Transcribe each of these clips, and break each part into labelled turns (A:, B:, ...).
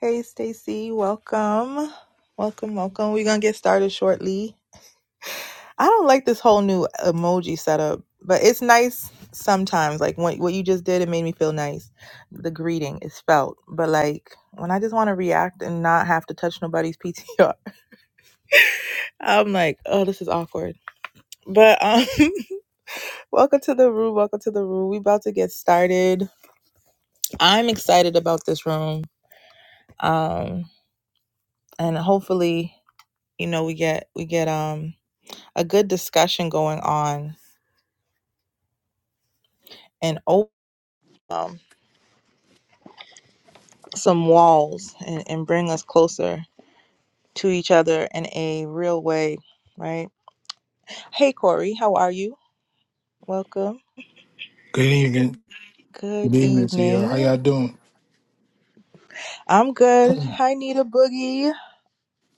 A: Hey Stacy, welcome. Welcome, welcome. We're gonna get started shortly. I don't like this whole new emoji setup, but it's nice sometimes. Like what what you just did, it made me feel nice. The greeting is felt. But like when I just wanna react and not have to touch nobody's PTR, I'm like, oh, this is awkward. But um welcome to the room, welcome to the room. We about to get started. I'm excited about this room. Um and hopefully, you know, we get we get um a good discussion going on and open um, some walls and, and bring us closer to each other in a real way, right? Hey, Corey, how are you? Welcome.
B: Good evening.
A: Good
B: Good evening to you. How
A: evening.
B: y'all doing?
A: I'm good. Hi, Nita Boogie.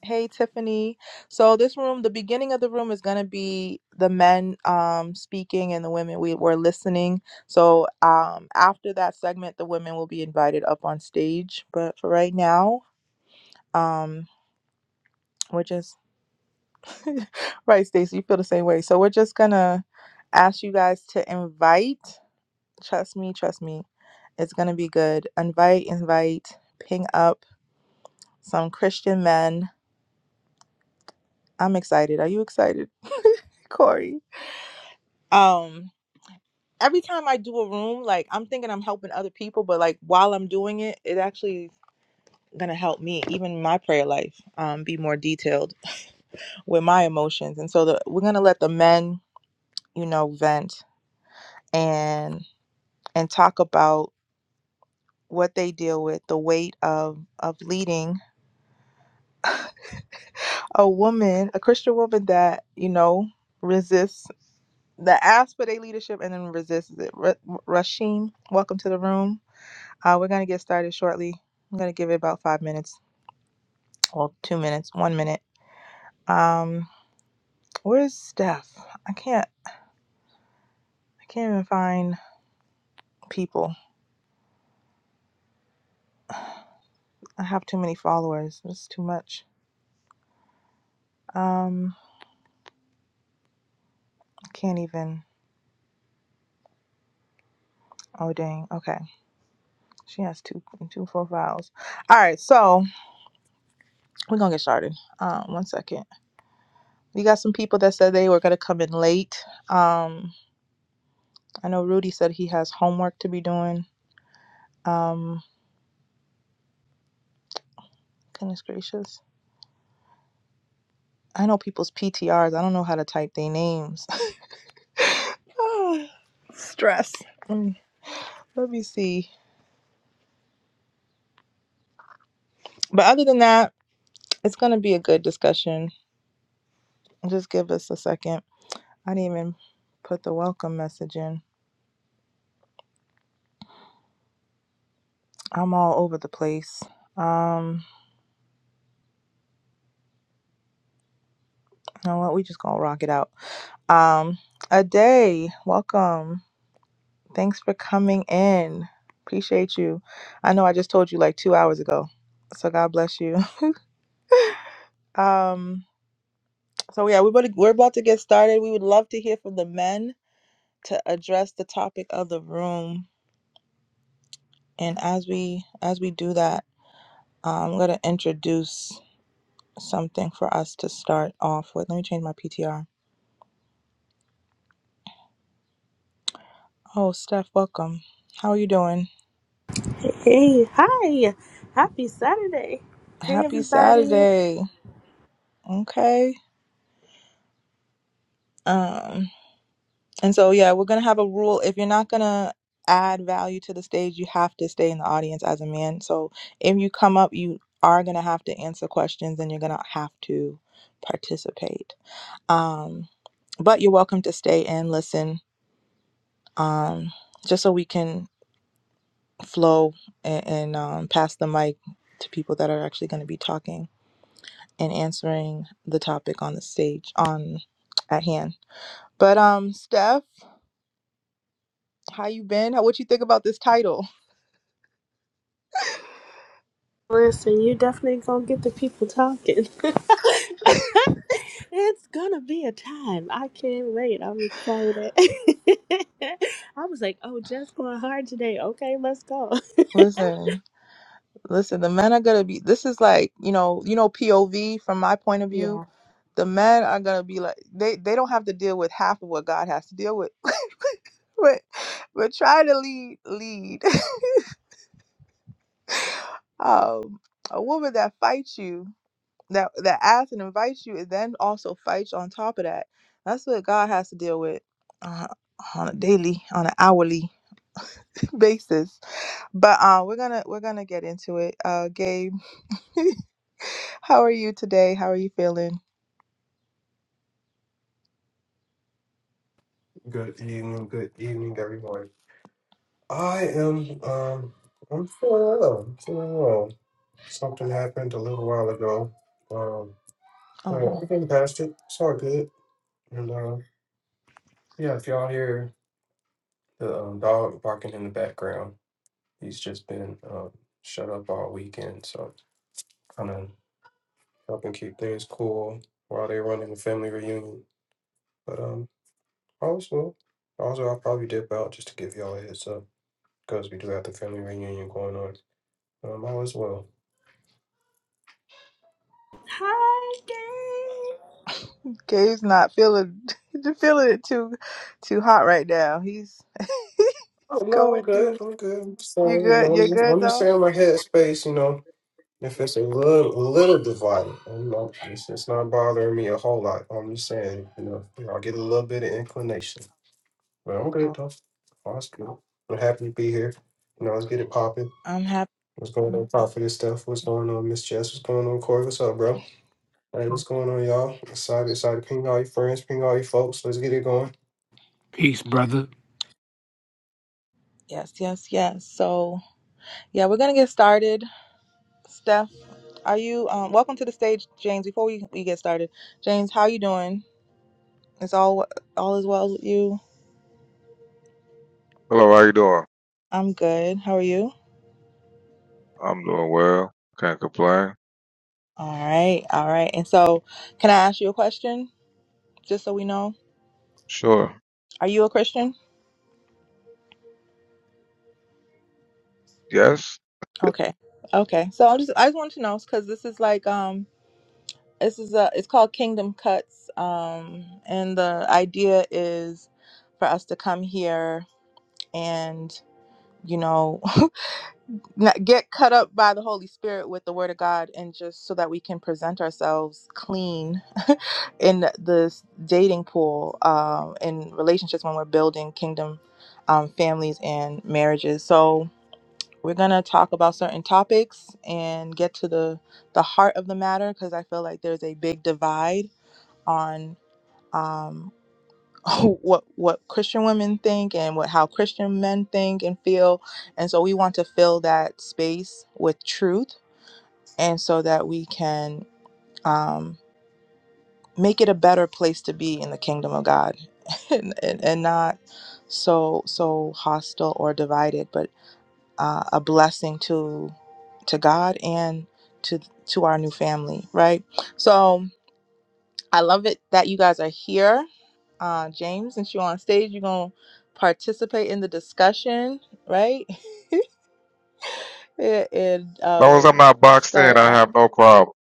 A: Hey, Tiffany. So this room, the beginning of the room is gonna be the men um, speaking and the women we were listening. So um, after that segment, the women will be invited up on stage. But for right now, um, we're just Right, Stacey, you feel the same way. So we're just gonna ask you guys to invite. Trust me, trust me, it's gonna be good. Invite, invite, ping up some Christian men. I'm excited. Are you excited, Corey? Um, every time I do a room, like I'm thinking I'm helping other people, but like while I'm doing it, it actually gonna help me, even my prayer life, um, be more detailed with my emotions. And so the, we're gonna let the men, you know, vent and and talk about what they deal with, the weight of of leading a woman, a Christian woman that you know resists that asks for their leadership and then resists it. R- Rashim, welcome to the room. Uh, we're gonna get started shortly. I'm gonna give it about five minutes, well, two minutes, one minute. Um, where's Steph? I can't, I can't even find people. I have too many followers. It's too much. Um, can't even. Oh dang. Okay, she has two two profiles. All right, so we're gonna get started. Um, one second. We got some people that said they were gonna come in late. Um, I know Rudy said he has homework to be doing. Um, goodness gracious. I know people's PTRs. I don't know how to type their names. Ah, Stress. Let me let me see. But other than that, it's gonna be a good discussion. Just give us a second. I didn't even put the welcome message in. I'm all over the place. Um, you know what? We just gonna rock it out. Um, a day, welcome. Thanks for coming in. Appreciate you. I know I just told you like two hours ago, so God bless you. Um, so yeah, we're about to, we're about to get started. We would love to hear from the men to address the topic of the room, and as we as we do that, um, I'm gonna introduce something for us to start off with. Let me change my PTR. Oh, Steph, welcome. How are you doing?
C: Hey, hi. Happy Saturday. Hey,
A: Happy
C: everybody.
A: Saturday. Okay. Um. And so, yeah, we're going to have a rule. If you're not going to add value to the stage, you have to stay in the audience as a man. So, if you come up, you are going to have to answer questions and you're going to have to participate. Um, but you're welcome to stay and listen um, just so we can flow and, and um, pass the mic to people that are actually going to be talking and answering the topic on the stage on at hand. But um Steph, how you been? How, what you think about this title?
C: Listen, you definitely gonna get the people talking. it's gonna be a time. I can't wait. I'm excited. I was like, oh, just going hard today. Okay, let's go.
A: Listen, listen, the men are gonna be this is like, you know, you know, POV from my point of view.
C: Yeah.
A: The men are gonna be like they they don't have to deal with half of what God has to deal with. but but try to lead lead. Um a woman that fights you, that that asks and invites you and then also fights on top of that. That's what God has to deal with uh, on a daily, on an hourly basis. But uh we're gonna we're gonna get into it. Uh Gabe How are you today? How are you feeling?
D: Good evening, good evening, everyone. I am, um, I'm feeling well. I'm feeling well. Something happened a little while ago. Um, but
A: Oh,
D: I'm getting past it. It's all good. And, uh, yeah, if y'all hear the um, dog barking in the background, he's just been um, shut up all weekend. So kind of helping keep things cool while they're running the family reunion. But, um, also, also, I'll probably dip out just to give y'all a heads up because we do have the family reunion going on. I might as well.
C: Hi, Dave.
A: Gabe's not feeling feeling it too too hot right now. He's he's
D: Oh no, I'm
A: going
D: good.
A: through.
D: I'm good. I'm just
A: You
D: saying, you
A: good?
D: know,
A: You are
D: I'm just,
A: good
D: I'm just
A: though?
D: saying my headspace. You know, if it's a little, a little divided, I'm not, it's, it's not bothering me a whole lot. I'm just saying, you know, I'll get a little bit of inclination. But I'm good
A: Oh,
D: though. All's good. I'm happy to be here. You know, let's get it popping.
A: I'm happy.
D: What's going on, Prophet and stuff? What's going on, Miss Jess? What's going on, Corey? What's up, bro? Hey, what's going on, y'all? Excited, excited. Ping all your friends, ping all your folks. Let's get it going.
B: Peace, brother.
A: Yes, yes, yes. So yeah, we're gonna get started. Steph, are you? Um, welcome to the stage, James. Before we we get started, James, how you doing? It's all all is well with you.
E: Hello, how you doing?
A: I'm good. How are you?
E: I'm doing well. Can't complain.
A: All right, all right. And so, can I ask you a question? Just so we know.
E: Sure.
A: Are you a Christian?
E: Yes.
A: Okay. Okay. So I just I just wanted to know because this is like um this is a it's called Kingdom Cuts um and the idea is for us to come here and you know not get cut up by the Holy Spirit with the Word of God and just so that we can present ourselves clean in this dating pool um in relationships when we're building kingdom um families and marriages. So we're going to talk about certain topics and get to the the heart of the matter because i feel like there's a big divide on um what what christian women think and what how christian men think and feel and so we want to fill that space with truth and so that we can um make it a better place to be in the kingdom of god and, and, and not so so hostile or divided but uh, a blessing to. to God and to to our new family, right? So I love it that you guys are here. Uh, James, since you're on stage, you're gonna participate in the discussion, right? and and,
E: As long as I'm
A: um,
E: not boxed in,
A: start.
E: I
A: uh,
E: have no problem.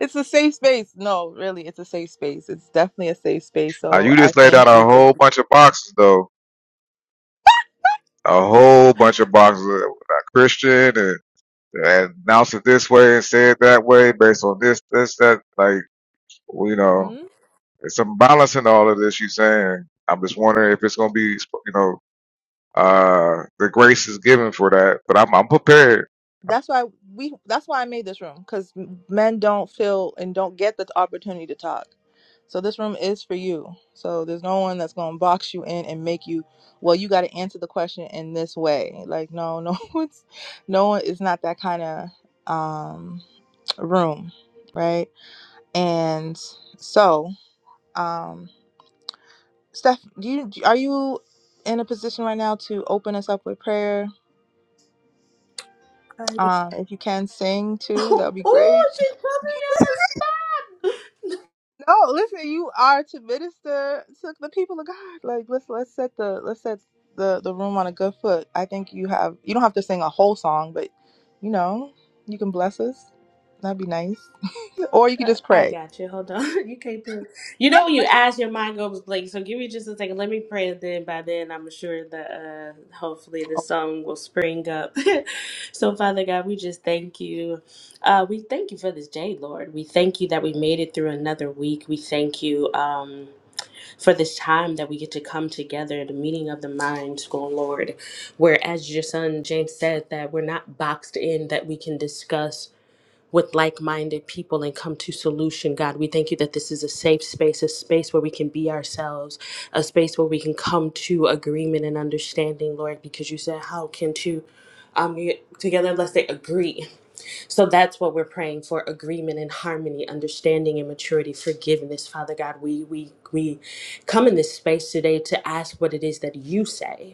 A: It's a safe space. No, really, it's a safe space. It's definitely a safe space.
E: Now,
A: So
E: you
A: I
E: just laid out
A: thank
E: a
A: you for.
E: whole bunch of boxes, though. A whole bunch of boxes. Not Christian and, and announced it this way and said that way based on this, this, that. Like, well, you
A: Hmm?
E: know, it's some balance in all of this you saying. I'm just wondering if it's going to be, you know, uh, the grace is given for that. But I'm, I'm prepared.
A: that's why we that's why i made this room because men don't feel and don't get the opportunity to talk so this room is for you so there's no one that's going to box you in and make you well you got to answer the question in this way like no no it's no one it's not that kind of um room right and so um steph do you do- are you in a position right now to open us up with prayer
C: Oh, yeah.
A: um if you can sing too that would be great
C: oh, she's put me on the spot.
A: No, listen, you are to minister to the people of God. Like let's let's set the let's set the the room on a good foot. I think you have you don't have to sing a whole song, but you know, you can bless us. That'd be nice. Or you could
C: Uh,
A: just
C: I
A: pray.
C: got you. Hold on. You can't put. You know when you ask, your mind goes blank. So give me just a second. Let me pray. And then by then, I'm sure that uh, hopefully the
A: Oh,
C: song will spring up. so Father God, we just thank you. Uh, we thank you for this day, Lord. We thank you that we made it through another week. We thank you um, for this time that we get to come together, the meeting of the minds, go Lord. Where as your son James said that we're not boxed in, that we can discuss with like minded people and come to solution, God. We thank you that this is a safe space, a space where we can be ourselves, a space where we can come to agreement and understanding, Lord, because you said, How can two um, get together unless they agree? So that's what we're praying for agreement and harmony, understanding and maturity, forgiveness, Father God. We, we, we come in this space today to ask what it is that you say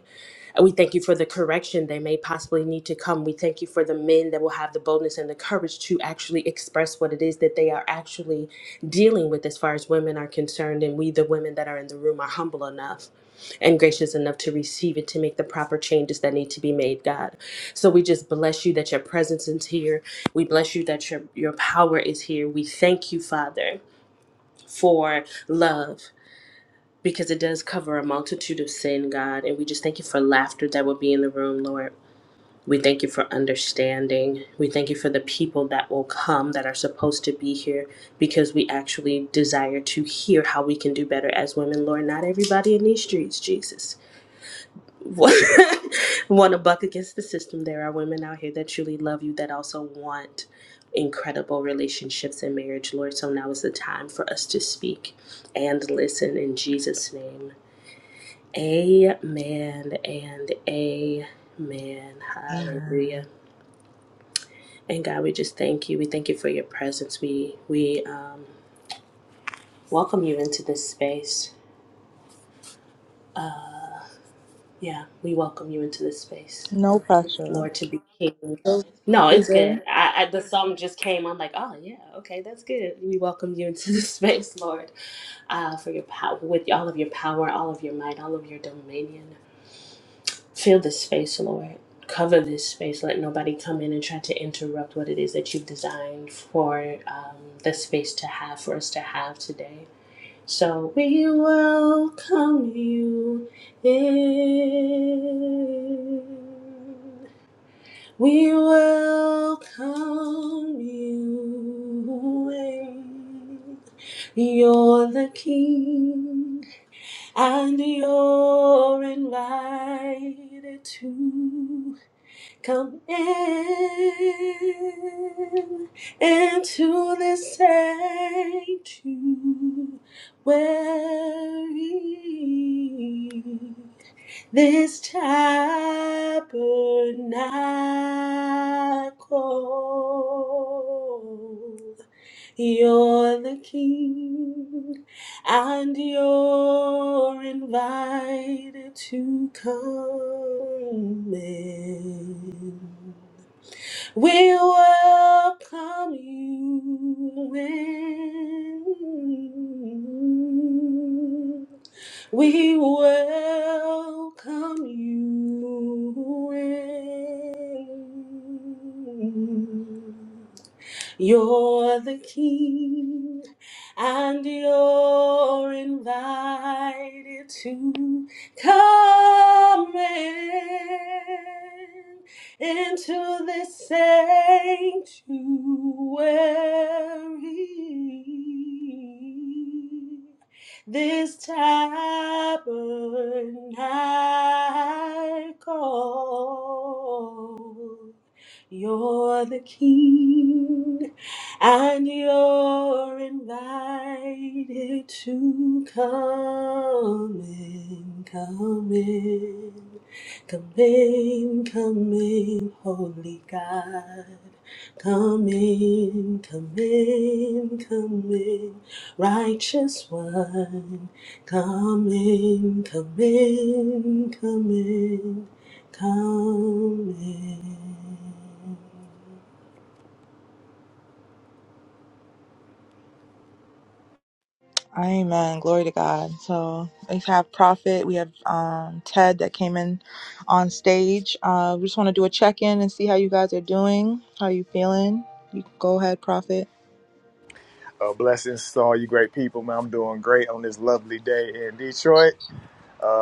C: we thank you for the correction they may possibly need to come. We thank you for the men that will have the boldness and the courage to actually express what it is that they are actually dealing with as far as women are concerned. And we, the women that are in the room, are humble enough and gracious enough to receive it to make the proper changes that need to be made, God. So we just bless you that your presence is here. We bless you that your, your power is here. We thank you, Father, for love because it does cover a multitude of sin, God. And we just thank you for laughter that will be in the room, Lord. We thank you for understanding. We thank you for the people that will come that are supposed to be here because we actually desire to hear how we can do better as women, Lord. Not everybody in these streets, Jesus. want to buck against the system. There are women out here that truly love you that also want incredible relationships and marriage, Lord. So now is the time for us to speak and listen in Jesus' name. Amen and amen.
A: amen.
C: Hallelujah. And God, we just thank you. We thank you for your presence. We we um, welcome you into this space. Yeah, we welcome you into this space,
A: No pressure.
C: Lord, to be King.
A: So,
C: No, it's
A: Caesar.
C: good. I, I the song just came. I'm like, oh yeah, okay, that's good. We welcome you into this space, Lord, uh, for your power, with all of your power, all of your might, all of your dominion. Fill this space, Lord. Cover this space. Let nobody come in and try to interrupt what it is that you've designed for um, the space to have, for us to have today. So we welcome you in. We welcome you in. You're the king and you're invited to come in into this sanctuary, this tabernacle. You're the king, and you're invited to come in. We welcome you in. We welcome you in. You're the king, and you're invited to come in into this sanctuary, this tabernacle. You're the King, and you're invited to come in, come in, come in, come in, Holy God. Come in, come in, come in, righteous one. Come in, come in, come in coming.
A: Amen. Glory to God. So we have Prophet, we have um, Ted that came in on stage. Uh, we just want to do a check in and see how you guys are doing. How you feeling? You go ahead, Prophet.
F: Uh, blessings to all you great people, man. I'm doing great on this lovely day in Detroit.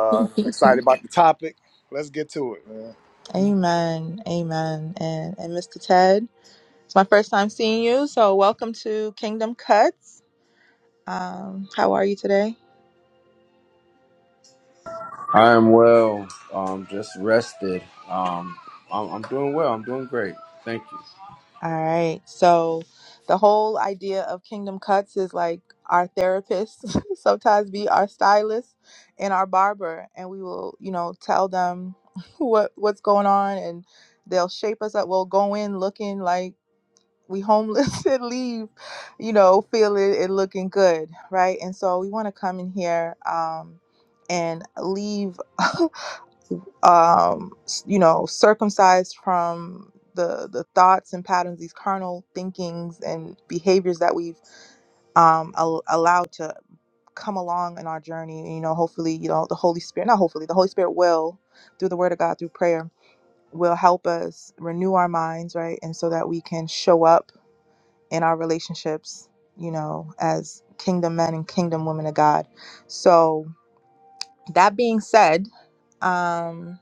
A: Amen.
F: excited about the topic. Let's get to it, man.
A: Amen. And and Mr. Ted, it's my first time seeing you, so welcome to Kingdom Cuts. Um, how are you today?
G: I am well. Um, just rested. Um, I'm, I'm doing well. I'm doing great. Thank you.
A: All right. So the whole idea of Kingdom Cuts is like our therapists sometimes be our stylist and our barber and we will, you know, tell them what what's going on and they'll shape us up. We'll go in looking like we homeless and leave, you know, feeling and looking good, right? And so we want to come in here um and leave um, s- you know, circumcised from the the thoughts and patterns, these carnal thinkings and behaviors that we've um, al- allowed to come along in our journey. You know, hopefully, you know, the Holy Spirit, not hopefully, the Holy Spirit will, through the Word of God, through prayer, will help us renew our minds, right, and so that we can show up in our relationships, you know, as kingdom men and kingdom women of God. So that being said. Um,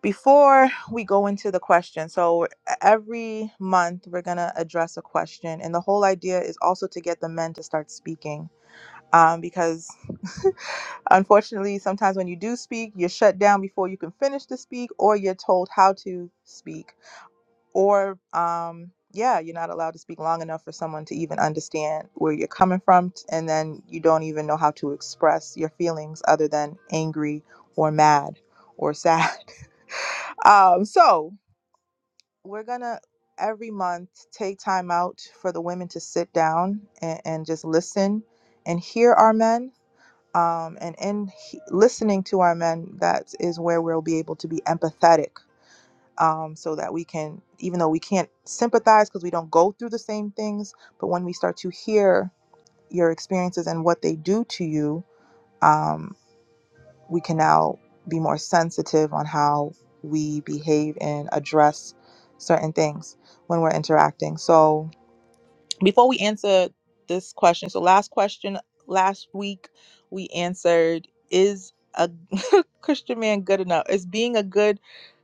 A: Before we go into the question, so e-, every month we're going to address a question. And the whole idea is also to get the men to start speaking um, because unfortunately, sometimes when you do speak, you're shut down before you can finish to speak, or you're told how to speak, or um, yeah, you're not allowed to speak long enough for someone to even understand where you're coming from, t- and then you don't even know how to express your feelings other than angry or mad or sad. Um, so we're gonna every month take time out for the women to sit down and, and just listen and hear our men um, and in he- listening to our men that is where we'll be able to be empathetic um, so that we can even though we can't sympathize because we don't go through the same things but when we start to hear your experiences and what they do to you um, we can now be more sensitive on how we behave and address certain things when we're interacting. So, before we answer this question, so last question last week we answered is a Christian man good enough? Is being a good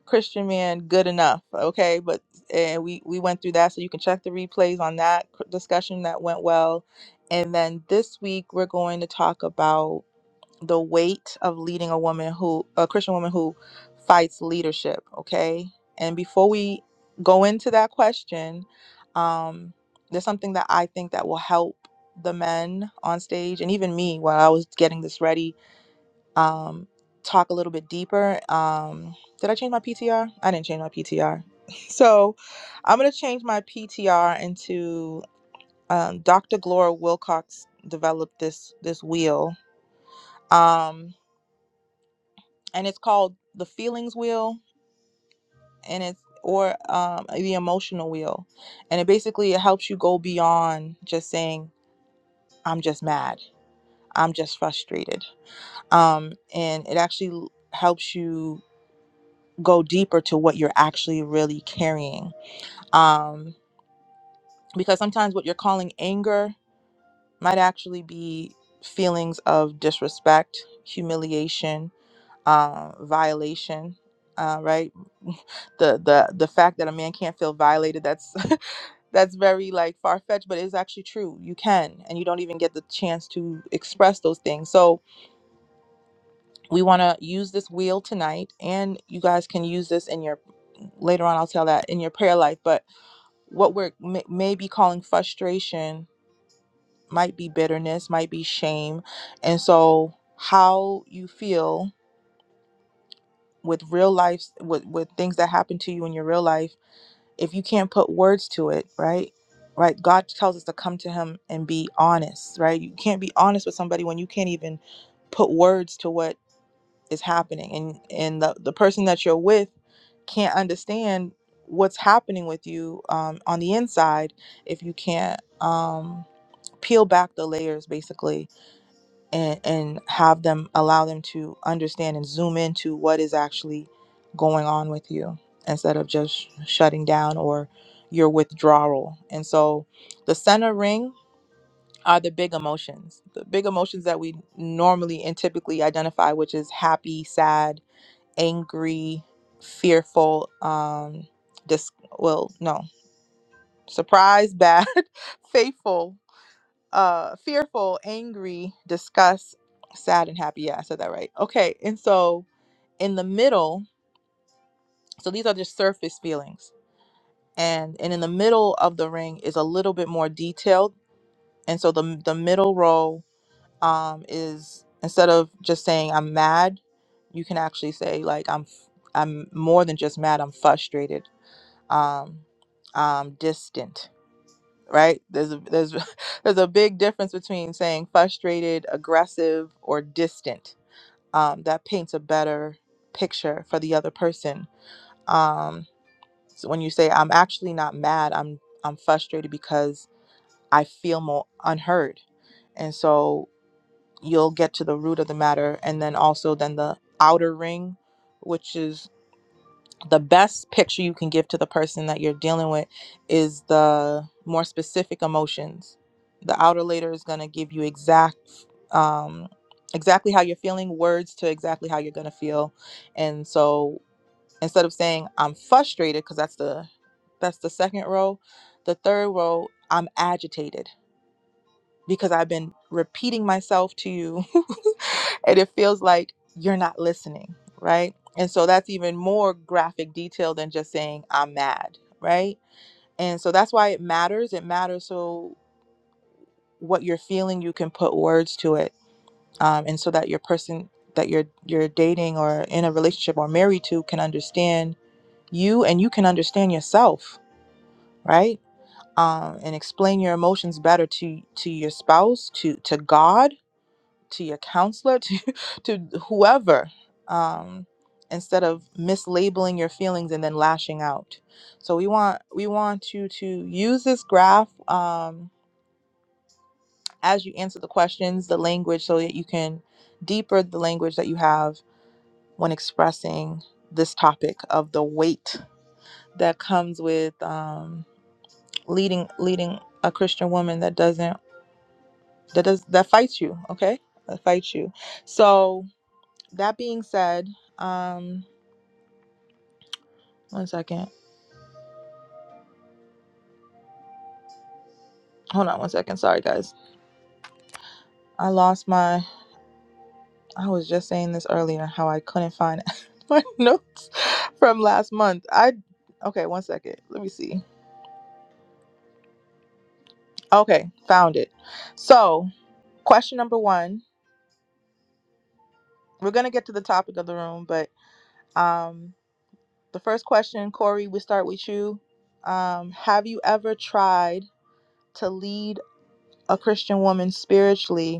A: Christian man good enough? Okay, but and we we went through that so you can check the replays on that discussion that went well. And then this week we're going to talk about the weight of leading a woman who a Christian woman who fights leadership, okay? And before we go into that question, um there's something that I think that will help the men on stage and even me while I was getting this ready um talk a little bit deeper. Um did I change my PTR? I didn't change my PTR. so, I'm going to change my PTR into um, Dr. Gloria Wilcox developed this this wheel. Um and it's called the feelings wheel and it's or um, the emotional wheel and it basically it helps you go beyond just saying i'm just mad i'm just frustrated um, and it actually helps you go deeper to what you're actually really carrying um, because sometimes what you're calling anger might actually be feelings of disrespect humiliation um, violation, uh, right? The the the fact that a man can't feel violated that's that's very like far fetched, but it's actually true. You can, and you don't even get the chance to express those things. So we want to use this wheel tonight, and you guys can use this in your later on. I'll tell that in your prayer life. But what we're may, maybe calling frustration might be bitterness, might be shame, and so how you feel with real life with with things that happen to you in your real life if you can't put words to it right right god tells us to come to him and be honest right you can't be honest with somebody when you can't even put words to what is happening and and the, the person that you're with can't understand what's happening with you um, on the inside if you can't um, peel back the layers basically and and have them allow them to understand and zoom into what is actually going on with you instead of just shutting down or your withdrawal and so the center ring are the big emotions the big emotions that we normally and typically identify which is happy sad angry fearful um dis- well no surprise, bad faithful uh fearful angry disgust sad and happy yeah i said that right okay and so in the middle so these are just surface feelings and and in the middle of the ring is a little bit more detailed and so the the middle row um is instead of just saying i'm mad you can actually say like i'm f- i'm more than just mad i'm frustrated um i'm distant right? There's a, there's there's a big difference between saying frustrated, aggressive, or distant. Um, that paints a better picture for the other person. Um, so when you say I'm actually not mad, I'm I'm frustrated because I feel more unheard, and so you'll get to the root of the matter, and then also then the outer ring, which is the best picture you can give to the person that you're dealing with is the more specific emotions. The outer later is going to give you exact um exactly how you're feeling words to exactly how you're going to feel. And so instead of saying I'm frustrated because that's the that's the second row, the third row I'm agitated because I've been repeating myself to you and it feels like you're not listening, right? And so that's even more graphic detail than just saying, I'm mad, right? And so that's why it matters. It matters so what you're feeling, you can put words to it. Um, and so that your person that you're you're dating or in a relationship or married to can understand you and you can understand yourself, right? Um, and explain your emotions better to to your spouse, to to God to your counselor to to whoever um instead of mislabeling your feelings and then lashing out so we want we want you to use this graph um as you answer the questions the language so that you can deeper the language that you have when expressing this topic of the weight that comes with um leading leading a christian woman that doesn't that does that fights you okay that fights you so that being said, um, one second. Hold on one second. Sorry, guys. I lost my. I was just saying this earlier how I couldn't find my notes from last month. I. Okay, one second. Let me see. Okay, found it. So, question number one. We're gonna get to the topic of the room, but um, the first question, Corey, we start with you. Um, have you ever tried to lead a Christian woman spiritually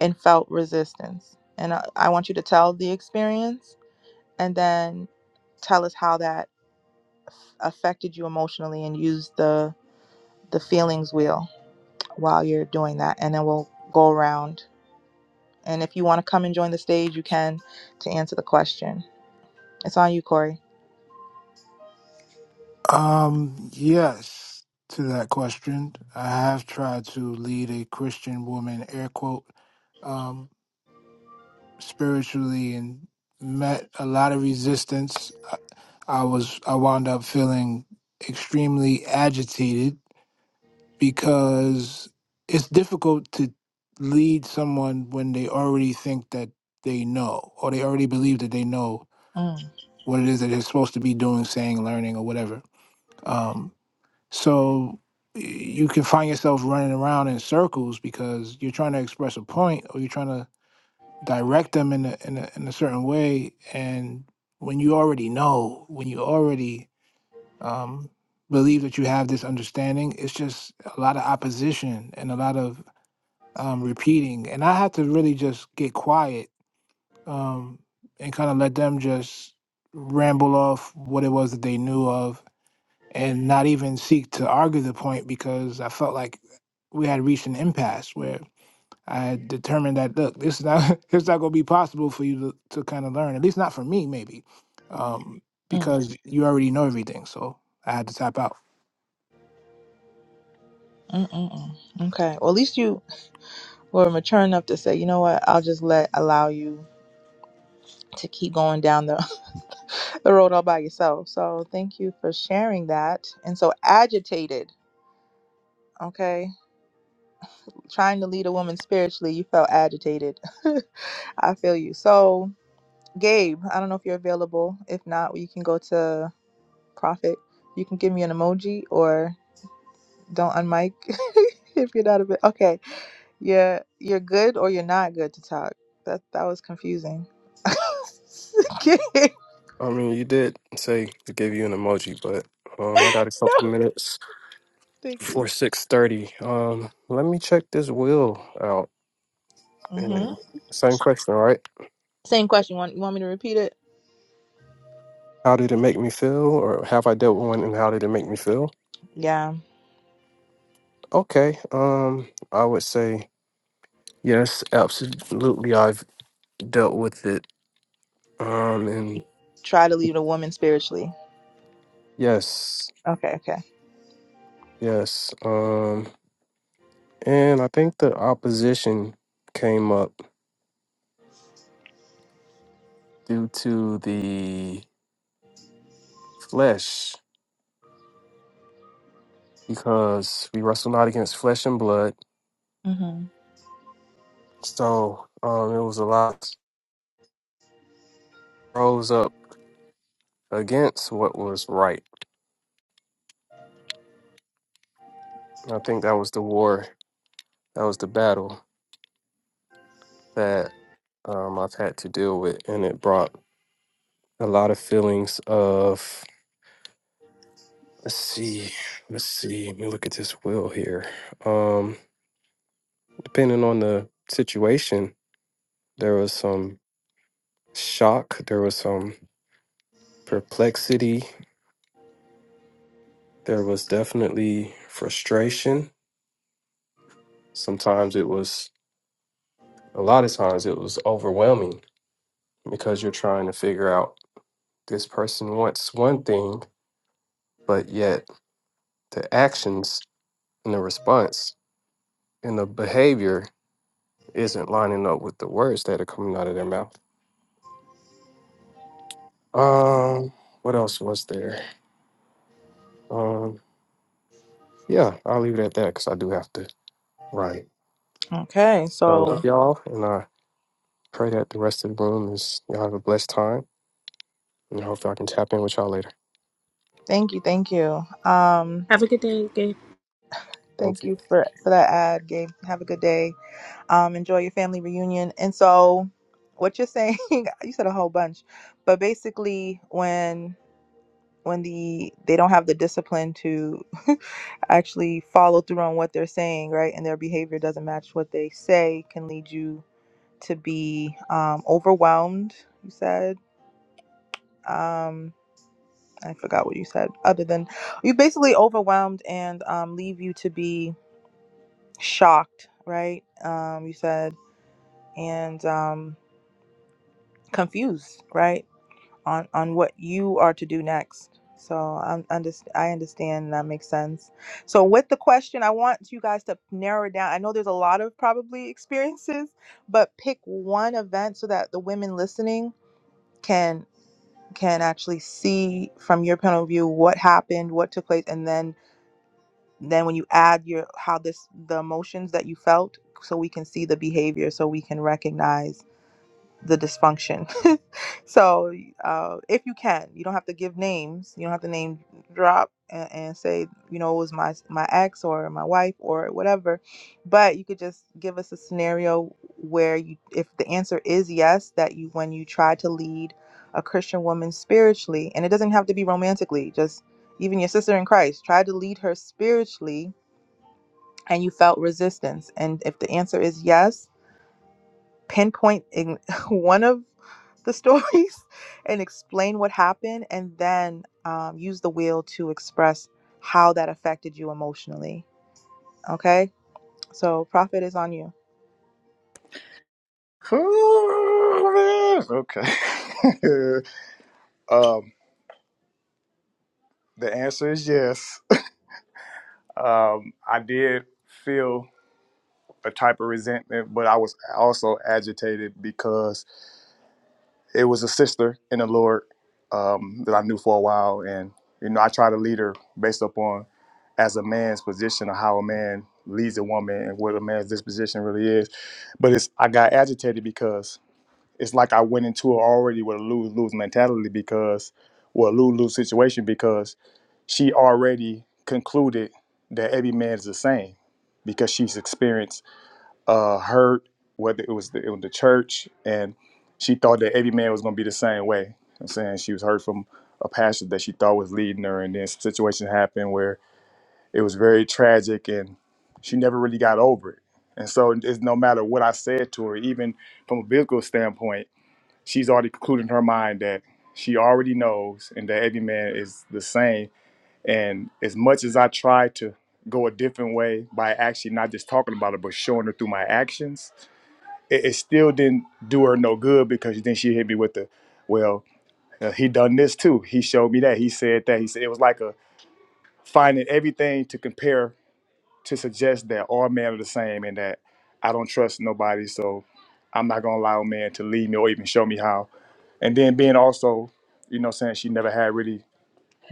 A: and felt resistance. And I, I want you to tell the experience and then tell us how that affected you emotionally and use the the feelings wheel while you're doing that and then we'll go around and if you want to come and join the stage you can to answer the question it's on you corey
B: Um, yes, to that question. I have tried to lead a Christian woman, air quote, um, spiritually and met a lot of resistance. I, I was I wound up feeling extremely agitated because it's difficult to lead someone when they already think that they know or they already believe that they know
A: mm,
B: what it is that they're supposed to be doing, saying, learning, or whatever. Um, so you can find yourself running around in circles because you're trying to express a point or you're trying to direct them in a, in a, in a certain way. And when you already know, when you already um, believe that you have this understanding, it's just a lot of opposition and a lot of um, repeating. And I have to really just get quiet um, and kind of let them just ramble off what it was that they knew of and not even seek to argue the point because I felt like we had reached an impasse where I had determined that look, this is not it's not going to be possible for you to, to kind of learn, at least not for me, maybe, um,
A: mm,
B: because you already know everything. So I had to tap out.
A: mm, mm, mm. okay well at least you were mature enough to say you know what i'll just let allow you to keep going down the, the road all by yourself. So thank you for sharing that. And so agitated, okay? Trying to lead a woman spiritually, you felt agitated. I feel you. So Gabe, I don't know if you're available. If not, you can go to Prophet. You can give me an emoji or don't unmic if you're not a bit okay. You're you're good or you're not good to talk. That that was confusing. Gabe.
D: I mean, you did say to give you an emoji, but um, I got a
A: no,
D: couple minutes
A: thank you.
D: before six thirty. Um, let me check this will out.
A: Mm-hmm.
D: And same question, right?
A: Same question. Want you want me to repeat it?
D: How did it make me feel, or have I dealt with one, and how did it make me feel?
A: Yeah.
D: Okay. Um, I would say yes, absolutely. I've dealt with it. Um, and
A: Try to lead a woman spiritually.
D: yes,
A: Okay. Okay.
D: yes. Um, and I think the opposition came up due to the flesh because we wrestle not against flesh and blood.
A: hmm
D: So um, it was a lot rose up against what was right. And I think that was the war, that was the battle that um, I've had to deal with, and it brought a lot of feelings of let's see, let's see, let me look at this will here. Um, depending on the situation, there was some shock, there was some perplexity, there was definitely frustration Sometimes it was, a lot of times it was overwhelming because you're trying to figure out this person wants one thing, but yet the actions and the response and the behavior isn't lining up with the words that are coming out of their mouth. Um, what else was there? Um, yeah, I'll leave it at that because I do have to write.
A: Okay.
D: But I love
A: So
D: y'all, and I pray that the rest of the room is y'all have a blessed time, and I hope I can tap in with y'all later.
A: thank you. Thank you. Um.
C: Okay,
D: Thank you.
A: Thank you for for that ad, Gabe. Have a good day. Um. Enjoy your family reunion. And so, what you're saying, you said a whole bunch, but basically, when when the they don't have the discipline to actually follow through on what they're saying, right, and their behavior doesn't match what they say, can lead you to be um, overwhelmed, you said. Um, I forgot what you said, other than you basically overwhelmed and um, leave you to be shocked, right? Um, you said, and um, confused, right? On, on what you are to do next. So I'm underst- I understand and that makes sense. So with the question, I want you guys to narrow it down. I know there's a lot of probably experiences, but pick one event so that the women listening can can actually see from your point of view what happened, what took place, and then then when you add your how this the emotions that you felt, so we can see the behavior, so we can recognize the dysfunction. so uh, if you can, you don't have to give names. You don't have to name drop and, and say you know it was my my ex or my wife or whatever, but you could just give us a scenario where you if the answer is yes that you when you try to lead a Christian woman spiritually and it doesn't have to be romantically just even your sister in Christ try to lead her spiritually and you felt resistance and if the answer is yes pinpoint in one of the stories and explain what happened and then um, use the wheel to express how that affected you emotionally okay so prophet is on you
F: Cool, man. Okay. um, the answer is yes. Um, I did feel a type of resentment, but I was also agitated because. it was a sister in the Lord um, that I knew for a while, and you know I try to lead her based upon as a man's position of how a man leads a woman and what a man's disposition really is. But it's I got agitated because it's like I went into it already with a lose lose mentality because well lose lose situation because she already concluded that every man is the same because she's experienced uh, heard, whether it was the, it was the church, and she thought that every man was going to be the same way. I'm saying she was heard from a pastor that she thought was leading her, and then some situation happened where it was very tragic, and she never really got over it. And so, it's no matter what I said to her, even from a biblical standpoint, she's already concluded in her mind that she already knows, and that every man is the same. And as much as I try to go a different way by actually not just talking about it, but showing her through my actions, it, it still didn't do her no good because then she hit me with the, well, uh, he done this too. He showed me that. He said that. He said it was like a finding everything to compare to suggest that all men are the same and that I don't trust nobody. So I'm not gonna allow a man to lead me or even show me how. And then being also, you know, what I'm saying she never had really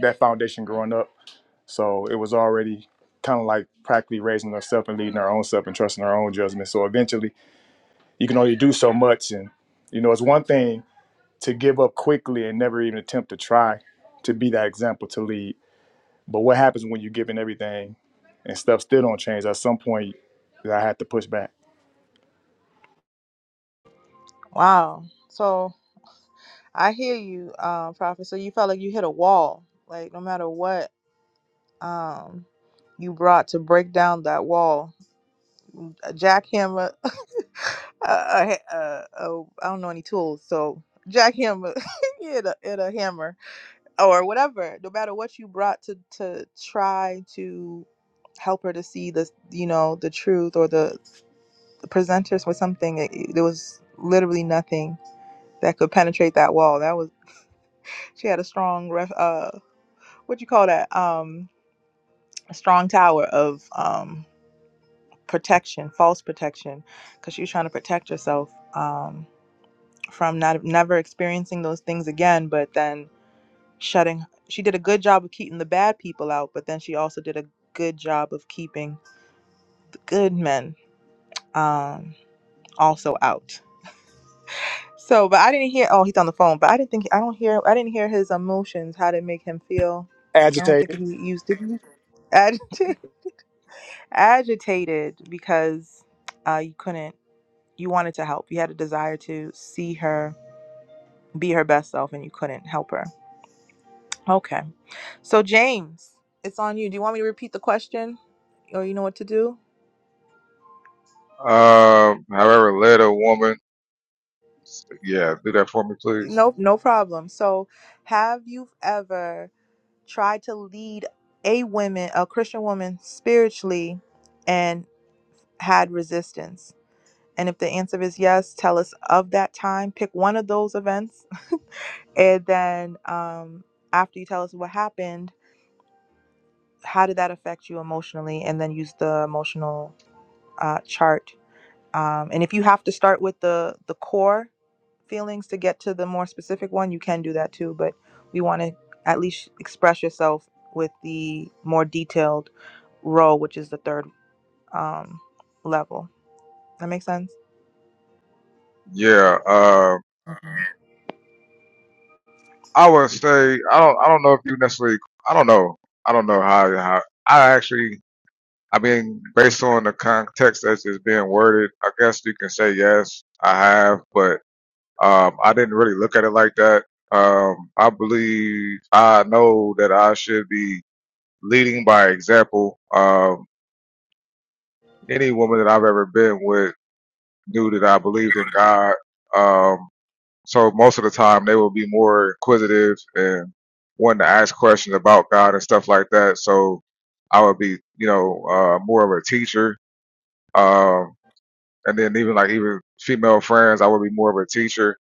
F: that foundation growing up, so it was already kind of like practically raising herself and leading her own self and trusting her own judgment. So eventually, you can only do so much and you know, it's one thing to give up quickly and never even attempt to try to be that example to lead. But what happens when you're giving everything and stuff still don't change? At some point, I had to push back.
A: wow so i hear you uh, prophet so you felt like you hit a wall like no matter what um, you brought to break down that wall a jackhammer uh, uh, uh, uh, i don't know any tools so jackhammer yeah and a, and a hammer or whatever no matter what you brought to to try to help her to see the you know the truth or the, the presenters with something it, there was literally nothing that could penetrate that wall that was she had a strong ref, uh what you call that um a strong tower of um protection false protection because she was trying to protect herself um from not never experiencing those things again but then shutting she did a good job of keeping the bad people out but then she also did a good job of keeping the good men um also out so but i didn't hear oh he's on the phone but i didn't think i don't hear i didn't hear his emotions how to make him feel i don't think
F: Agitated.
A: he used did he? agitated. agitated because uh you couldn't you wanted to help you had a desire to see her be her best self and you couldn't help her Okay. So James, it's on you. Do you want me to repeat the question? Or you know what to do?
E: Um, however, led a woman. Yeah, do that for me, please.
A: Nope, no problem. So have you ever tried to lead a woman, a Christian woman spiritually and had resistance? And if the answer is yes, tell us of that time. Pick one of those events. And then um, after you tell us what happened, how did that affect you emotionally? And then use the emotional uh, chart Um, and if you have to start with the the core feelings to get to the more specific one, you can do that too. But we want to at least express yourself with the more detailed role, which is the third um, level. That makes sense.
E: Yeah, uh, I would say I don't. I don't know if you necessarily. I don't know. I don't know how. how I actually. I mean, based on the context that's is being worded, I guess you can say yes. I have, but um, I didn't really look at it like that. Um, I believe I know that I should be leading by example. Um, any woman that I've ever been with knew that I believed in God. Um, So most of the time they will be more inquisitive and wanting to ask questions about God and stuff like that. So I would be, you know, uh, more of a teacher. Um, and then even like even female friends, I would be more of a teacher.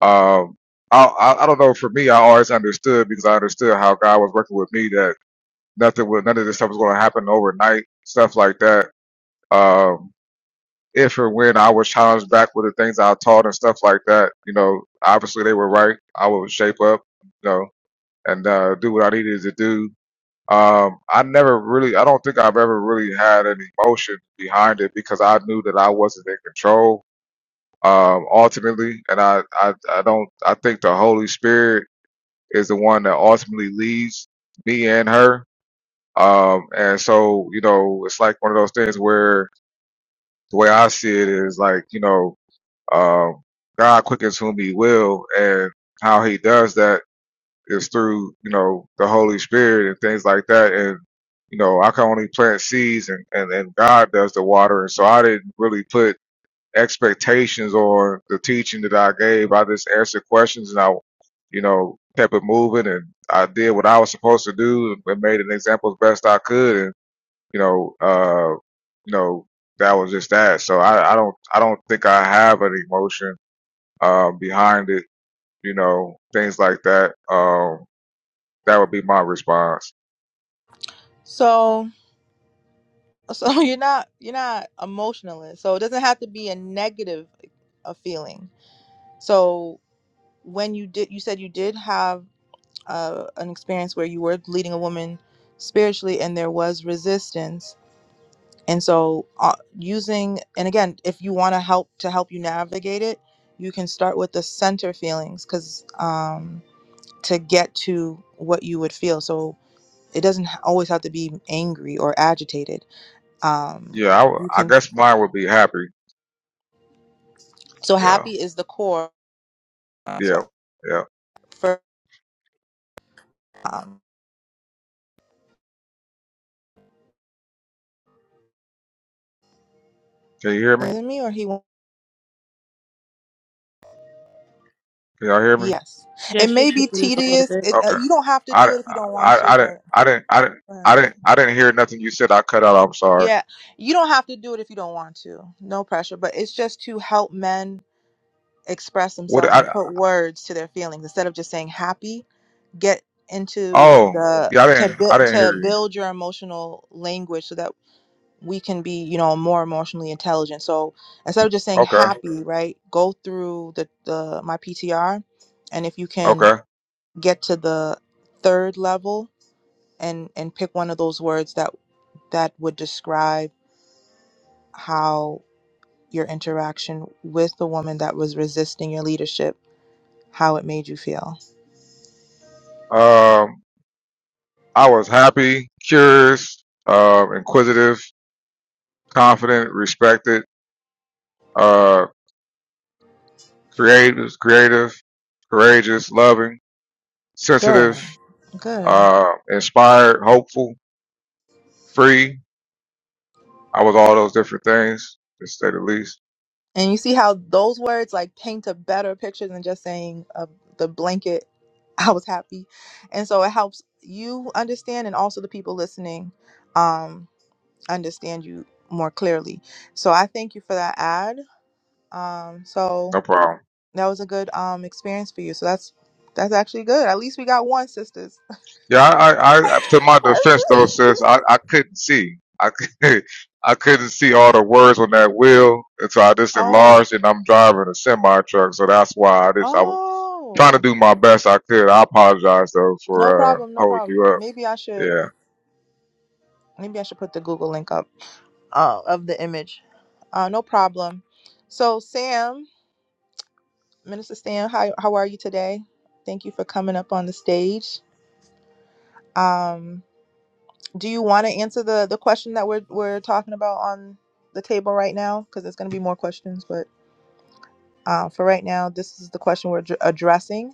E: Um, I, I, I don't know. For me, I always understood because I understood how God was working with me that nothing was, none of this stuff was going to happen overnight, stuff like that. Um, if or when I was challenged back with the things I taught and stuff like that, you know, obviously they were right. I would shape up, you know, and uh, do what I needed to do. Um, I never really, I don't think I've ever really had an emotion behind it because I knew that I wasn't in control, um, ultimately. And I, I, I don't, I think the Holy Spirit is the one that ultimately leads me and her. Um, and so, you know, it's like one of those things where the way I see it is like, you know, Um, God quickens whom He will, and how He does that is through you know the Holy Spirit and things like that. And you know, I can only plant seeds, and and, and God does the watering. So I didn't really put expectations on the teaching that I gave. I just answered questions, and I you know kept it moving, and I did what I was supposed to do, and made an example as best I could, and you know, uh, you know. That was just that. So I, I don't, I don't think I have an emotion uh, behind it, you know, things like that. Um, that would be my response.
A: So so you're not you're not emotionalist. So it doesn't have to be a negative a feeling. So when you did you said you did have uh, an experience where you were leading a woman spiritually and there was resistance and so uh, using and again if you want to help to help you navigate it you can start with the center feelings because um, to get to what you would feel so it doesn't h- always have to be angry or agitated um,
E: Yeah, I, w-
A: you
E: I
A: can
E: guess mine would be happy.
A: so
E: Yeah,
A: happy is the core um, so
E: yeah, yeah.
A: for um,
E: Can you hear me?
A: is it me or he will
E: Can y'all hear me?
A: yes it
C: Jess, you're
A: may be
C: breaking up a little
A: tedious
C: bit.
A: it, uh,
E: Okay.
A: you don't have to
E: I,
A: do it if you
E: I,
A: don't want to
E: I I didn't,
A: but
E: I didn't, I didn't,
A: uh,
E: I didn't, I didn't hear nothing you said. I cut out. I'm sorry.
A: yeah you don't have to do it if you don't want to no pressure but it's just to help men express
E: What?
A: themselves and
E: I,
A: put words to their feelings instead of just saying happy get into
E: oh,
A: the
E: yeah, I
A: to
E: didn't, I
A: build
E: didn't hear
A: to
E: you.
A: build your emotional language so that we can be you know more emotionally intelligent so instead of just saying
E: Okay,
A: happy right go through the the my ptr and if you can
E: okay.
A: get to the third level and and pick one of those words that that would describe how your interaction with the woman that was resisting your leadership how it made you feel
E: Um, I was happy, curious, uh, inquisitive, confident, respected. uh, creative, creative, courageous, loving,
A: Good.
E: sensitive,
A: Good.
E: uh, inspired, hopeful, free. I was all those different things, to say the least.
A: And you see how those words like paint a better picture than just saying uh, the blanket, I was happy. And so it helps you understand and also the people listening um, understand you more clearly. So I thank you for that ad. Um, so
E: No problem.
A: that was a good um, experience for you. So that's that's actually good. At least we got one, sisters.
E: Yeah, I, I, I to my defense though, sis, I, I couldn't see. I, could- I couldn't see all the words on that wheel, and so I just
A: Oh,
E: enlarged, and I'm driving a semi truck, so that's why I just I was trying to
A: oh,
E: do my best I could. I apologize though
A: no
E: for uh,
A: problem, no
E: holding
A: problem.
E: you up.
A: Maybe I should,
E: Yeah.
A: maybe I should put the Google link up. uh, of the image. Uh, no problem. So, Sam, Minister Sam, how, how are you today? Thank you for coming up on the stage. Um, do you want to answer the, the question that we're, we're talking about on the table right now? Because there's going to be more questions, but uh, for right now, this is the question we're ad- addressing.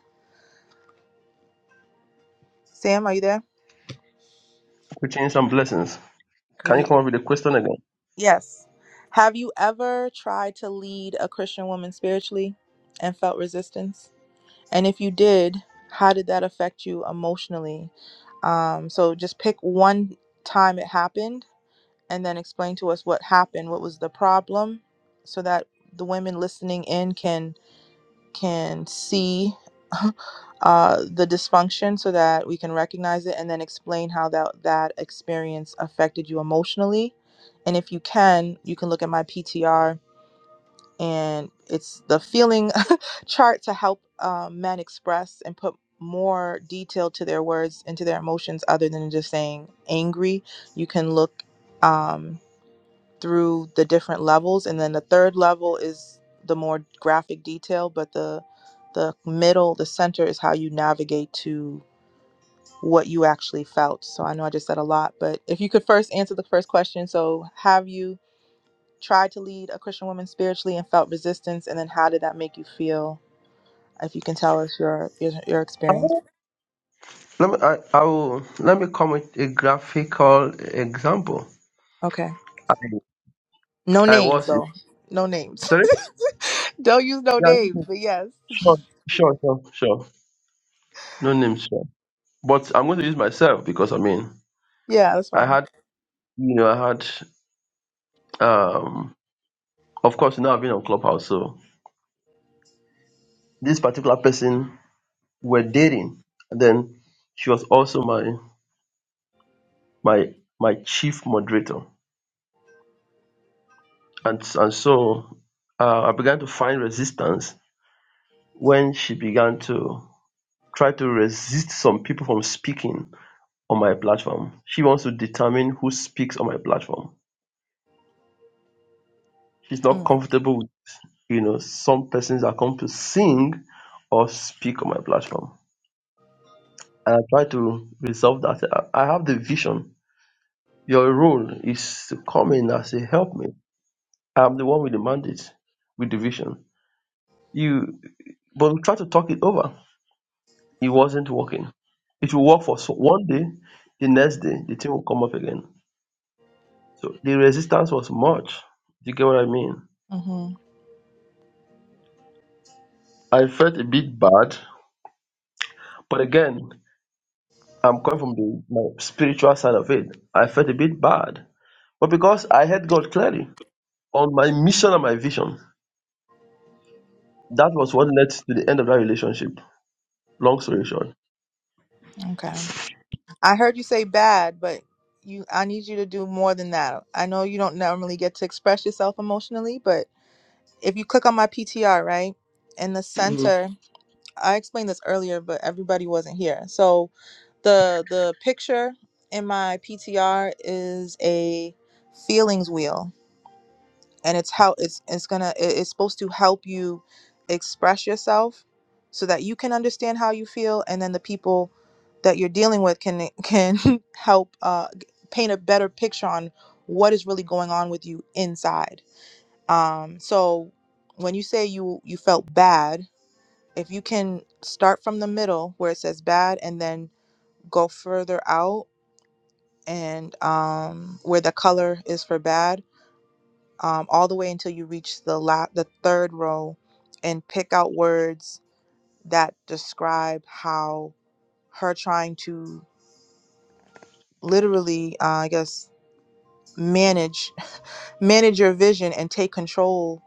A: Sam, are you there?
H: Preaching some blessings. Can you
A: Greeting.
H: come up with a question again?
A: Yes. Have you ever tried to lead a Christian woman spiritually and felt resistance? And if you did, how did that affect you emotionally? Um, so just pick one time it happened and then explain to us what happened, what was the problem, so that the women listening in can can see uh, the dysfunction so that we can recognize it and then explain how that that experience affected you emotionally. And if you can, you can look at my PTR and it's the feeling chart to help um, men express and put more detail to their words and to their emotions other than just saying angry you can look um, through the different levels and then the third level is the more graphic detail but the the middle the center is how you navigate to what you actually felt so i know i just said a lot but if you could first answer the first question so have you tried to lead a Christian woman spiritually and felt resistance? And then how did that make you feel? If you can tell us your your, your experience.
H: Oh, Let me, I, I will, let me come with a graphical example.
A: Okay. No
H: I
A: names
H: was in,
A: though. No names.
H: sorry?
A: Don't use no
H: Yeah, no
A: names.
H: name.
A: But yes.
H: sure, sure, sure, sure. No name, sure. But I'm going to use myself because I mean,
A: Yeah, that's
H: I
A: fine.
H: had, you know, I had, um, of course, now I've been on Clubhouse. So this particular person we're dating. And then she was also my, my, my chief moderator. And, and so uh, I began to find resistance when she began to try to resist some people from speaking on my platform. She wants to determine who speaks on my platform. She's not
A: Mm.
H: comfortable with, you know, some persons that come to sing or speak on my platform. And I try to resolve that. I I have the vision. Your role is to come in and say, help me. I'm the one with the mandate, with the vision. You, but we try to talk it over It wasn't working. It will work for so one day, the next day, the thing will come up again. So the resistance was much. Do you get what I mean?
A: Mm-hmm.
H: I felt a bit bad, but again, I'm coming from the my spiritual side of it. I felt a bit bad, but because I had God clearly on my mission and my vision, that was what led to the end of that relationship. Long story short.
A: Okay. I heard you say bad, but you I need you to do more than that. I know you don't normally get to express yourself emotionally, but if you click on my PTR, right? In the
H: Mhm.
A: center I explained this earlier, but everybody wasn't here. So the the picture in my PTR is a feelings wheel, and it's how it's it's gonna it- it's supposed to help you express yourself so that you can understand how you feel, and then the people that you're dealing with can can help uh, g- paint a better picture on what is really going on with you inside. Um, so when you say you you felt bad if you can start from the middle where it says bad and then go further out and um, where the color is for bad um, all the way until you reach the la- the third row and pick out words that describe how her trying to literally uh, i guess manage manage your vision and take control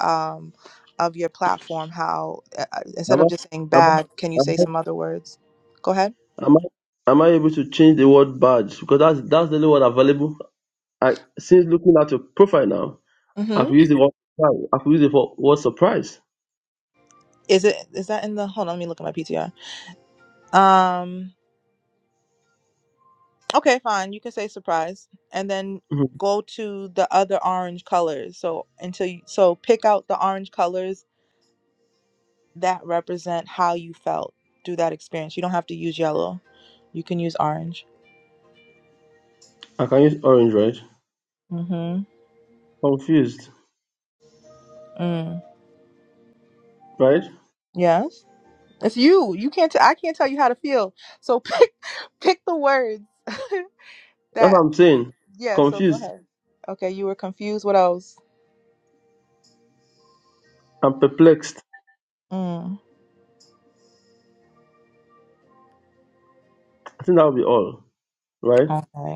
A: um, of your platform how uh, uh, instead
H: Am
A: of
H: I,
A: just saying
H: am I,
A: bad can you
H: am
A: say
H: I,
A: some other words go ahead
H: am I, am I able to change the word bad? Because that's that's the only word available. I since looking at your profile now, I
A: Mm-hmm.
H: could use the word surprise. I could use the word word surprise.
A: Is it is that in the hold on, let me look at my PTR. Um okay, fine. You can say surprise. And then
H: Mhm.
A: go to the other orange colors. So until you so pick out the orange colors that represent how you felt through that experience. You don't have to use yellow. You can use orange.
H: I can use orange, right?
A: hmm
H: Confused,
A: Mm.
H: right?
A: Yes. It's you. You can't t- I can't tell you how to feel. So pick pick the words
H: That's what
A: that
H: I'm saying.
A: yeah, so go
H: Confused
A: ahead. Okay, you were confused. What else?
H: and perplexed.
A: Mm.
H: I think that would be all, right?
A: Okay.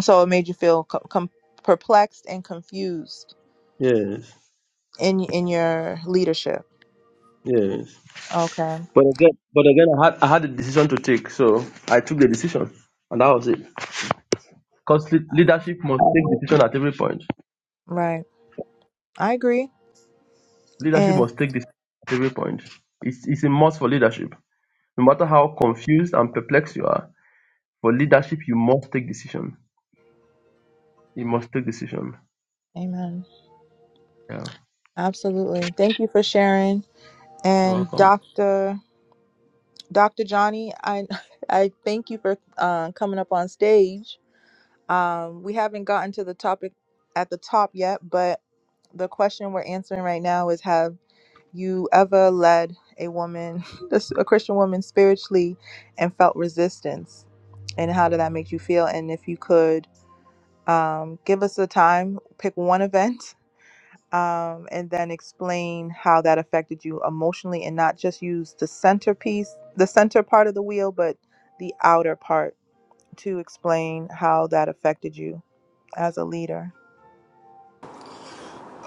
A: So it made you feel co- com- perplexed and confused
H: Yes,
A: in in your leadership.
H: yes.
A: Okay.
H: But again, but again, I had I had a decision to take, so I took the decision, and that was it. Because leadership must take decision at every point.
A: Right. I agree.
H: Leadership
A: And
H: must take decision at every point. It's it's a must for leadership. No matter how confused and perplexed you are, for leadership you must take decision you must take decision
A: amen.
H: yeah
A: Absolutely. Thank you for sharing.
H: you're
A: And
H: welcome
A: Dr. Dr. Johnny, I I thank you for uh, coming up on stage. Um, we haven't gotten to the topic at the top yet, but the question we're answering right now is have you ever led a woman, this- a Christian woman, spiritually and felt resistance? And how did that make you feel? And if you could um, give us a time, pick one event, um, and then explain how that affected you emotionally and not just use the centerpiece, the center part of the wheel, but the outer part to explain how that affected you as a leader.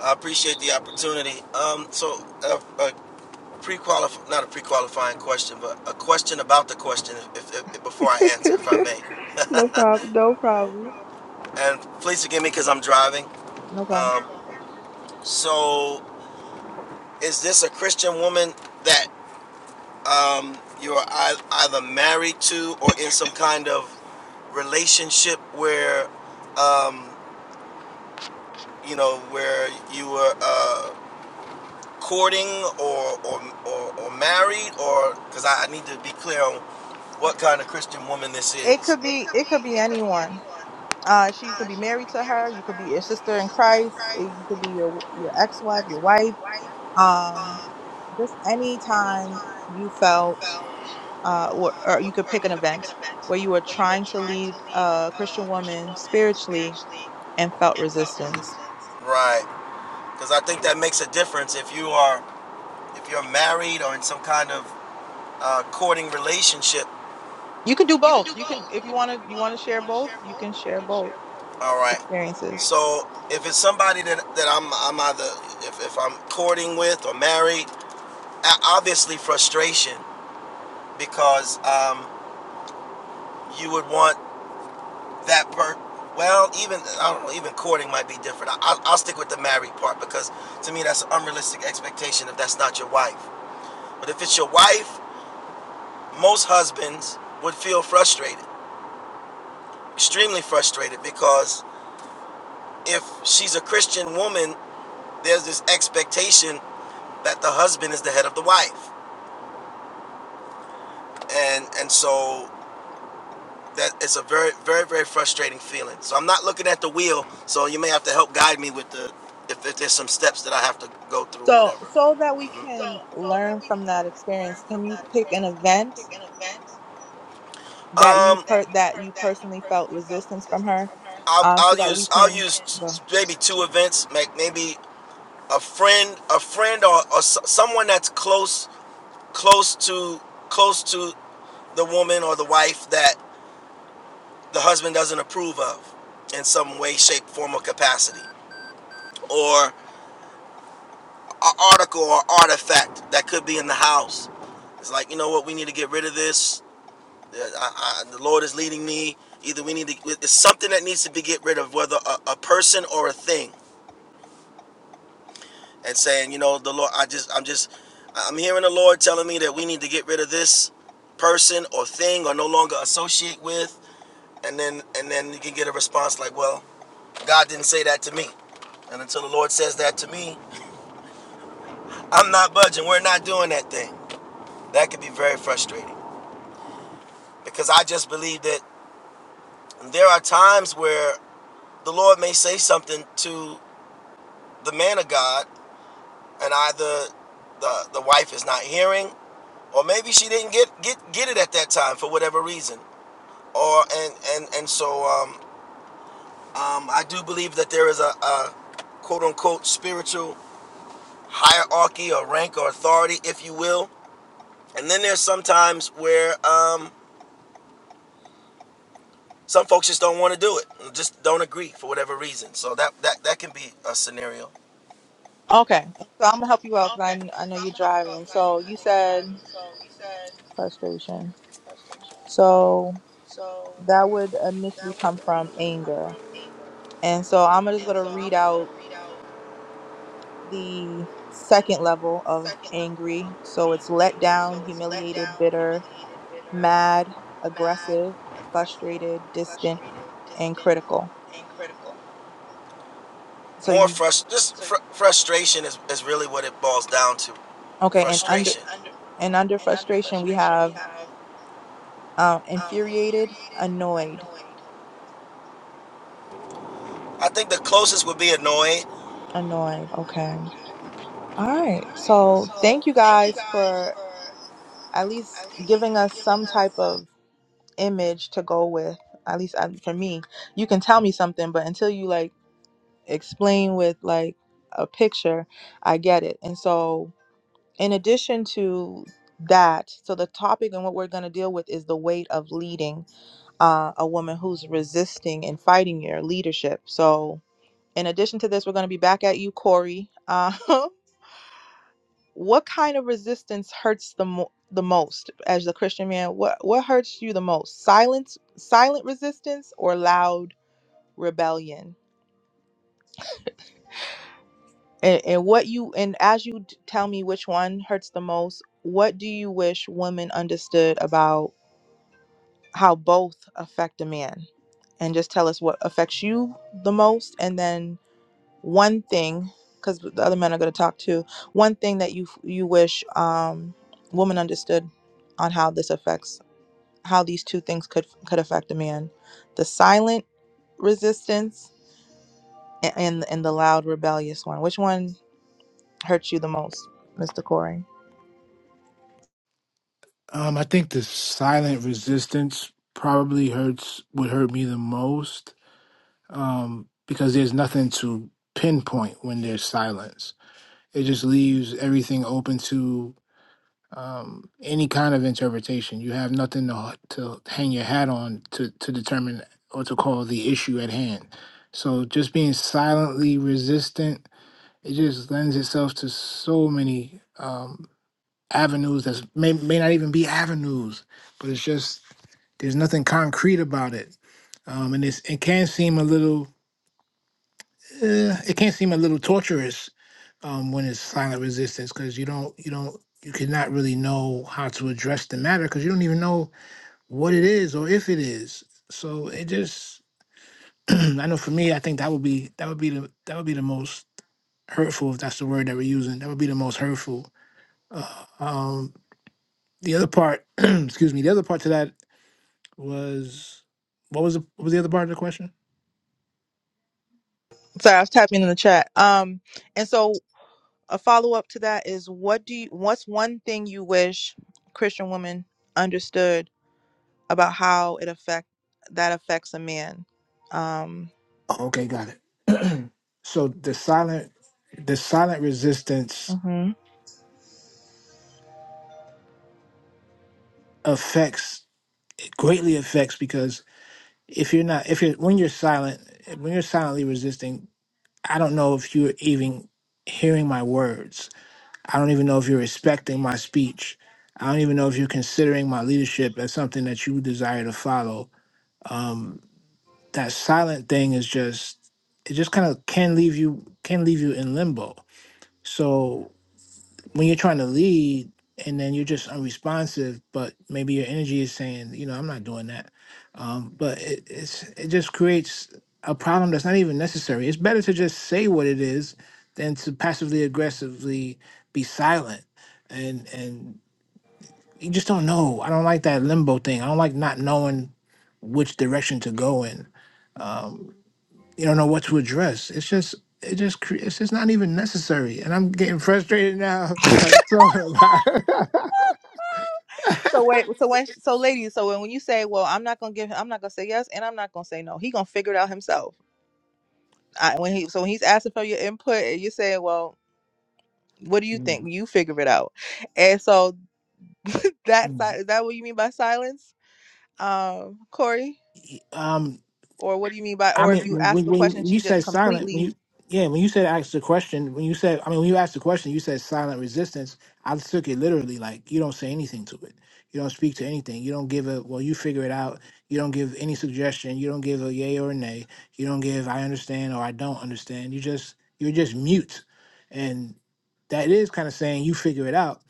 I: I appreciate the opportunity. Um, so, a, a pre-qualif- not a pre-qualifying question, but a question about the question, if, if, if- before I answer, if I may.
A: no problem. No problem.
I: And please forgive me because I'm driving.
A: No problem.
I: Um, so, is this a Christian woman that um, you're either married to or in some kind of relationship where, um, you know, where you were? uh, courting or or or, or married or because I, I need to be clear on what kind of Christian woman this
A: It
I: is.
A: could be it could be anyone. Uh, she you could be married to her. You could be your sister in Christ. eh, You could be your your ex wife, your wife. Um, just any time you felt, uh, or, or you could pick an event where you were trying to lead a Christian woman spiritually and felt resistance.
I: Right. Because I think that makes a difference if you are if you're married or in some kind of uh, courting relationship.
A: You can do both. You can if you want to. You want to share both. You can share both
I: All right.
A: experiences.
I: So if it's somebody that that I'm I'm either if, if I'm courting with or married, obviously frustration because um, you would want that part. Well, even I don't know. Even courting might be different. I, I'll, I'll stick with the married part because to me that's an unrealistic expectation if that's not your wife. But if it's your wife, most husbands would feel frustrated, extremely frustrated, because if she's a Christian woman, there's this expectation that the husband is the head of the wife, and and so that it's a very very very frustrating feeling. So I'm not looking at the wheel. So you may have to help guide me with the if, if there's some steps that I have to go through or
A: So
I: whatever.
A: so that we
I: Mm-hmm.
A: can learn from that experience. Can you pick an event that you
I: Um, that
A: per
I: you
A: that
I: per-
A: you
I: that you
A: personally felt
I: personally felt
A: resistance from
I: resistance
A: her,
I: from her? I'll
A: uh,
I: I'll
A: so
I: Um,
A: that we
I: use I'll
A: can
I: use
A: go.
I: and- t- maybe two events, like maybe a friend, a friend or, or s- someone that's close close to close to the woman or the wife that the husband doesn't approve of in some way, shape, form, or capacity, or an article or artifact that could be in the house. It's like you know what, we need to get rid of this. I, I, the Lord is leading me. Either we need to, it's something that needs to be get rid of, whether a, a person or a thing, and saying, you know, the Lord, I just, I'm just, I'm hearing the Lord telling me that we need to get rid of this person or thing or no longer associate with, and then, and then you can get a response like, well, God didn't say that to me, and until the Lord says that to me, I'm not budging. We're not doing that thing. That could be very frustrating because I just believe that there are times where the Lord may say something to the man of God, and either the the wife is not hearing, or maybe she didn't get get get it at that time for whatever reason, or and and and so um, um, I do believe that there is a, a quote unquote spiritual hierarchy or rank or authority, if you will, and then there's sometimes where um, some folks just don't want to do it, just don't agree for whatever reason. So that that that can be a scenario.
A: Okay, so I'm gonna help you out because I I know you're driving. So you said frustration. So that would initially come from anger, and so I'm just gonna read out the second level of angry. So it's let down, humiliated, bitter, mad, aggressive, frustrated, distant, and critical. So
I: More
A: you
I: frust just fr- frustration is, is really what it boils down to.
A: okay and
I: Frustration. Okay,
A: And under frustration, we have uh, infuriated, annoyed,
I: I think the closest would be Hanoi.
A: annoyed. Okay. All right. So thank you guys for at least giving us some type of image to go with. At least uh, for me, you can tell me something, but until you like explain with like a picture, I get it. And so, in addition to that, so the topic and what we're going to deal with is the weight of leading uh, a woman who's resisting and fighting your leadership. So, In addition to this, we're going to be back at you, Corey. Uh, what kind of resistance hurts the mo- the most as the Christian man? What what hurts you the most? Silence, silent resistance, or loud rebellion? And, and what you and as you d- tell me which one hurts the most, what do you wish women understood about how both affect a man? And just tell us what affects you the most, and then one thing because the other men are going to talk too one thing that you you wish um women understood on how this affects how these two things could could affect a man the silent resistance a- and and the loud rebellious one which one hurts you the most mr corey
B: Um, I think the silent resistance probably hurts would hurt me the most um, because there's nothing to pinpoint when there's silence. It just leaves everything open to um, any kind of interpretation. You have nothing to, to hang your hat on to, to determine or to call the issue at hand. So just being silently resistant, it just lends itself to so many um, avenues that may, may not even be avenues, but it's just there's nothing concrete about it. Um, and it's, it can seem a little uh, it can seem a little torturous um, when it's silent resistance because you don't you don't you cannot really know how to address the matter because you don't even know what it is or if it is. So it just I know for me I think that would be that would be the that would be the most hurtful if that's the word that we're using. That would be the most hurtful. Uh, um, the other part, excuse me, the other part to that was what was the, what was the other part of the question?
A: sorry i was typing in the chat um and so a follow-up to that is what do you what's one thing you wish christian women understood about how it affect that affects a man. Um,
B: Oh, okay, got it. So the silent the silent resistance
A: mhm.
B: affects it greatly affects because if you're not if you're when you're silent when you're silently resisting i don't know if you're even hearing my words i don't even know if you're respecting my speech i don't even know if you're considering my leadership as something that you desire to follow um that silent thing is just it just kind of can leave you can leave you in limbo so when you're trying to lead and then you're just unresponsive, but maybe your energy is saying, you know, I'm not doing that. Um, but it, it's it just creates a problem that's not even necessary. It's better to just say what it is than to passively aggressively be silent. And and you just don't know. I don't like that limbo thing. I don't like not knowing which direction to go in. Um, you don't know what to address. It's just it just cre- it's just not even necessary, and I'm getting frustrated now. I'm talking about.
A: So wait, so when so ladies, so when, when you say, well, I'm not gonna give, I'm not gonna say yes, and I'm not gonna say no. He gonna figure it out himself. I, when he so when he's asking for your input, and you're saying, well, what do you
B: Mm,
A: think? You figure it out. And so that
B: mm.
A: si- is that what you mean by silence, um, Corey?
B: um,
A: Or what do you mean by
B: I
A: or if you
B: mean,
A: ask
B: when,
A: a question,
B: when
A: she
B: you
A: just
B: said silent,
A: completely
B: when you yeah, when you said ask the question, when you said, I mean, when you asked the question, you said silent resistance. I took it literally, like you don't say anything to it, you don't speak to anything, you don't give a well, you figure it out, you don't give any suggestion, you don't give a yay or a nay, you don't give I understand or I don't understand. You just you're just mute, and that is kind of saying you figure it out,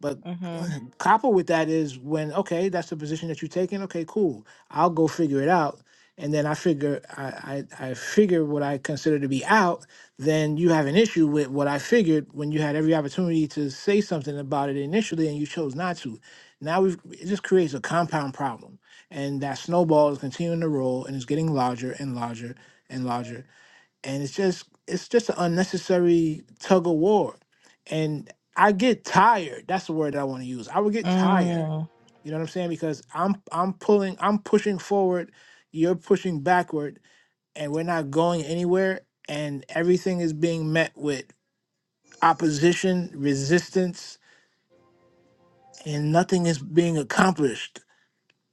B: but
A: Mm-hmm.
B: coupled with that is when okay, that's the position that you're taking. Okay, cool, I'll go figure it out and then I figure I, I I figure what I consider to be out, then you have an issue with what I figured when you had every opportunity to say something about it initially and you chose not to. Now we've it just creates a compound problem. And that snowball is continuing to roll and it's getting larger and larger and larger. And it's just it's just an unnecessary tug of war. And I get tired. That's the word that I want to use. I would get tired
A: Mm,
B: you know what I'm saying? Because I'm I'm pulling, I'm pushing forward, you're pushing backward, and we're not going anywhere. And everything is being met with opposition, resistance, and nothing is being accomplished.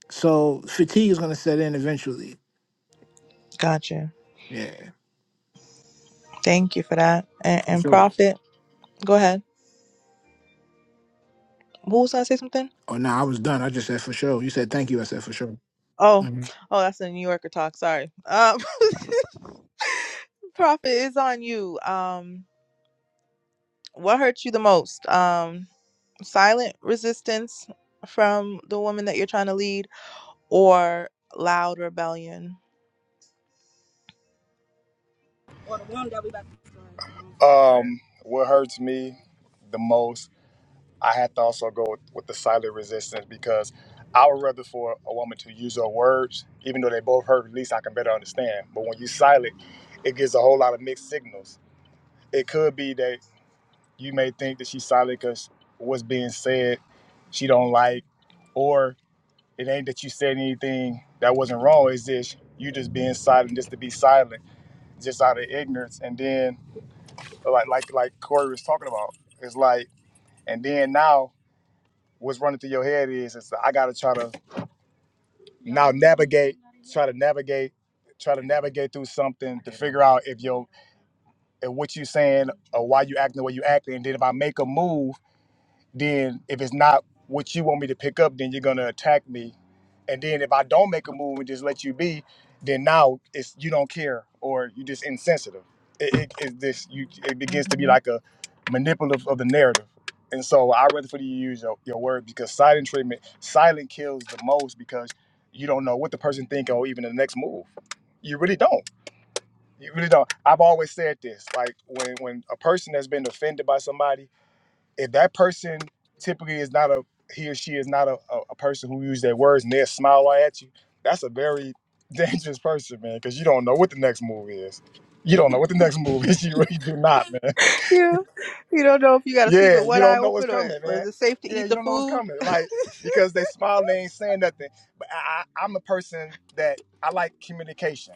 B: So fatigue is gonna set in eventually.
A: gotcha.
B: Yeah,
A: Thank you for that. And,
B: for
A: and
B: sure.
A: Prophet, go ahead. Who was gonna say something?
B: Oh no, I was done. I just said for sure. You said thank you. I said for sure.
A: Oh,
B: Mhm.
A: oh, that's a New Yorker talk. Sorry. Um, Prophet is on you. Um, what hurt you the most? Um, silent resistance from the woman that you're trying to lead, or loud rebellion?
F: Um, what hurts me the most, I had to also go with, with the silent resistance because I would rather for a woman to use her words, even though they both hurt, at least I can better understand. But when you silent, it gives a whole lot of mixed signals. It could be that you may think that she's silent because what's being said she don't like or it ain't that you said anything that wasn't wrong it's just you just being silent just to be silent just out of ignorance and then like like like corey was talking about it's like and then now what's running through your head is it's i gotta try to now navigate try to navigate try to navigate through something to figure out if your if what you saying or why you acting the way you acting and then if i make a move then if it's not what you want me to pick up, then you're gonna attack me. And then if I don't make a move and just let you be, then now it's you don't care or you just insensitive. It, it, it's this you it begins to be
A: hmm
F: like a manipulative of the narrative. And so I rather for you to use your, your word because silent treatment, silent kills the most because you don't know what the person think or even the next move. You really don't. You really don't. I've always said this. Like when when a person has been offended by somebody if that person typically is not a he or she is not a, a, a person who uses their words and they'll smile right at you, that's a very dangerous person, man, because you don't know what the next move is. You don't know what the next move is. You really do not, man.
A: Yeah. You don't know if you gotta sleep with
F: Yeah, you
A: one eye
F: don't know what's
A: open or
F: coming,
A: or
F: man.
A: is it safe to
F: Yeah,
A: eat
F: you
A: the
F: don't know what's
A: food?
F: coming. Like, because they smile, they ain't saying nothing. But I, I, I'm a person that I like communication.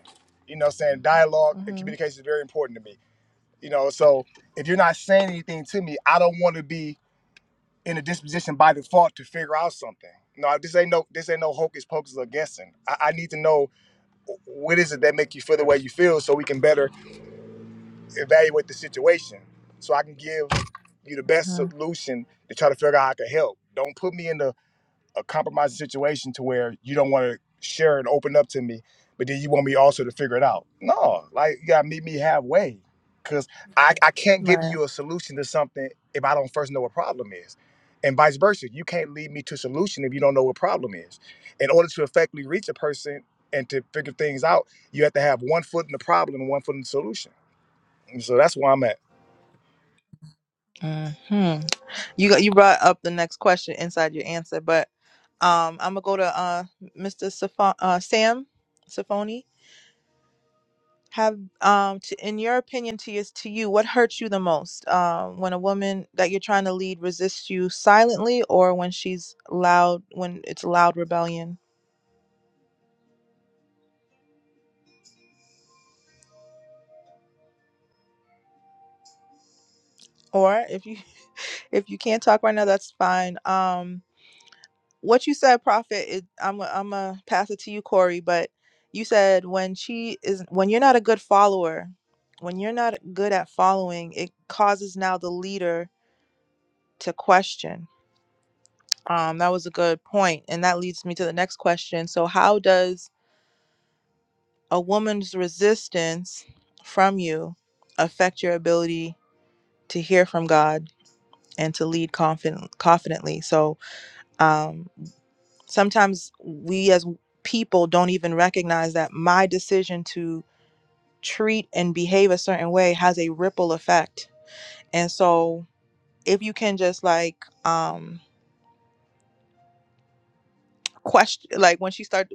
F: You know what I'm saying? Dialogue and
A: hmm
F: communication is very important to me. You know, so if you're not saying anything to me, I don't want to be in a disposition by default to figure out something. No, this ain't no this ain't no hocus pocus or guessing. I, I need to know what is it that make you feel the way you feel, so we can better evaluate the situation. So I can give you the best
A: hmm
F: solution to try to figure out how I can help. Don't put me in the a compromising situation to where you don't want to share and open up to me, but then you want me also to figure it out. No, like you gotta meet me halfway. Cause I, I can't give
A: Right.
F: you a solution to something if I don't first know what problem is. And vice versa. You can't lead me to solution if you don't know what problem is. In order to effectively reach a person and to figure things out, you have to have one foot in the problem and one foot in the solution. And so that's where I'm at.
A: hmm you got you brought up the next question inside your answer, but um I'm gonna go to uh Mr. Safon, uh Sam Safoni. have um to, in your opinion to is to you what hurts you the most um when a woman that you're trying to lead resists you silently or when she's loud when it's loud rebellion or if you if you can't talk right now that's fine um what you said, Prophet, is I'm i I'm gonna pass it to you, Corey. But you said when she is when you're not a good follower, when you're not good at following, it causes now the leader to question. Um, that was a good point, and that leads me to the next question. So, how does a woman's resistance from you affect your ability to hear from God and to lead confident confidently? So, um, sometimes we as people don't even recognize that my decision to treat and behave a certain way has a ripple effect and so if you can just like um question like when she started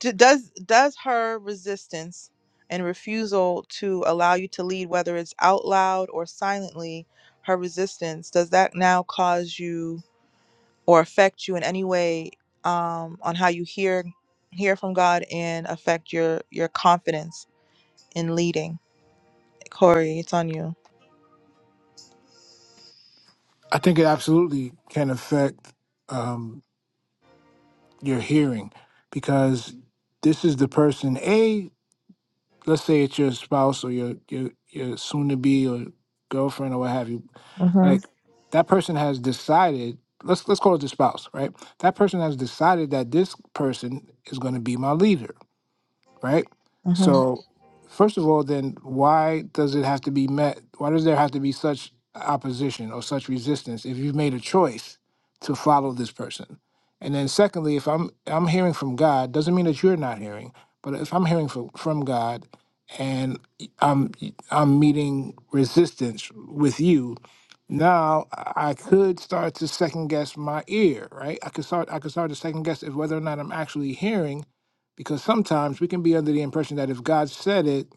A: does does her resistance and refusal to allow you to lead whether it's out loud or silently her resistance does that now cause you or affect you in any way um, on how you hear hear from God and affect your your confidence in leading. Corey, it's on you.
B: I think it absolutely can affect um, your hearing because this is the person A. let's say it's your spouse or your your your soon to be or girlfriend or what have you,
A: Mhm.
B: like that person has decided. Let's let's call it the spouse, right? That person has decided that this person is going to be my leader right?
A: Mhm.
B: So, first of all, then why does it have to be met? Why does there have to be such opposition or such resistance if you've made a choice to follow this person? And then, secondly, if I'm I'm hearing from God, doesn't mean that you're not hearing, but if I'm hearing from from God, and I'm I'm meeting resistance with you, now I I could start to second guess my ear, right? I could start I could start to second guess if whether or not I'm actually hearing because sometimes we can be under the impression that if God said it,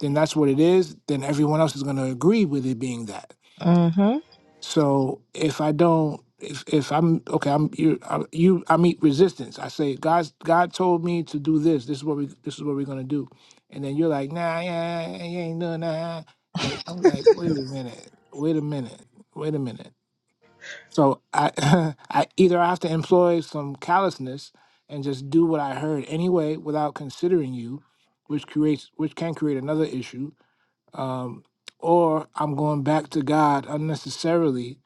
B: then that's what it is, then everyone else is going to agree with it being that.
A: Mhm.
B: So if I don't if if I'm okay, I'm you I, you I meet resistance. I say God's God told me to do this. This is what we this is what we're going to do. And then you're like, "Nah, yeah, yeah, yeah, you ain't doing that." Like I'm like, "Wait a minute. Wait a minute. Wait a minute." So I, I either I have to employ some callousness and just do what I heard anyway without considering you, which creates which can create another issue, um, or I'm going back to God unnecessarily,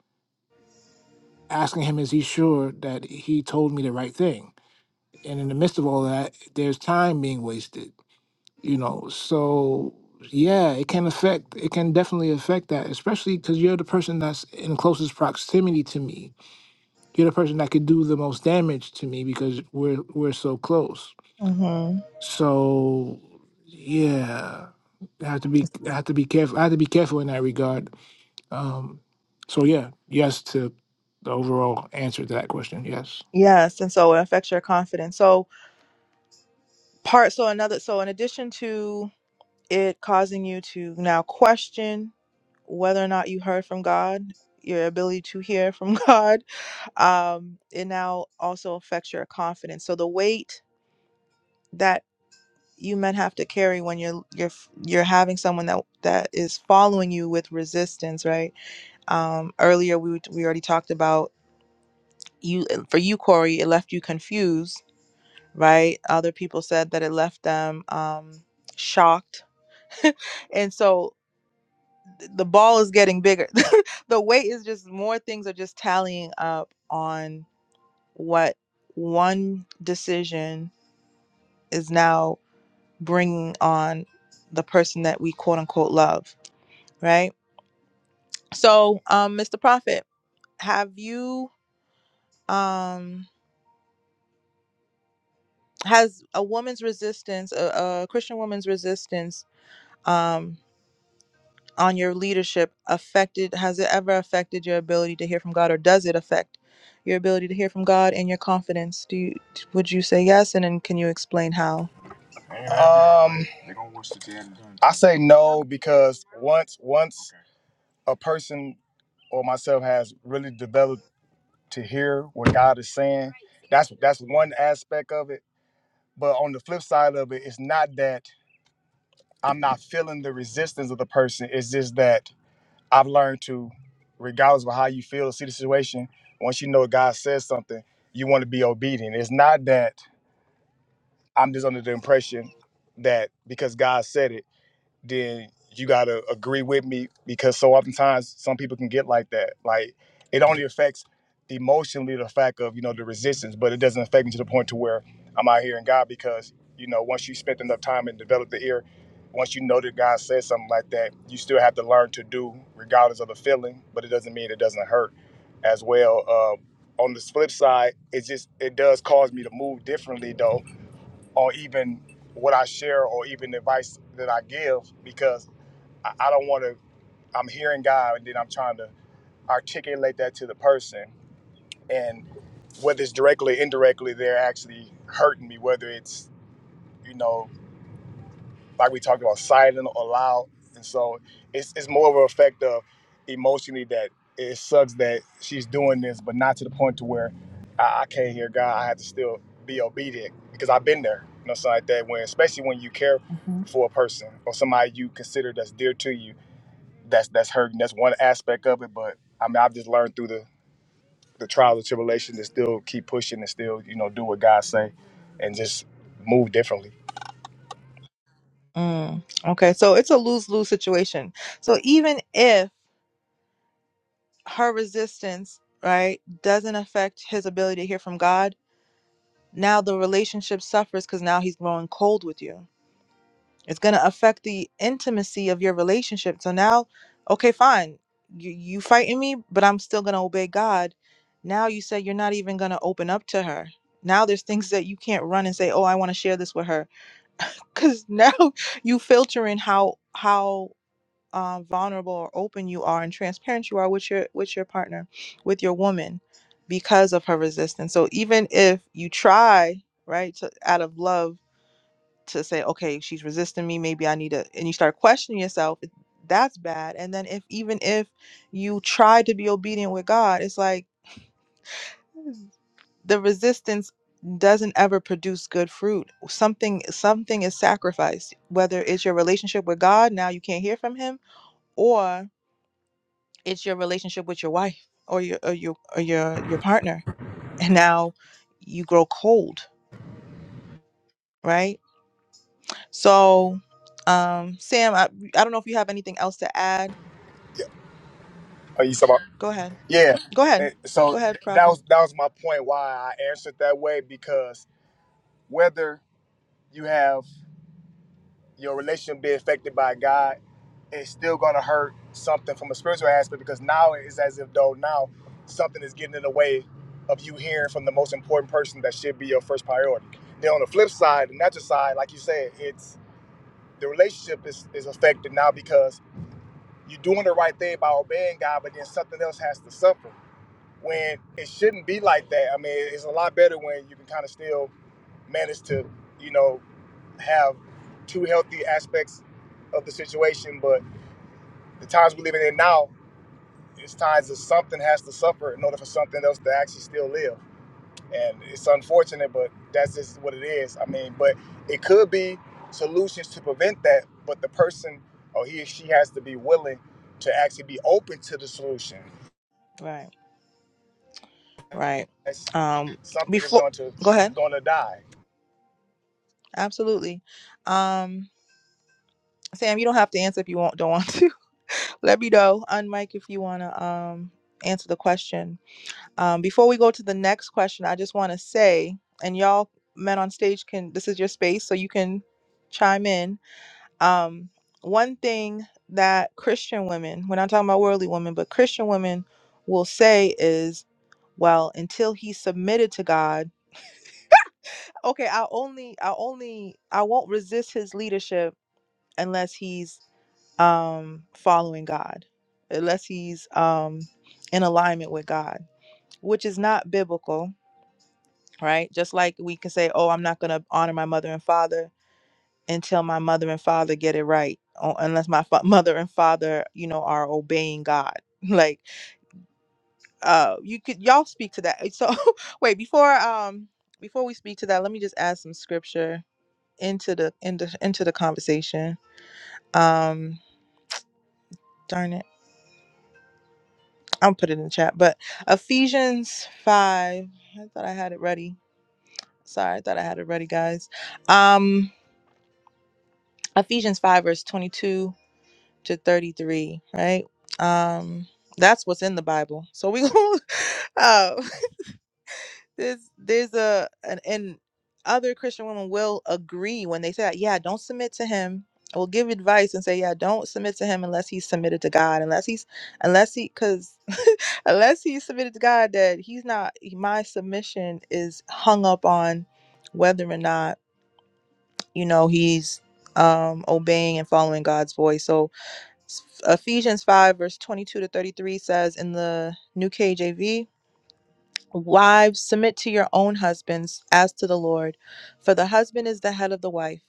B: asking Him, is He sure that He told me the right thing? And in the midst of all that, there's time being wasted, you know. So yeah, it can affect. It can definitely affect that, especially because you're the person that's in closest proximity to me You're the person that could do the most damage to me because we're we're so close.
A: Mhm.
B: So yeah, I have to be I have to be careful. I have to be careful in that regard. Um, so yeah, yes to the overall answer to that question. Yes.
A: Yes, and so it affects your confidence. So part. So another. So in addition to it causing you to now question whether or not you heard from God, your ability to hear from God, um, it now also affects your confidence. So the weight that you men have to carry when you're you're you're having someone that that is following you with resistance right um earlier we we already talked about you for you corey it left you confused right other people said that it left them um shocked and so th- the ball is getting bigger the weight is just more things are just tallying up on what one decision is now bringing on the person that we quote unquote love right? So, um, Mr. Prophet, have you um has a woman's resistance, a, a Christian woman's resistance, um, on your leadership affected? Has it ever affected your ability to hear from God, or does it affect your ability to hear from God and your confidence? Do you would you say yes, and then can you explain how?
F: Um I say no because once once a person or myself has really developed to hear what God is saying. That's that's one aspect of it. But on the flip side of it, it's not that I'm not feeling the resistance of the person. It's just that I've learned to, regardless of how you feel or see the situation, once you know God says something, you want to be obedient. It's not that I'm just under the impression that because God said it then you gotta agree with me because so oftentimes some people can get like that. Like it only affects emotionally the fact of you know the resistance, but it doesn't affect me to the point to where I'm out here in God because you know once you spent enough time and develop the ear, once you know that God says something like that, you still have to learn to do regardless of the feeling, but it doesn't mean it doesn't hurt as well. Uh, on the flip side, it just it does cause me to move differently though or even what I share or even advice that I give because I, I don't want to. I'm hearing God and then I'm trying to articulate that to the person. And whether it's directly or indirectly, they're actually hurting me, whether it's, you know, like we talked about, silent or loud. And so it's, it's more of an effect of emotionally that it sucks that she's doing this, but not to the point to where I, I can't hear God. I have to still be obedient because I've been there, you know, something like that. When especially when you care
A: Mhm.
F: for a person or somebody you consider that's dear to you, that's that's hurting. That's one aspect of it. But I mean, I've just learned through the the trials and tribulation to still keep pushing and still you know do what God say and just move differently.
A: Mm, okay, so it's a lose lose situation. So even if her resistance, right, doesn't affect his ability to hear from God, now the relationship suffers because now he's growing cold with you. it's going to affect the intimacy of your relationship so now okay fine you you fighting me but i'm still going to obey god now you say you're not even going to open up to her now there's things that you can't run and say oh i want to share this with her because now you filtering how how uh, vulnerable or open you are and transparent you are with your with your partner with your woman because of her resistance so even if you try right to, out of love to say, okay, she's resisting me. Maybe I need to, and you start questioning yourself. it- That's bad. And then if even if you try to be obedient with God, it's like the resistance doesn't ever produce good fruit. Something something is sacrificed. Whether it's your relationship with God, now you can't hear from Him, or it's your relationship with your wife or your or your or your your partner, and now you grow cold, right? So, um, Sam, I I don't know if you have anything else to add
F: Are you talking about?
A: Go ahead.
F: Yeah.
A: Go ahead.
F: And so
A: Go ahead,
F: th- that
A: Prophet.
F: was that was my point why I answered that way because whether you have your relationship be affected by God, it's still gonna hurt something from a spiritual aspect because now it's as if though now something is getting in the way of you hearing from the most important person that should be your first priority. Then on the flip side, the natural side, like you said, it's the relationship is, is affected now because you're doing the right thing by obeying God, but then something else has to suffer. when it shouldn't be like that. I mean, it's a lot better when you can kind of still manage to, you know, have two healthy aspects of the situation. But the times we're living in now, it's times that something has to suffer in order for something else to actually still live. And it's unfortunate, but that's just what it is. I mean, but it could be solutions to prevent that, but the person or he or she has to be willing to actually be open to the solution.
A: Right. Right.
F: That's
A: Um
F: something that's
A: before
F: going to
A: go ahead.
F: going to die
A: Absolutely. Um Sam, you don't have to answer if you will not don't want to. Let me know on if you wanna um answer the question. Um before we go to the next question, I just wanna say, and y'all men on stage can this is your space, so you can chime in Um, one thing that Christian women, we're not talking about worldly women, but Christian women will say is, well, until he submitted to God, okay, I only, I only, I won't resist his leadership unless he's um, following God, unless he's um, in alignment with God, which is not biblical, right? Just like we can say, oh, I'm not going to honor my mother and father until my mother and father get it right o- unless my fa- mother and father you know are obeying god like uh you could y'all speak to that so wait before um before we speak to that let me just add some scripture into the into, into the conversation um darn it i'll put it in the chat but ephesians 5 i thought i had it ready sorry i thought i had it ready guys um ephesians 5 verse 22 to 33, right? Um that's what's in the Bible. So we going uh there's there's a an and other Christian women will agree when they say that, yeah, don't submit to him. Will give advice and say, yeah, don't submit to him unless he's submitted to God, unless he's unless he cause unless he's submitted to God that he's not my submission is hung up on whether or not, you know, he's um obeying and following God's voice. So Ephesians 5, verse 22 to 33 says in the New KJV, Wives, submit to your own husbands as to the Lord, for the husband is the head of the wife,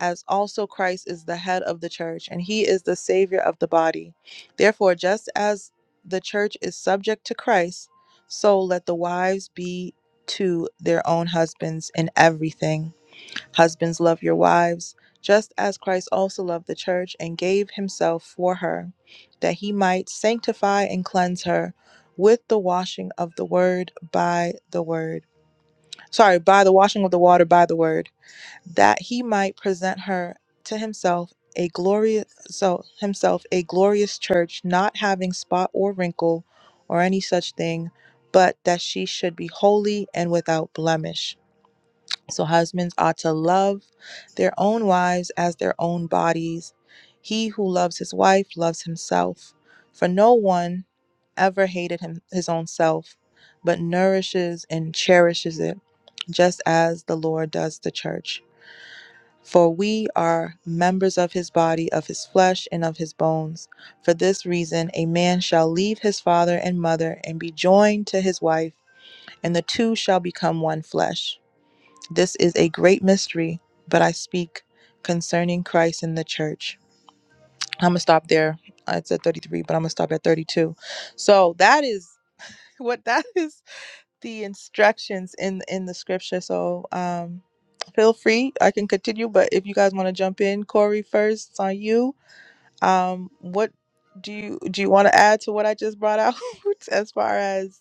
A: as also Christ is the head of the church, and he is the Savior of the body. Therefore, just as the church is subject to Christ, so let the wives be to their own husbands in everything. Husbands, love your wives, just as Christ also loved the church and gave himself for her, that he might sanctify and cleanse her with the washing of the word by the word. Sorry, by the washing of the water by the word, that he might present her to himself a glorious so himself a glorious church not having spot or wrinkle or any such thing but that she should be holy and without blemish so husbands ought to love their own wives as their own bodies. He who loves his wife loves himself, for no one ever hated him his own self, but nourishes and cherishes it, just as the Lord does the church. For we are members of his body, of his flesh, and of his bones. For this reason, a man shall leave his father and mother and be joined to his wife, and the two shall become one flesh. This is a great mystery, but I speak concerning Christ and the church. I'm gonna stop there. I said 33, but I'm gonna stop at 32. So that is what that is the instructions in in the scripture. So um feel free. I can continue, but if you guys want to jump in, Corey first, it's on you. Um what do you do you want to add to what I just brought out as far as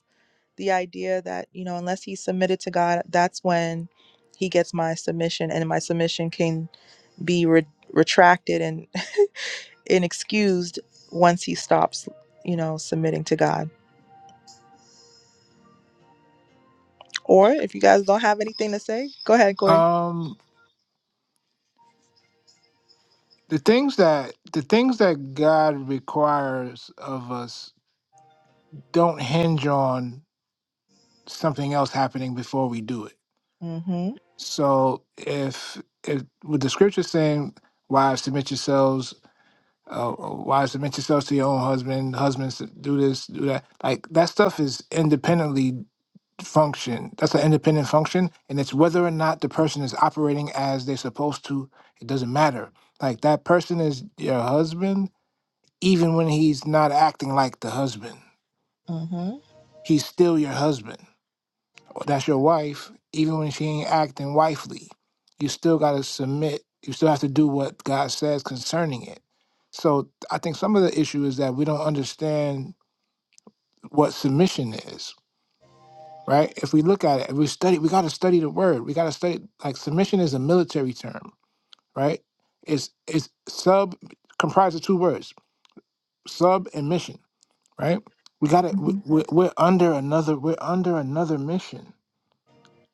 A: the idea that you know unless he's submitted to god that's when he gets my submission and my submission can be re- retracted and and excused once he stops you know submitting to god or if you guys don't have anything to say go ahead corey
B: Um, the things that the things that God requires of us don't hinge on something else happening before we do it.
A: mm-hmm
B: So if if with the scripture saying, "Wives, submit yourselves." uh, wives to mention yourself to your own husband, husbands to do this, do that. Like that stuff is independently function. That's an independent function, and it's whether or not the person is operating as they're supposed to. It doesn't matter. Like that person is your husband, even when he's not acting like the husband.
A: mm-hmm,
B: He's still your husband that's your wife, even when she ain't acting wifely, you still got to submit. You still have to do what God says concerning it. So I think some of the issue is that we don't understand what submission is, right? If we look at it, if we study, we got to study the word. We got to study like submission is a military term, right? It's it's sub comprised of two words, sub and mission, right? We got to we,
A: mm-hmm.
B: we we're under another we're under another mission.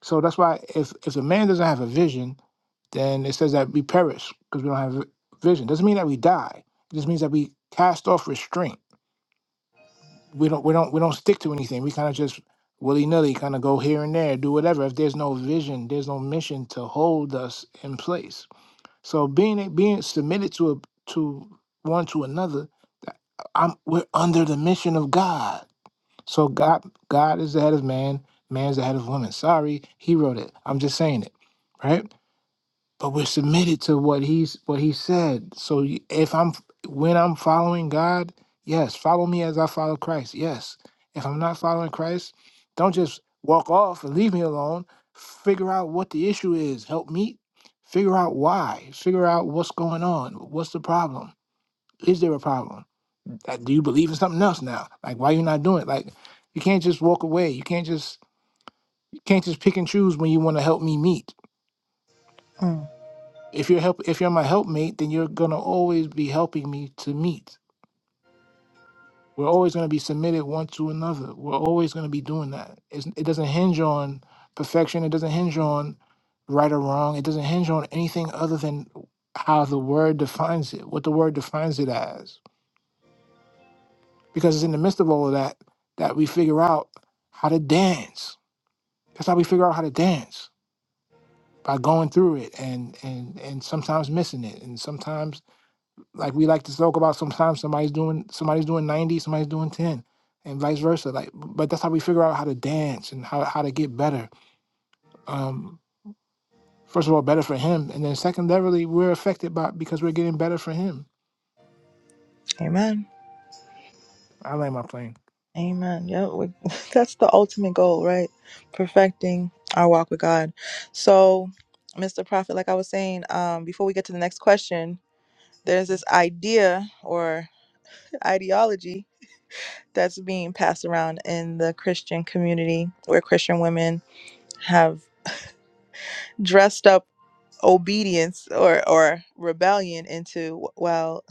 B: So that's why if if a man doesn't have a vision then it says that we perish because we don't have vision. Doesn't mean that we die. It just means that we cast off restraint. We don't we don't we don't stick to anything. We kind of just willy nilly kind of go here and there, do whatever. If there's no vision, there's no mission to hold us in place. So being being submitted to a to one to another, that- I'm we're under the mission of God. So God God is the head of man, man's the head of woman. Sorry, he wrote it. I'm just saying it, right? but we're submitted to what he's what he said so y- if i'm when i'm following god yes follow me as i follow christ yes if i'm not following christ don't just walk off and leave me alone figure out what the issue is help me figure out why figure out what's going on what's the problem is there a problem Uh, do you believe in something else now like why you not doing it like you can't just walk away you can't just you can't just pick and choose when you want to help me meet
A: Mm.
B: If you're help if you're my helpmate, then you're gonna always be helping me to meet. We're always gonna be submitted one to another. We're always gonna be doing that. It's, it doesn't hinge on perfection. It doesn't hinge on right or wrong. It doesn't hinge on anything other than how the word defines it, what the word defines it as. Because it's in the midst of all of that that we figure out how to dance. That's how we figure out how to dance by going through it and and and sometimes missing it and sometimes like we like to talk about sometimes somebody's doing somebody's doing 90 somebody's doing 10 and vice versa like but that's how we figure out how to dance and how, how to get better um first of all better for him and then secondarily we're affected by because we're getting better for him
A: amen
B: i like my plane
A: Amen. Yeah, we, that's the ultimate goal, right? Perfecting our walk with God. So, Mr. Prophet, like I was saying, um, before we get to the next question, there's this idea or ideology that's being passed around in the Christian community where Christian women have dressed up obedience or or rebellion into well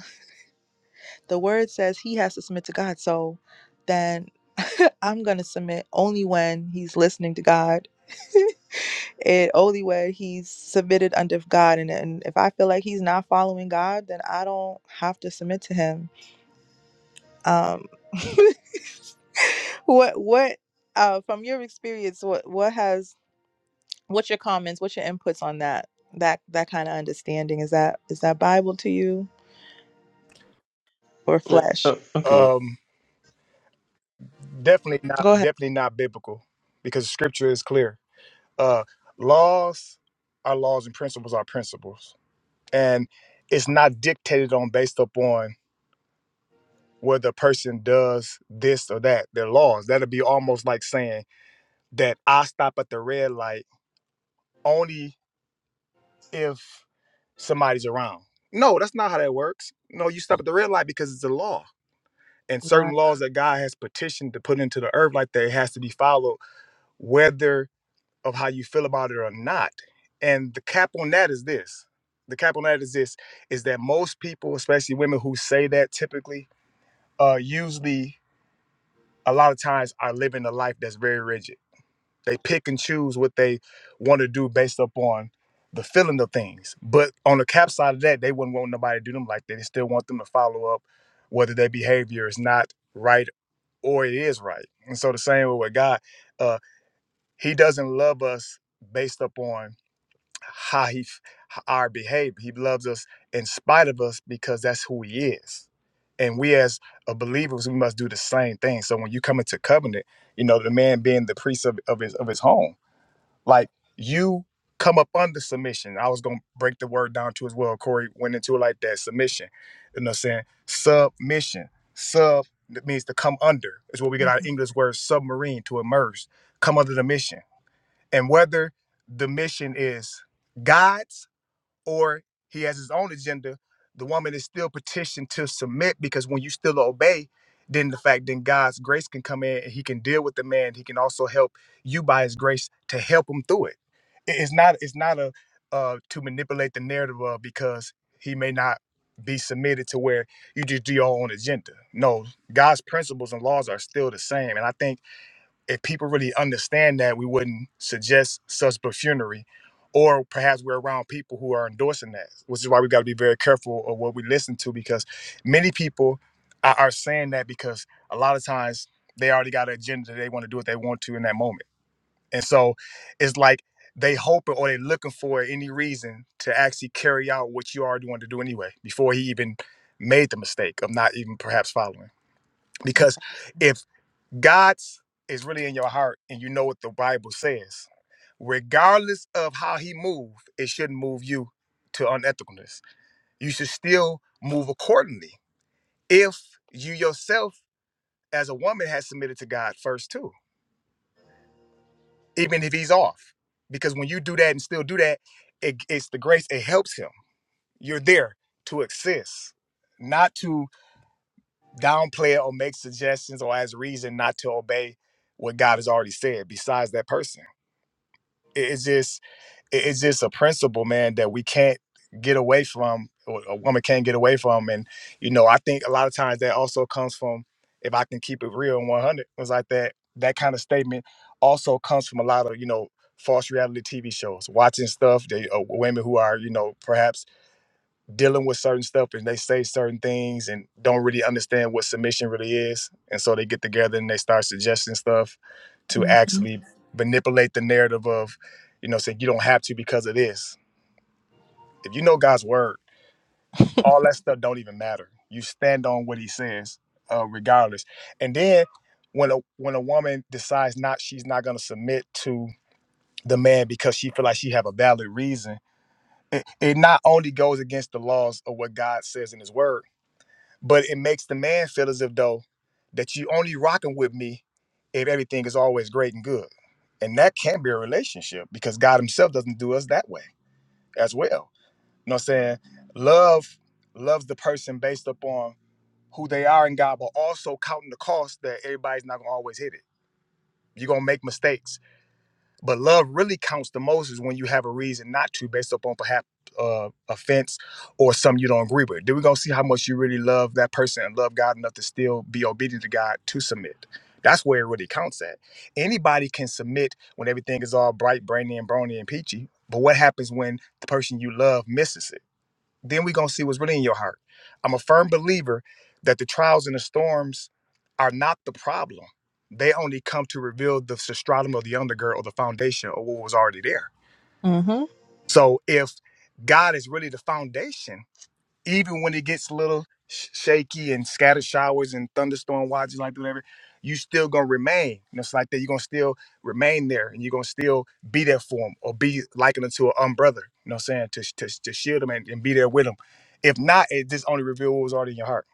A: the word says he has to submit to God. So then I'm going to submit only when he's listening to God and only when he's submitted under God. And, and if I feel like he's not following God, then I don't have to submit to him. Um, what, what, uh, from your experience, what, what has, what's your comments, what's your inputs on that? That, that kind of understanding is that is that Bible to you or
H: yeah.
A: flesh?
H: oh, okay
F: Um, definitely not.
A: Go ahead.
F: Definitely not biblical, because Scripture is clear. Uh, laws are laws and principles are principles, and it's not dictated on based upon whether a person does this or that. They're laws. that would be almost like saying that I stop at the red light only if somebody's around. No, that's not how that works. No, you stop at the red light because it's a law. And
A: Yeah.
F: certain laws that God has petitioned to put into the earth like that has to be followed, whether of how you feel about it or not. And the cap on that is this. The cap on that is this is that most people, especially women who say that typically, uh usually a lot of times are living a life that's very rigid. They pick and choose what they want to do based upon the feeling of things. But on the cap side of that, they wouldn't want nobody to do them like that. They still want them to follow up whether their behavior is not right or it is right. And so the same way with God, uh, he doesn't love us based upon how he f- h- our behavior. He loves us in spite of us because that's who he is. And we as a believers, we must do the same thing. So when you come into covenant, you know, the man being the priest of, of his of his home, like you come up under submission. I was gonna break the word down to as well. Corey went into it like that. Submission. You know what I'm saying? Submission. Sub that means to come under. Is where we get our English word submarine to immerse. Come under the mission and whether the mission is God's or he has his own agenda, the woman is still petitioned to submit because when you still obey, then the fact then God's grace can come in and he can deal with the man. He can also help you by his grace to help him through it. I- It's not it's not a uh to manipulate the narrative of because he may not be submitted to where you just do your own agenda. No, God's principles and laws are still the same. And I think if people really understand that, we wouldn't suggest such buffoonery. Or perhaps we're around people who are endorsing that, which is why we got to be very careful of what we listen to because many people are, are saying that because a lot of times they already got an agenda. They want to do what they want to in that moment. And so it's like they hoping or they looking for any reason to actually carry out what you already wanted to do anyway before he even made the mistake of not even perhaps following. Because if God's is really in your heart, and you know what the Bible says. Regardless of how He moved, it shouldn't move you to unethicalness. You should still move accordingly. If you yourself, as a woman, has submitted to God first too, even if He's off, because when you do that and still do that, it, it's the grace. It helps Him. You're there to assist, not to downplay it or make suggestions or as reason not to obey what God has already said. Besides that person, It- it's just it- it's just a principle, man, that we can't get away from. or A woman can't get away from, and you know, I think a lot of times that also comes from, if I can keep it real and one hundred, was like that. That kind of statement also comes from a lot of you know false reality TV shows, watching stuff that uh, women who are you know perhaps dealing with certain stuff and they say certain things and don't really understand what submission really is. And so they get together and they start suggesting stuff to actually Mhm. manipulate the narrative of, you know, saying you don't have to because of this. If you know God's word, all that stuff don't even matter. You stand on what he says, uh, regardless. And then when a when a woman decides not she's not gonna submit to the man because she feel like she have a valid reason, it, it not only goes against the laws of what God says in his word, but it makes the man feel as if though that you only rocking with me if everything is always great and good and that can't be a relationship because god himself doesn't do us that way as well you know what i'm saying love loves the person based upon who they are in god but also counting the cost that everybody's not gonna always hit it you're gonna make mistakes but love really counts the most is when you have a reason not to, based upon perhaps uh, offense or something you don't agree with. Then we're gonna see how much you really love that person and love God enough to still be obedient to God to submit. That's where it really counts at. Anybody can submit when everything is all bright, brainy, and brony and peachy. But what happens when the person you love misses it? Then we're gonna see what's really in your heart. I'm a firm believer that the trials and the storms are not the problem. They only come to reveal the stratum of the undergird or the foundation of what was already there.
A: Mhm.
F: So if God is really the foundation, even when it gets a little sh- shaky and scattered showers and thunderstorm watches like whatever, you still gonna remain. And it's like that. You're gonna still remain there, and you're gonna still be there for them, or be likened to an umbrella. You know what I'm saying? To sh- to, sh- to shield them and, and be there with them. If not, it just only reveal what was already in your heart.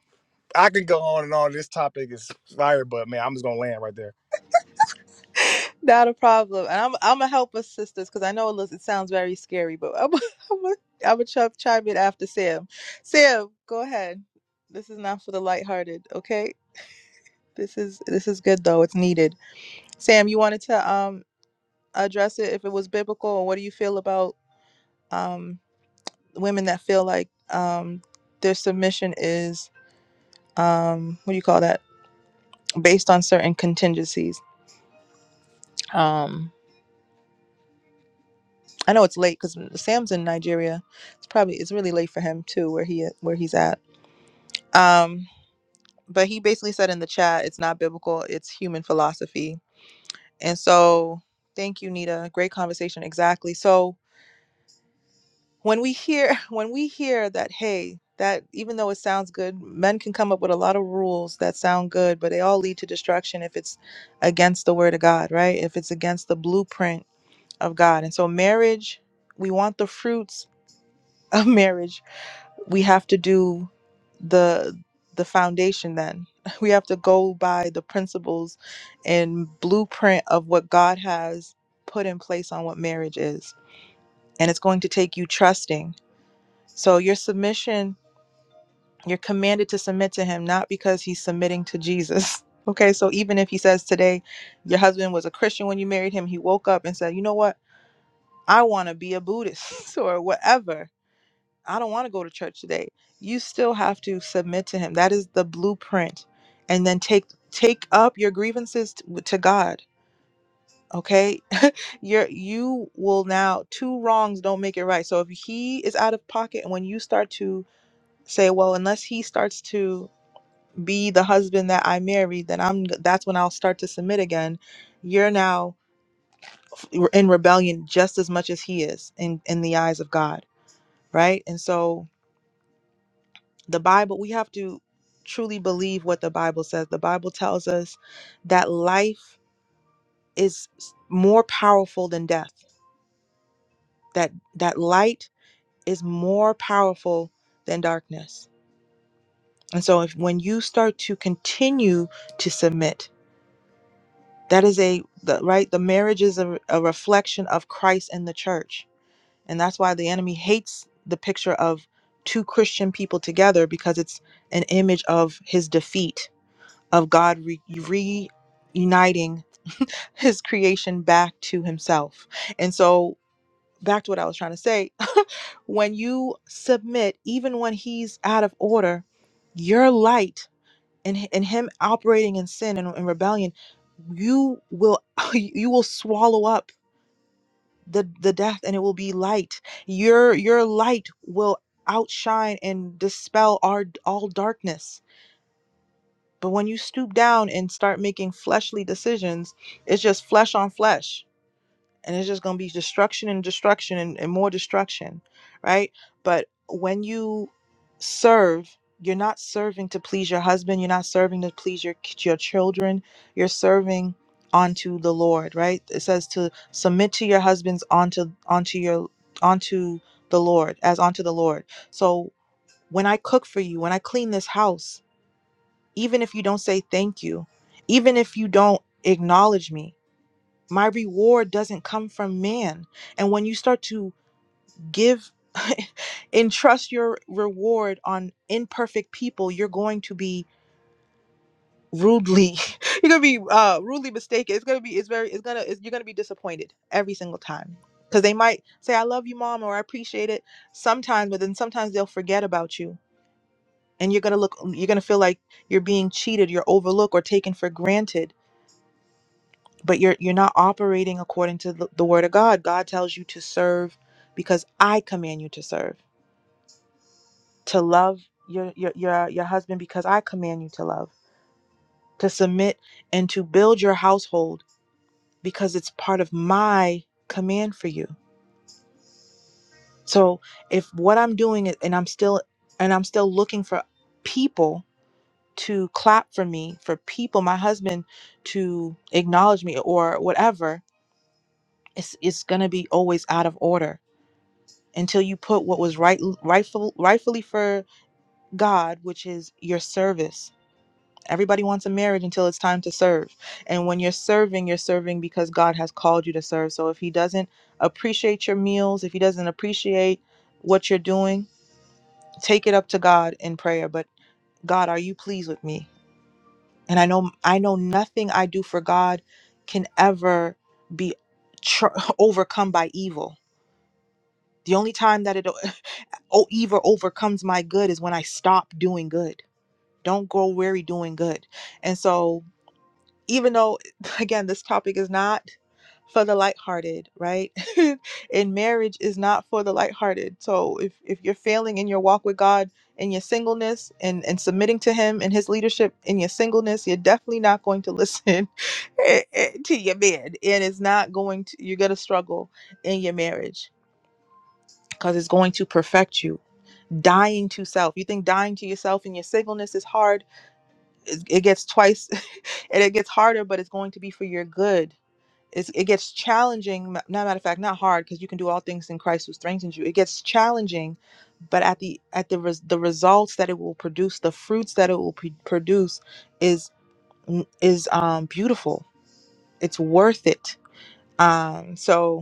F: I could go on and on. This topic is fire, but man, I'm just gonna land right there.
A: Not a problem. And I'm I'm gonna help us sisters because I know it, looks, it sounds very scary, but I'm I'm gonna I'm gonna ch- chime in after Sam. Sam, go ahead. This is not for the lighthearted, okay? This is this is good though. It's needed. Sam, you wanted to um address it if it was biblical, and what do you feel about um women that feel like um their submission is um what do you call that based on certain contingencies? Um I know it's late because Sam's in Nigeria. It's probably it's really late for him too, where he where he's at. Um, but he basically said in the chat, it's not biblical, it's human philosophy. And so, thank you, Nita. Great conversation. Exactly. So when we hear when we hear that, hey, that even though it sounds good, men can come up with a lot of rules that sound good, but they all lead to destruction if it's against the word of God, right? If it's against the blueprint of God. And so, marriage, we want the fruits of marriage we have to do the the foundation then we have to go by the principles and blueprint of what god has put in place on what marriage is and it's going to take you trusting so your submission you're commanded to submit to him not because he's submitting to jesus okay so even if he says today your husband was a christian when you married him he woke up and said you know what i want to be a buddhist or whatever I don't want to go to church today. You still have to submit to him. That is the blueprint. And then take take up your grievances t- to God. Okay? You're you will now two wrongs don't make it right. So if he is out of pocket and when you start to say, well, unless he starts to be the husband that I married, then I'm that's when I'll start to submit again. You're now in rebellion just as much as he is in in the eyes of God, right? And so the Bible, we have to truly believe what the Bible says. The Bible tells us that life is s- more powerful than death. That that light is more powerful than darkness. And so if when you start to continue to submit, that is a the, right the marriage is a, a reflection of Christ and the church. And that's why the enemy hates the picture of two Christian people together because it's an image of his defeat of God re- reuniting his creation back to himself. And so, back to what I was trying to say when you submit, even when he's out of order, your light and, h- and him operating in sin and, and rebellion, you will you will swallow up the the death and it will be light your your light will outshine and dispel our all darkness But when you stoop down and start making fleshly decisions, it's just flesh on flesh. And it's just going to be destruction and destruction and, and more destruction, right? But when you serve, you're not serving to please your husband. You're not serving to please your, your children. You're serving onto the Lord, right? It says to submit to your husbands onto onto your onto the Lord, as onto the Lord. So when I cook for you, when I clean this house, even if you don't say thank you, even if you don't acknowledge me, my reward doesn't come from man. And when you start to give, entrust your reward on imperfect people, you're going to be rudely you're gonna be uh rudely mistaken it's gonna be it's very it's gonna it's, you're gonna be disappointed every single time because they might say i love you mom or i appreciate it sometimes but then sometimes they'll forget about you and you're gonna look you're gonna feel like you're being cheated you're overlooked or taken for granted but you're you're not operating according to the, the word of god god tells you to serve because i command you to serve to love your, your your your husband because i command you to love to submit and to build your household because it's part of my command for you so if what i'm doing is, and i'm still and i'm still looking for people to clap for me for people my husband to acknowledge me or whatever it's it's going to be always out of order until you put what was right rightful rightfully for God, which is your service. Everybody wants a marriage until it's time to serve. And when you're serving, you're serving because God has called you to serve. So if he doesn't appreciate your meals, if he doesn't appreciate what you're doing, take it up to God in prayer. But God, are you pleased with me? And I know I know nothing I do for God can ever be tr- overcome by evil. The only time that it oh evil overcomes my good is when i stop doing good don't grow weary doing good and so even though again this topic is not for the lighthearted right and marriage is not for the lighthearted so if if you're failing in your walk with god in your singleness and and submitting to him and his leadership in your singleness you're definitely not going to listen eh, eh, to your man and it's not going to you're going to struggle in your marriage because it's going to perfect you dying to self. You think dying to yourself and your singleness is hard. It, it gets twice and it gets harder, but it's going to be for your good. It's, it gets challenging. ma- Not matter of fact, not hard because you can do all things in Christ who strengthens you. It gets challenging, but at the at the res, the results that it will produce, the fruits that it will p- produce, is is um beautiful. It's worth it. Um, so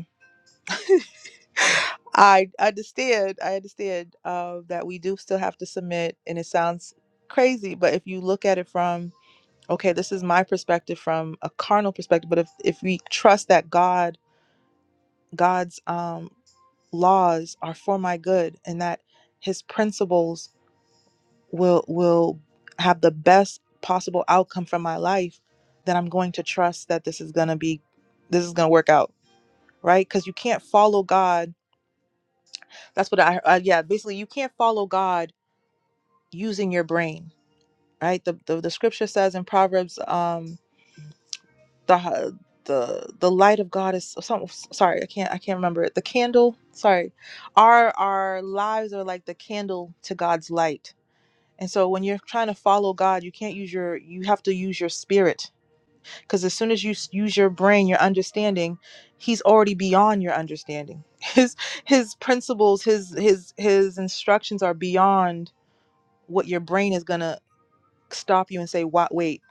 A: I understand. I understand uh, that we do still have to submit, and it sounds crazy, but if you look at it from okay, this is my perspective from a carnal perspective, but if if we trust that God, God's um, laws are for my good, and that His principles will will have the best possible outcome for my life, then I'm going to trust that this is gonna be, this is gonna work out, right? Because you can't follow God That's what I, I yeah, basically you can't follow God using your brain, right? The the, the scripture says in Proverbs um the the the light of God is some sorry, I can't I can't remember it. The candle, sorry. Our our lives are like the candle to God's light. And so when you're trying to follow God, you can't use your you have to use your spirit because as soon as you s- use your brain, your understanding, he's already beyond your understanding. His his principles, his his his instructions are beyond what your brain is gonna stop you and say, "What? Wait,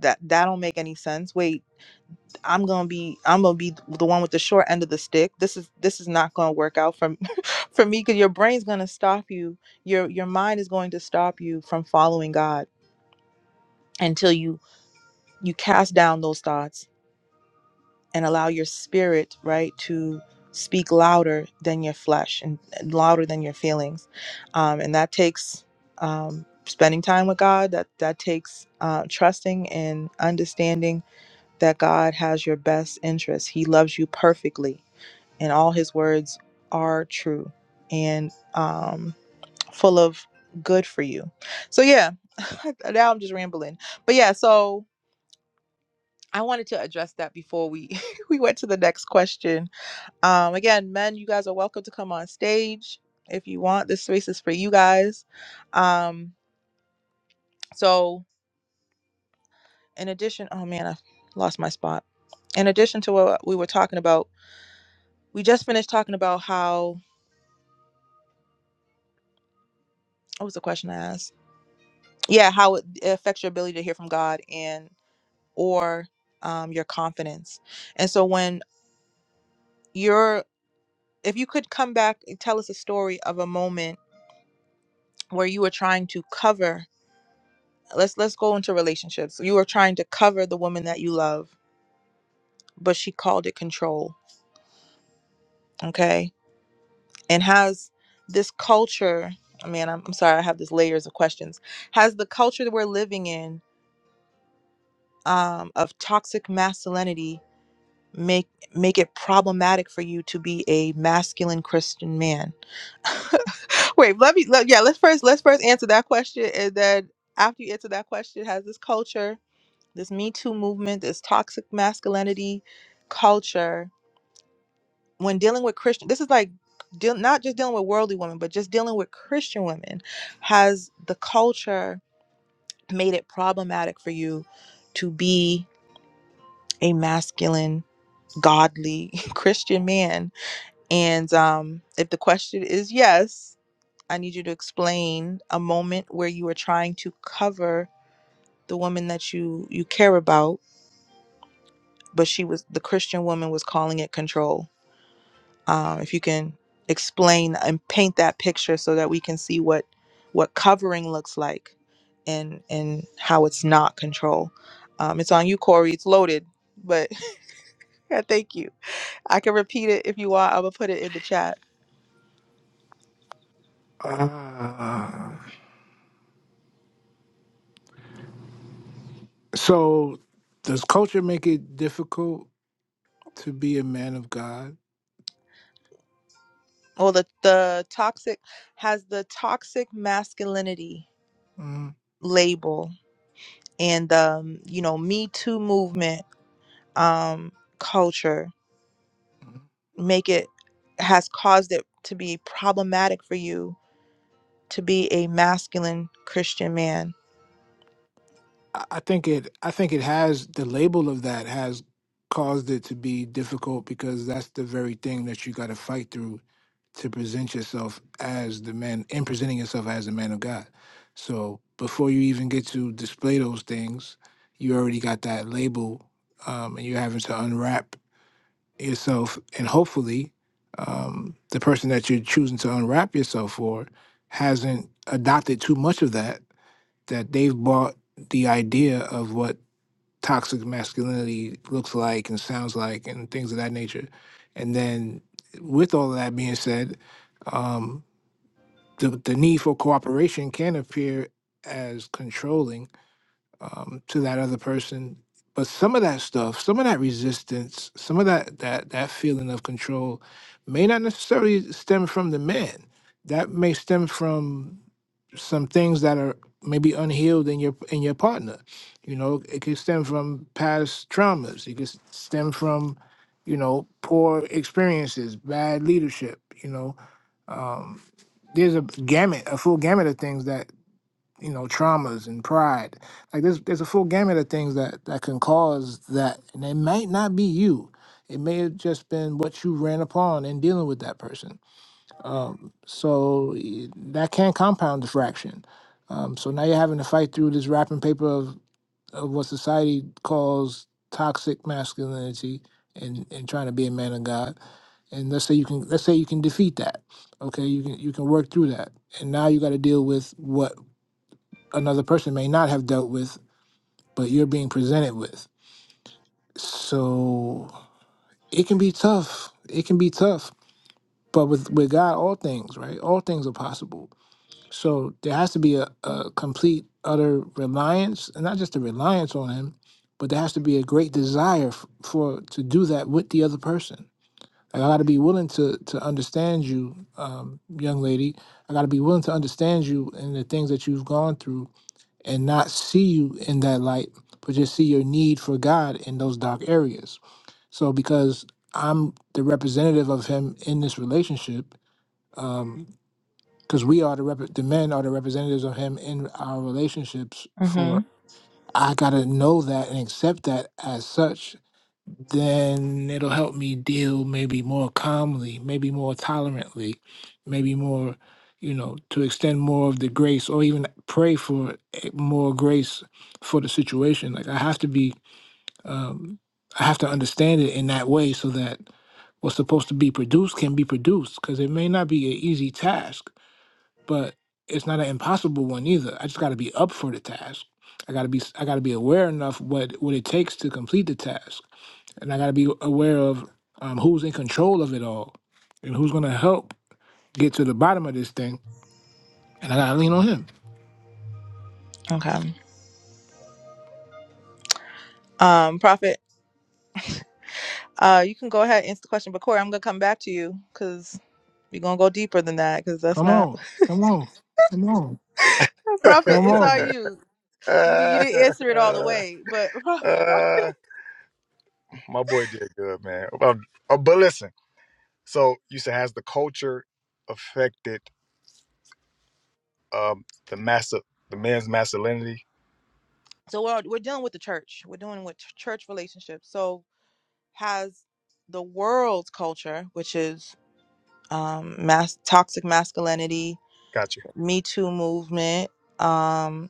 A: that that don't make any sense. Wait, I'm gonna be I'm gonna be the one with the short end of the stick. This is this is not gonna work out for for me because your brain's gonna stop you. Your your mind is going to stop you from following God until you you cast down those thoughts and allow your spirit, right, to speak louder than your flesh and, and louder than your feelings. Um, and that takes um, spending time with God, that, that takes uh, trusting and understanding that God has your best interest. He loves you perfectly, and all his words are true and um, full of good for you. So, yeah, now I'm just rambling. But yeah, so I wanted to address that before we we went to the next question um, again, men, you guys are welcome to come on stage if you want. This space is for you guys. Um, so, in addition, oh man, I lost my spot. In addition to what we were talking about, we just finished talking about how what was the question I asked? Yeah, how it affects your ability to hear from God and or um, your confidence. And so, when you're, if you could come back and tell us a story of a moment where you were trying to cover let's let's go into relationships. You are trying to cover the woman that you love, but she called it control. Okay. And has this culture, I mean, I'm, I'm sorry, I have this layers of questions. Has the culture that we're living in um, of toxic masculinity make make it problematic for you to be a masculine Christian man? Wait, let me let, yeah, let's first let's first answer that question and then after you answer that question, has this culture this Me Too movement, this toxic masculinity culture, when dealing with Christian, this is like deal, not just dealing with worldly women, but just dealing with Christian women, has the culture made it problematic for you to be a masculine, godly Christian man? And um, if the question is yes, I need you to explain a moment where you were trying to cover the woman that you you care about, but she was the Christian woman was calling it control um, if you can explain and paint that picture so that we can see what what covering looks like and and how it's not control um, it's on you corey it's loaded but yeah, thank you i can repeat it if you want i'm gonna put it in the chat
B: uh, so does culture make it difficult to be a man of god
A: well the the toxic has the toxic masculinity
B: mm
A: label and um you know me too movement um, culture make it has caused it to be problematic for you to be a masculine Christian man?
B: I I think it. I think it has the label of that has caused it to be difficult because that's the very thing that you got to fight through to present yourself as the man and presenting yourself as the man of God. So before you even get to display those things, you already got that label, um, and you're having to unwrap yourself. And hopefully, um, the person that you're choosing to unwrap yourself for hasn't adopted too much of that. That they've bought the idea of what toxic masculinity looks like and sounds like, and things of that nature. And then, with all of that being said, um, the, the need for cooperation can appear as controlling um, to that other person but some of that stuff some of that resistance some of that that that feeling of control may not necessarily stem from the man that may stem from some things that are maybe unhealed in your in your partner you know it could stem from past traumas it could s- stem from you know poor experiences bad leadership you know um, there's a gamut, a full gamut of things that you know, traumas and pride. Like there's there's a full gamut of things that that can cause that, and it might not be you. It may have just been what you ran upon in dealing with that person. Um, so y- that can compound the fraction. Um, so now you're having to fight through this wrapping paper of of what society calls toxic masculinity and and trying to be a man of God. And let's say you can let's say you can defeat that. Okay, you can you can work through that. And now you got to deal with what another person may not have dealt with, but you're being presented with. So it can be tough. It can be tough. But with with God all things, right? All things are possible. So there has to be a, a complete, utter reliance, and not just a reliance on him, but there has to be a great desire f- for to do that with the other person. Like I got to be willing to to understand you, um, young lady. I got to be willing to understand you and the things that you've gone through, and not see you in that light, but just see your need for God in those dark areas. So because I'm the representative of Him in this relationship. Um, because we are the rep- the men are the representatives of him in our relationships for
A: Mm-hmm.
B: i gotta know that and accept that as such then it'll help me deal maybe more calmly maybe more tolerantly maybe more you know to extend more of the grace or even pray for eh, more grace for the situation like i have to be um i have to understand it in that way so that what's supposed to be produced can be produced because it may not be an easy task but it's not an impossible one either. I just got to be up for the task. I got to be I got to be aware enough what what it takes to complete the task, and I got to be aware of um, who's in control of it all, and who's going to help get to the bottom of this thing. And I got to lean on him.
A: Okay. Um, Prophet, Uh, you can go ahead and answer the question, but Corey, I'm gonna come back to you because we're gonna go deeper than that because that's
B: Come
A: not
B: on, come on, come on,
A: prophet.
B: come
A: It's all
B: on.
A: you. You you didn't answer it all the way, but
F: My boy did good, man. Um, uh, but listen, so you said has the culture affected? um, the master, the man's masculinity.
A: so we're we're dealing with the church. We're dealing with ch- church relationships. So has the world's culture, which is um, mass toxic masculinity,
F: Got you.
A: Me Too movement, um,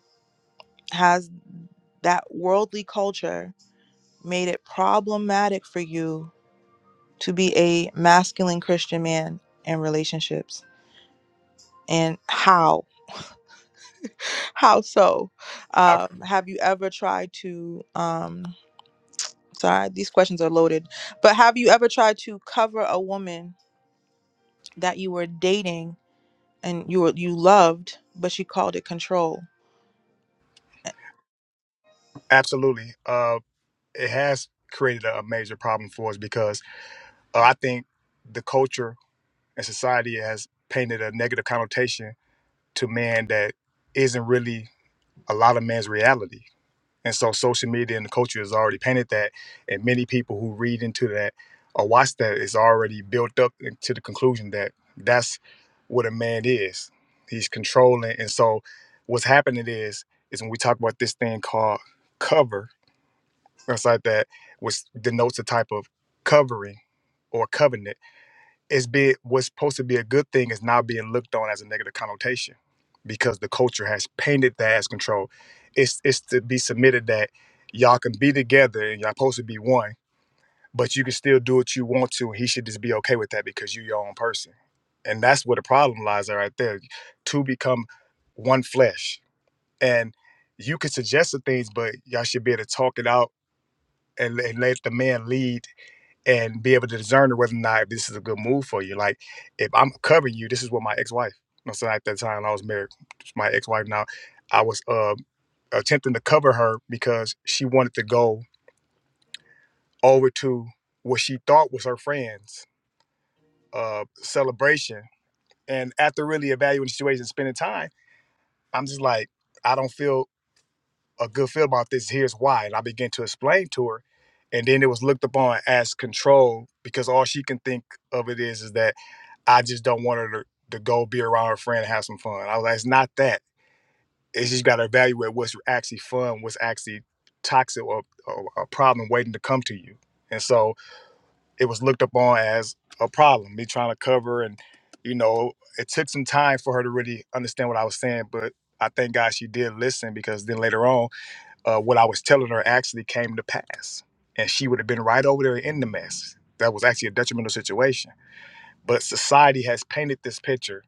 A: has that worldly culture made it problematic for you to be a masculine Christian man in relationships? And how? How so?
F: Ab-
A: Um, have you ever tried to, um, sorry, these questions are loaded, but have you ever tried to cover a woman that you were dating and you were, you loved, but she called it control? A-
F: Absolutely. Uh, it has created a, a major problem for us because uh, I think the culture and society has painted a negative connotation to man that isn't really a lot of man's reality And so social media and the culture has already painted that. And many people who read into that or watch that is already built up to the conclusion that that's what a man is. He's controlling. And so what's happening is, is when we talk about this thing called cover, that's like that, which denotes a type of covering or covenant it's be what's supposed to be a good thing is now being looked on as a negative connotation because the culture has painted that as control. It's it's to be submitted that y'all can be together and y'all supposed to be one, but you can still do what you want to, and he should just be okay with that because you're your own person. And that's where the problem lies right there. Two become one flesh. And you can suggest the things, but y'all should be able to talk it out and, and let the man lead and be able to discern whether or not this is a good move for you. Like, if I'm covering you, this is what my ex-wife. You know, so at that time, I was married. My ex-wife now, I was uh, attempting to cover her because she wanted to go over to what she thought was her friend's uh, celebration. And after really evaluating the situation, and spending time, I'm just like, I don't feel. a good feel about this. Here's why. And I began to explain to her. And then it was looked upon as control because all she can think of it is, is that I just don't want her to, to go be around her friend and have some fun. I was like, it's not that. It's just got to evaluate what's actually fun, what's actually toxic or, or a problem waiting to come to you. And so it was looked upon as a problem, me trying to cover. And, you know, it took some time for her to really understand what I was saying. But I thank God she did listen because then later on, uh, what I was telling her actually came to pass. And she would have been right over there in the mess. That was actually a detrimental situation. But society has painted this picture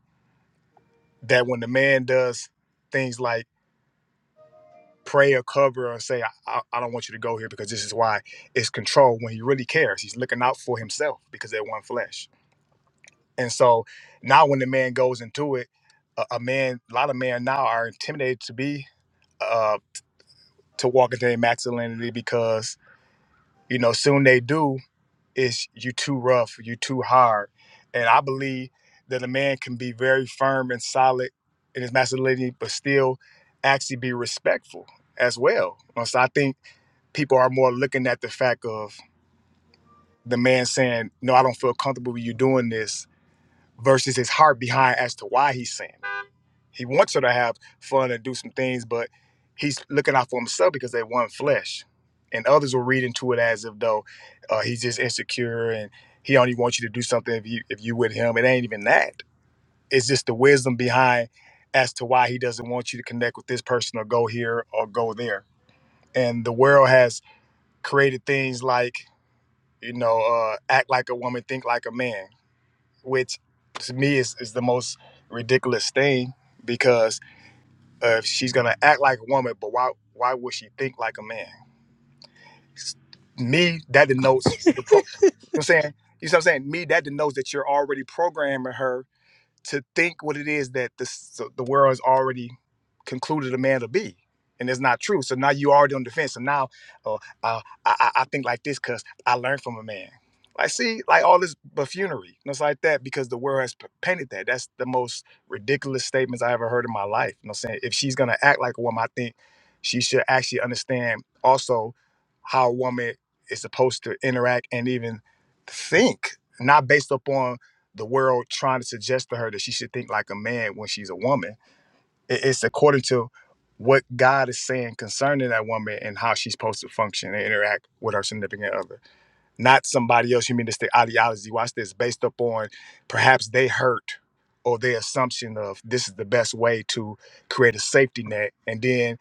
F: that when the man does things like pray or cover or say, I, I I don't want you to go here because this is why it's control when he really cares. He's looking out for himself because they're one flesh. And so now when the man goes into it, a, a man, a lot of men now are intimidated to be, uh, to walk into their masculinity because, you know, soon they do, it's you too rough, you too hard. And I believe that a man can be very firm and solid in his masculinity, but still actually be respectful as well. Uh, So I think people are more looking at the fact of the man saying, No, I don't feel comfortable with you doing this versus his heart behind as to why he's saying it. He wants her to have fun and do some things, but he's looking out for himself because they're one flesh. And others will read into it as if though uh, he's just insecure and he only wants you to do something if you if you with him. It ain't even that. It's just the wisdom behind as to why he doesn't want you to connect with this person or go here or go there. And the world has created things like you know uh, act like a woman, think like a man, which to me is, is the most ridiculous thing because. Uh, she's gonna act like a woman, but why why would she think like a man? S- Me, that denotes your pro- you know what I'm saying? You see what I'm saying? Me, that denotes that you're already programming her to think what it is that this, the world has already concluded a man to be. And it's not true. So now you already on defense. So now uh, uh, I, I I think like this because I learned from a man. Like, see, like all this buffoonery and it's like that because the world has p- painted that. That's the most ridiculous statements I ever heard in my life. You know what I'm saying? If she's going to act like a woman, I think she should actually understand also how a woman is supposed to interact and even think, not based upon the world trying to suggest to her that she should think like a man when she's a woman. It's according to what God is saying concerning that woman and how she's supposed to function and interact with her significant other, not somebody else. You mean it's the ideology? Watch this, based upon perhaps they hurt or their assumption of this is the best way to create a safety net, and then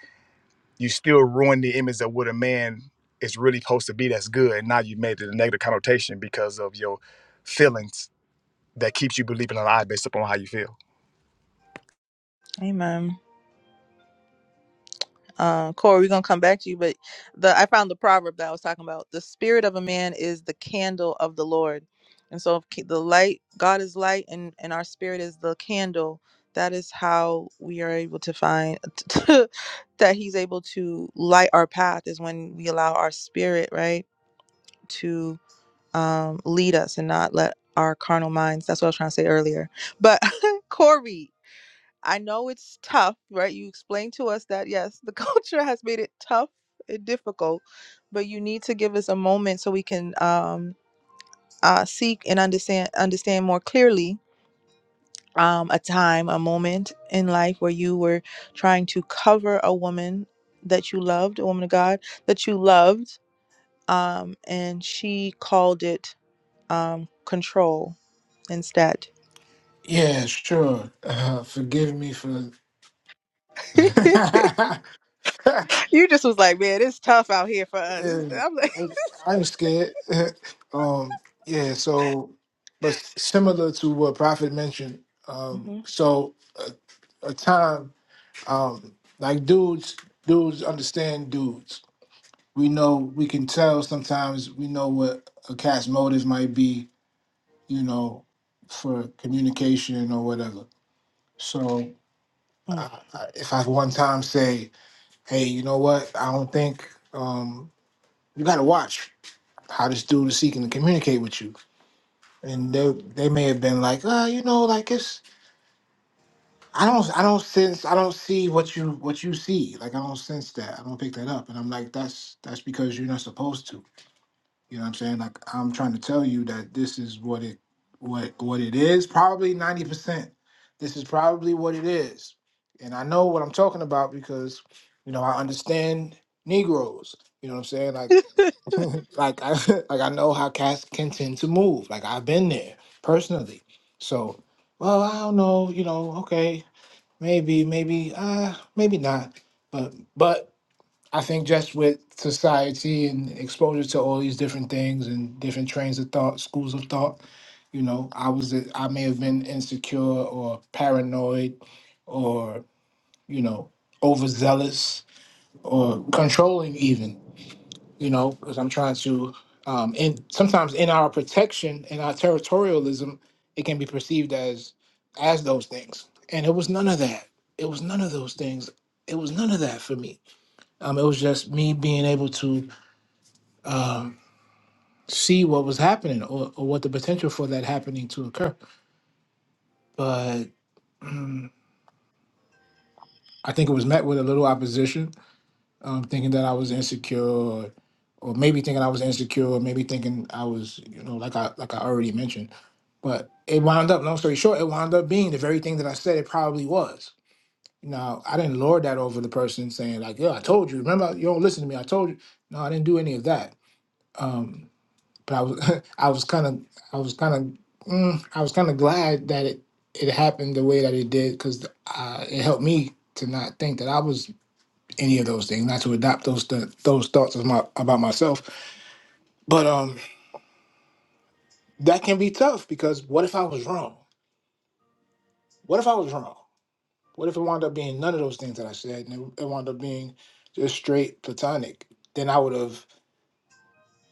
F: you still ruin the image of what a man is really supposed to be. That's good. and Now you made it a negative connotation because of your feelings that keeps you believing alive based upon how you feel?
A: Amen. Uh, Corey, we're gonna come back to you, but the I found the proverb that I was talking about. The spirit of a man is the candle of the Lord, and so if ke- the light, God is light, and and our spirit is the candle. That is how we are able to find that He's able to light our path is when we allow our spirit right to um, lead us and not let our carnal minds. That's what I was trying to say earlier. But Corey. I know it's tough, right? You explained to us that yes, the culture has made it tough and difficult, but you need to give us a moment so we can um, uh, seek and understand understand more clearly um, a time, a moment in life where you were trying to cover a woman that you loved, a woman of God that you loved, um, and she called it um, control instead.
B: Yeah, sure. Uh, forgive me for.
A: you just was like, man, it's tough out here for us. It's-
B: Yeah,
A: I'm like.
B: I am scared. um, yeah, so, but similar to what Prophet mentioned, um, so a, a time, um, like dudes, dudes understand dudes. We know, we can tell sometimes, we know what a cat's motive might be, you know, for communication or whatever. So,
A: Mm.
B: I, I, if I one time say, hey, you know what, I don't think, um, you got to watch. how this dude is seeking to communicate with you. And they they may have been like, uh, you know, like it's I don't I don't sense I don't see what you what you see. Like I don't sense that. I don't pick that up. And I'm like, that's that's because you're not supposed to. You know what I'm saying? Like I'm trying to tell you that this is what it what what it is. Probably ninety percent. This is probably what it is. And I know what I'm talking about because, you know, I understand Negroes. You know what I'm saying? Like like I like I know how cats can tend to move. Like I've been there personally. So, well, I don't know, you know, okay, maybe, maybe, uh, maybe not. But but I think just with society and exposure to all these different things and different trains of thought, schools of thought, you know, I was I may have been insecure or paranoid or, you know, overzealous or controlling even you know, because I'm trying to, um, and sometimes in our protection and our territorialism, it can be perceived as as those things, and it was none of that. It was none of those things. It was none of that for me. Um, it was just me being able to um, see what was happening or, or what the potential for that happening to occur. But I think it was met with a little opposition, um, thinking that I was insecure, or, or maybe thinking I was insecure, or maybe thinking I was, you know, like I like I already mentioned But it wound up, long story short, it wound up being the very thing that I said it probably was. Now, I didn't lord that over the person saying, like, yo, I told you, remember, you don't listen to me, I told you. No, I didn't do any of that. Um, but I was, I was kind of, I was kind of, mm, I was kind of glad that it, it happened the way that it did because uh, it helped me to not think that I was any of those things, not to adopt those th- those thoughts of my, about myself. But um, that can be tough because what if I was wrong? What if I was wrong? What if it wound up being none of those things that I said, and it, it wound up being just straight platonic? Then I would have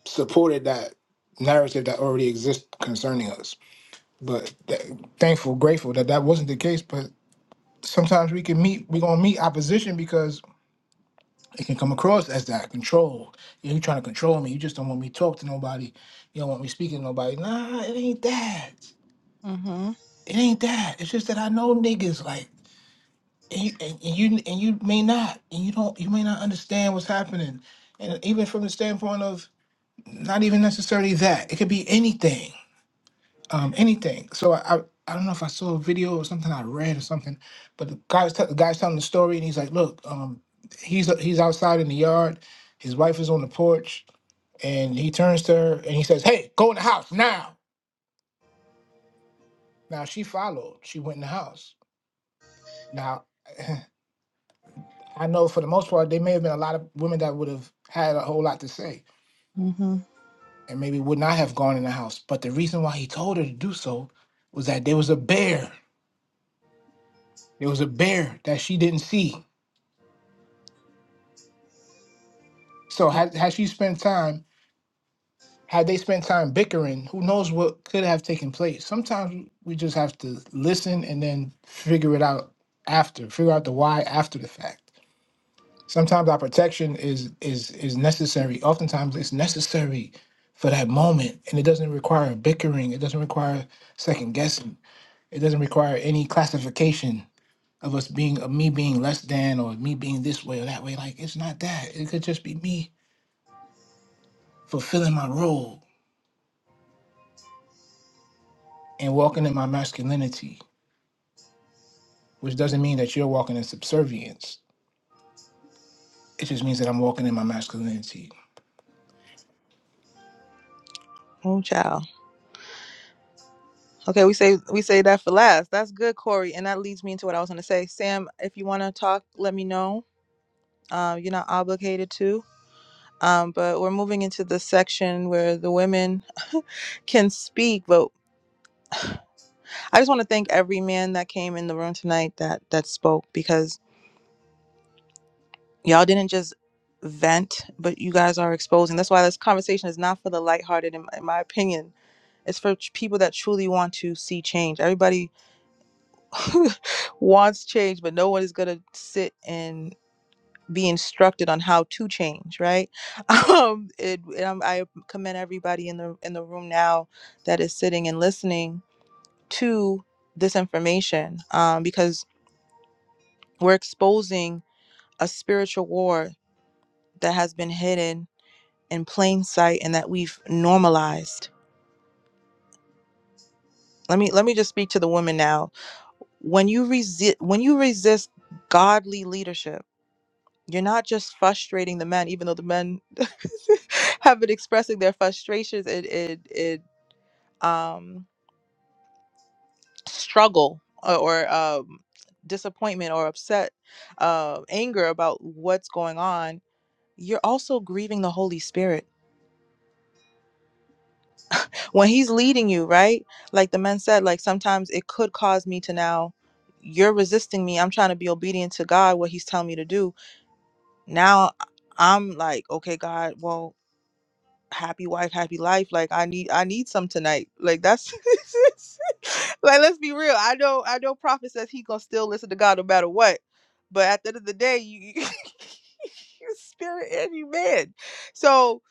B: supported that narrative that already exists concerning us. But th- thankful, grateful that that wasn't the case. But sometimes we can meet, we're gonna meet opposition because it can come across as that control. You know, you trying to control me. You just don't want me to talk to nobody. You don't want me speaking to nobody. Nah, it ain't that.
A: Mhm.
B: It ain't that. It's just that I know niggas like. and you and, and you and you may not and you don't you may not understand what's happening and even from the standpoint of not even necessarily that it could be anything um anything so i i, I don't know if i saw a video or something i read or something but the guy's t- the guy's telling the story and he's like look um he's he's outside in the yard his wife is on the porch and he turns to her and he says hey go in the house now now she followed she went in the house now I know for the most part, there may have been a lot of women that would have had a whole lot to say
A: Mhm.
B: and maybe would not have gone in the house. But the reason why he told her to do so was that there was a bear. There was a bear that she didn't see. So had, had she spent time, had they spent time bickering, who knows what could have taken place. Sometimes we just have to listen and then figure it out after, figure out the why after the fact. Sometimes our protection is is is necessary. Oftentimes it's necessary for that moment. And it doesn't require bickering. It doesn't require second guessing. It doesn't require any classification of us being of me being less than or me being this way or that way. Like it's not that. It could just be me fulfilling my role and walking in my masculinity, which doesn't mean that you're walking in subservience. It just means that I'm walking in my masculinity.
A: Oh, child. Okay, we say we say that for last. That's good, Corey, and that leads me into what I was going to say. Sam, if you want to talk, let me know. Uh, you're not obligated to. Um, but we're moving into the section where the women can speak. But I just want to thank every man that came in the room tonight that that spoke because y'all didn't just vent, but you guys are exposing. That's why this conversation is not for the lighthearted, in, in my opinion It's for ch- people that truly want to see change. Everybody wants change, but no one is going to sit and be instructed on how to change, right? Um, it, and I'm, I commend everybody in the in the room now that is sitting and listening to this information um, because we're exposing a spiritual war that has been hidden in plain sight and that we've normalized let me let me just speak to the woman now when you resist when you resist godly leadership you're not just frustrating the men even though the men have been expressing their frustrations and it, it, um struggle or, or um disappointment or upset uh anger about what's going on you're also grieving the holy spirit when he's leading you, right? Like the men said, like sometimes it could cause me to now, you're resisting me. I'm trying to be obedient to God, what he's telling me to do. Now I- am like, okay, God, well, happy wife, happy life. Like I need I need some tonight. Like that's like let's be real. I know I know Prophet says he gonna still listen to God no matter what. But at the end of the day, you you spirit and you man. So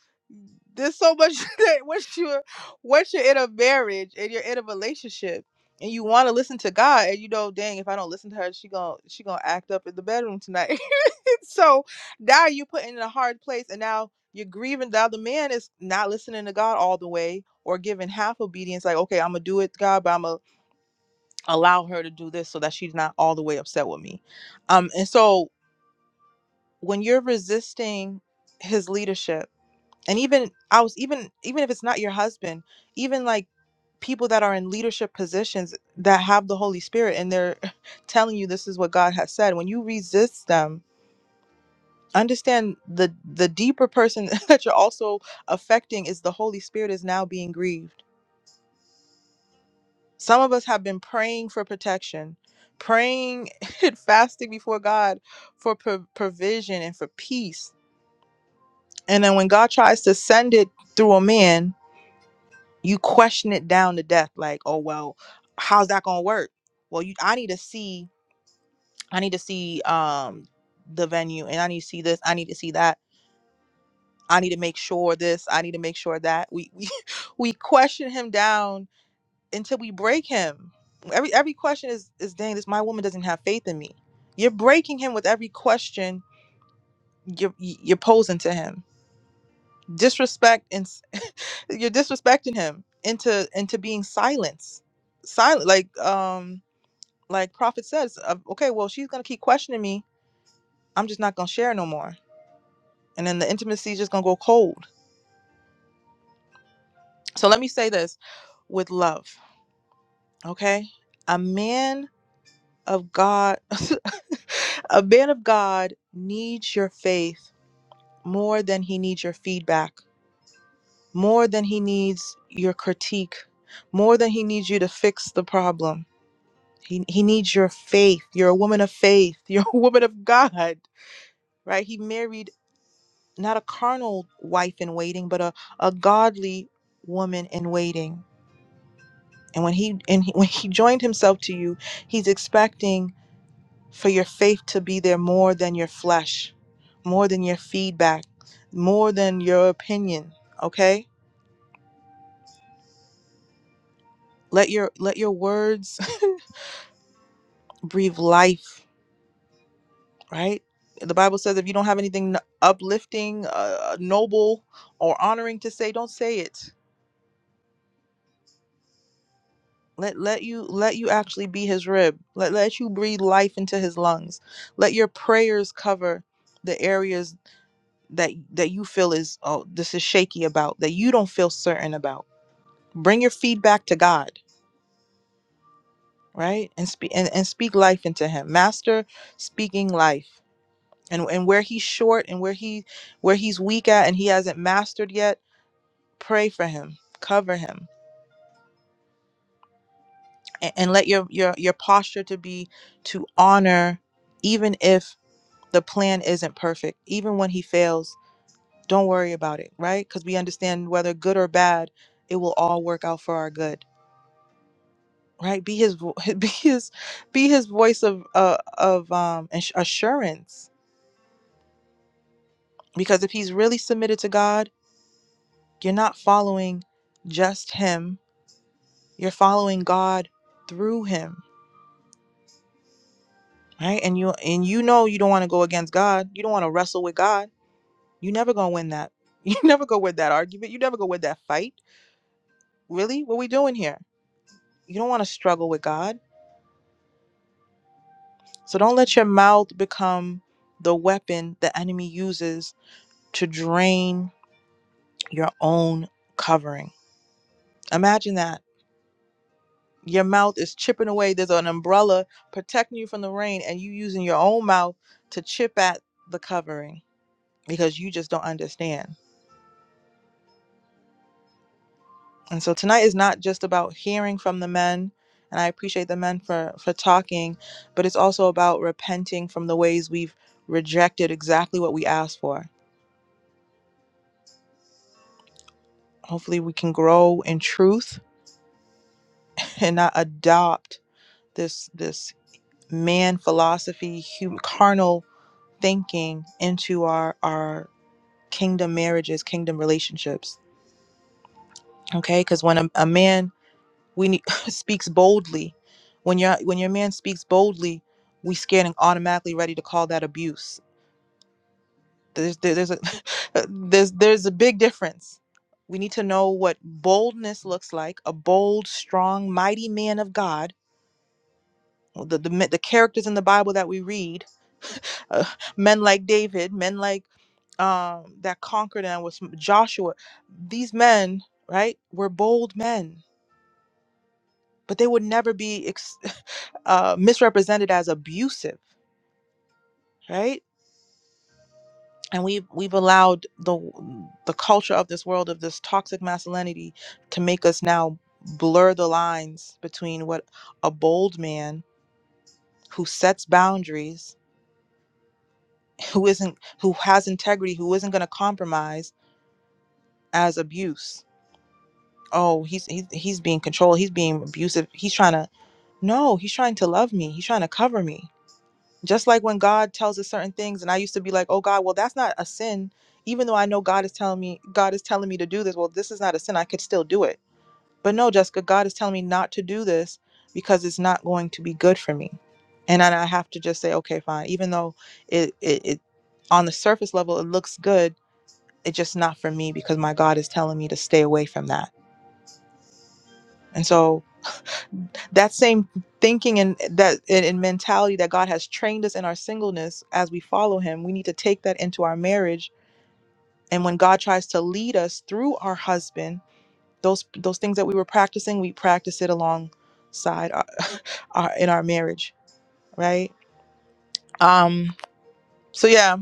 A: there's so much that once you're once you're in a marriage and you're in a relationship and you want to listen to God and you know, dang, if I don't listen to her, she gonna she gonna act up in the bedroom tonight. so now you put in a hard place and now you're grieving the other man is not listening to God all the way or giving half obedience, like, okay, I'm gonna do it, God, but I'm gonna allow her to do this so that she's not all the way upset with me. Um, and so when you're resisting his leadership, and even I was even even if it's not your husband, even like people that are in leadership positions that have the Holy Spirit and they're telling you this is what God has said, when you resist them, understand the the deeper person that you're also affecting is the holy spirit is now being grieved some of us have been praying for protection praying and fasting before god for pro- provision and for peace and then when god tries to send it through a man you question it down to death like oh well how's that gonna work well you i need to see i need to see um the venue and i need to see this i need to see that I need to make sure this, I need to make sure that. We we we question him down until we break him. Every every question is is dang, this my woman doesn't have faith in me. You're breaking him with every question you're you're posing to him. Disrespect and s- you're disrespecting him into into being silence. Silent like um like prophet says, uh, okay, well she's going to keep questioning me. I'm just not going to share no more. And then the intimacy is just going to go cold. So let me say this with love. Okay? A man of God, a man of God needs your faith more than he needs your feedback, more than he needs your critique, more than he needs you to fix the problem. He, he needs your faith. You're a woman of faith. You're a woman of God, right? He married not a carnal wife in waiting, but a, a godly woman in waiting. And when he and he, when he joined himself to you, he's expecting for your faith to be there more than your flesh, more than your feedback, more than your opinion, okay? Let your let your words breathe life, right? The Bible says if you don't have anything uplifting, uh, uh, noble or honoring to say, don't say it. Let let you let you actually be his rib. Let let you breathe life into his lungs. Let your prayers cover the areas that that you feel is oh this is shaky about that you don't feel certain about bring your feedback to God, right? And speak and, and speak life into him. Master speaking life. And and where he's short and where he where he's weak at and he hasn't mastered yet, pray for him. Cover him. And, and let your your your posture to be to honor even if the plan isn't perfect, even when he fails, don't worry about it, right? Cuz we understand whether good or bad, it will all work out for our good right be his vo- be his be his voice of uh, of um ass- assurance because if he's really submitted to god you're not following just him you're following god through him right and you and you know you don't want to go against god you don't want to wrestle with god you never gonna win that you never go with that argument you never go with that fight really what we doing here you don't want to struggle with god so don't let your mouth become the weapon the enemy uses to drain your own covering. Imagine that. Your mouth is chipping away. There's an umbrella protecting you from the rain, and you using your own mouth to chip at the covering because you just don't understand. And so tonight is not just about hearing from the men, and I appreciate the men for for talking, but it's also about repenting from the ways we've rejected exactly what we asked for. Hopefully, we can grow in truth and not adopt this this man philosophy, human, carnal thinking into our our kingdom marriages kingdom relationships okay because when a, a man we need, speaks boldly when your when your man speaks boldly we scared and automatically ready to call that abuse there's there, there's a there's there's a big difference we need to know what boldness looks like a bold strong mighty man of god the, the, men- the characters in the bible that we read uh, men like david men like um, that conquered them was Joshua. These men, right, were bold men, but they would never be ex- uh, misrepresented as abusive, right? And we've we've allowed the the culture of this world of this toxic masculinity to make us now blur the lines between what a bold man who sets boundaries, who isn't who has integrity, who isn't going to compromise, as abuse. Oh, he's he's he's being controlled. He's being abusive. He's trying to No, he's trying to love me. He's trying to cover me. Just like when God tells us certain things and I used to be like, "Oh God, well that's not a sin." Even though I know God is telling me God is telling me to do this, well this is not a sin. I could still do it. But no, Jessica, God is telling me not to do this because it's not going to be good for me. And then I have to just say, "Okay, fine." Even though it it, it on the surface level it looks good, it's just not for me because my God is telling me to stay away from that. And so that same thinking and that and, and mentality that God has trained us in our singleness as we follow him, we need to take that into our marriage. And when God tries to lead us through our husband, those those things that we were practicing, we practice it alongside our, our in our marriage, right? Um so yeah,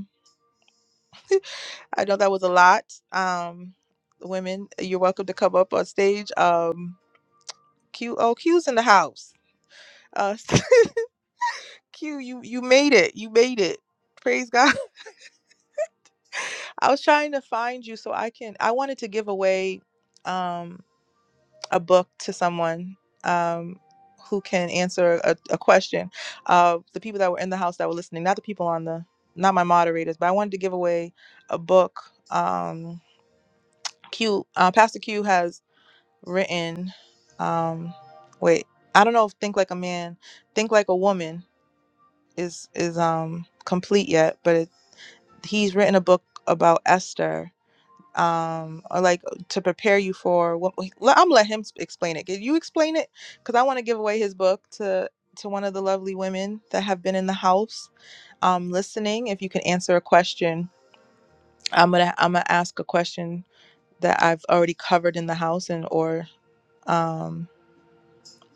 A: I know that was a lot. Um women, you're welcome to come up on stage. Um Q oh Q's in the house. Uh Q you you made it. You made it. Praise God. I was trying to find you so I can. I wanted to give away um, a book to someone um, who can answer a, a question of the people that were in the house that were listening, not the people on the, not my moderators, but I wanted to give away a book. Um, Q, uh, Pastor Q has written, um, wait, I don't know if Think Like a Man, Think Like a Woman is is um complete yet, but it, he's written a book about Esther um or like to prepare you for what let, i'm let him explain it can you explain it because i want to give away his book to to one of the lovely women that have been in the house um listening if you can answer a question i'm gonna i'm gonna ask a question that i've already covered in the house and or um.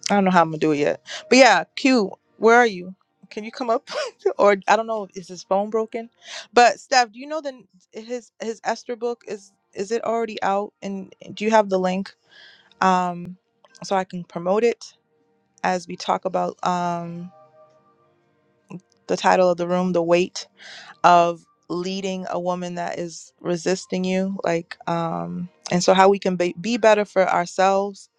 A: I don't know how I'm gonna do it yet. But yeah, Q, where are you? Can you come up? or I don't know, is his phone broken? But Steph, do you know the his his Esther book is is it already out? And do you have the link? Um, so I can promote it as we talk about um the title of the room, the weight of leading a woman that is resisting you, like um, and so how we can be, be better for ourselves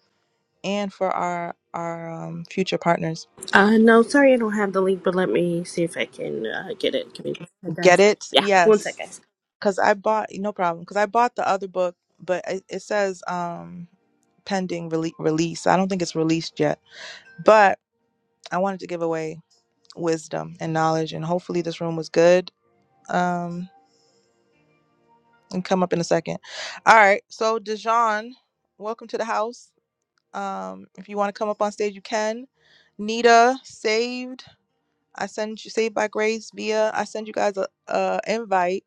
A: and for our our um, future partners.
C: Uh, no, sorry, I don't have the link, but let me see if I can uh, get it. Give me just a sec,
A: Get
C: guys.
A: it?
C: Yeah, one sec,
A: Yes.
C: guys.
A: because I bought no problem because I bought the other book, but it, it says um pending rele- release. I don't think it's released yet, but I wanted to give away wisdom and knowledge, and hopefully this room was good. Um, and come up in a second. All right, so Dijon, welcome to the house. Um, if you want to come up on stage, you can. Nita, saved. I send you saved by grace via. I send you guys a, a invite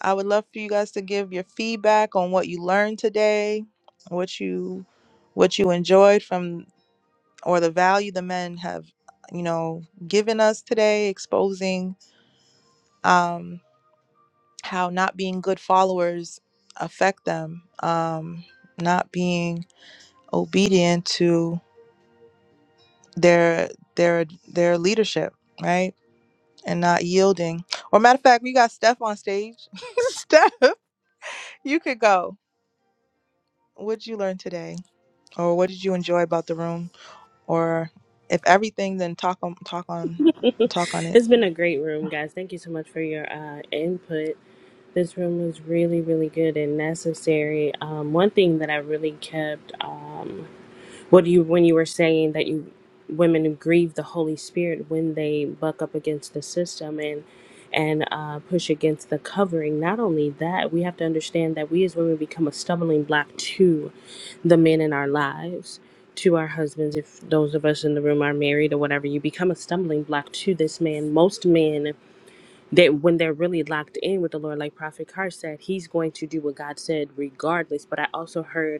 A: I would love for you guys to give your feedback on what you learned today, what you what you enjoyed from or the value the men have, you know, given us today, exposing um how not being good followers affect them, um not being obedient to their their their leadership, right? And not yielding. Or matter of fact, we got Steph on stage. Steph, you could go. What'd you learn today? or what did you enjoy about the room or if everything then talk on talk on talk on it
C: it's been a great room, guys. Thank you so much for your uh, input. This room was really, really good and necessary. Um, one thing that I really kept. Um, What do you when you were saying that you women grieve the Holy Spirit when they buck up against the system and and uh, push against the covering. Not only that, we have to understand that we as women become a stumbling block to the men in our lives, to our husbands. If those of us in the room are married or whatever, you become a stumbling block to this man. Most men that when they're really locked in with the Lord, like Prophet Carr said, he's going to do what God said regardless. But I also heard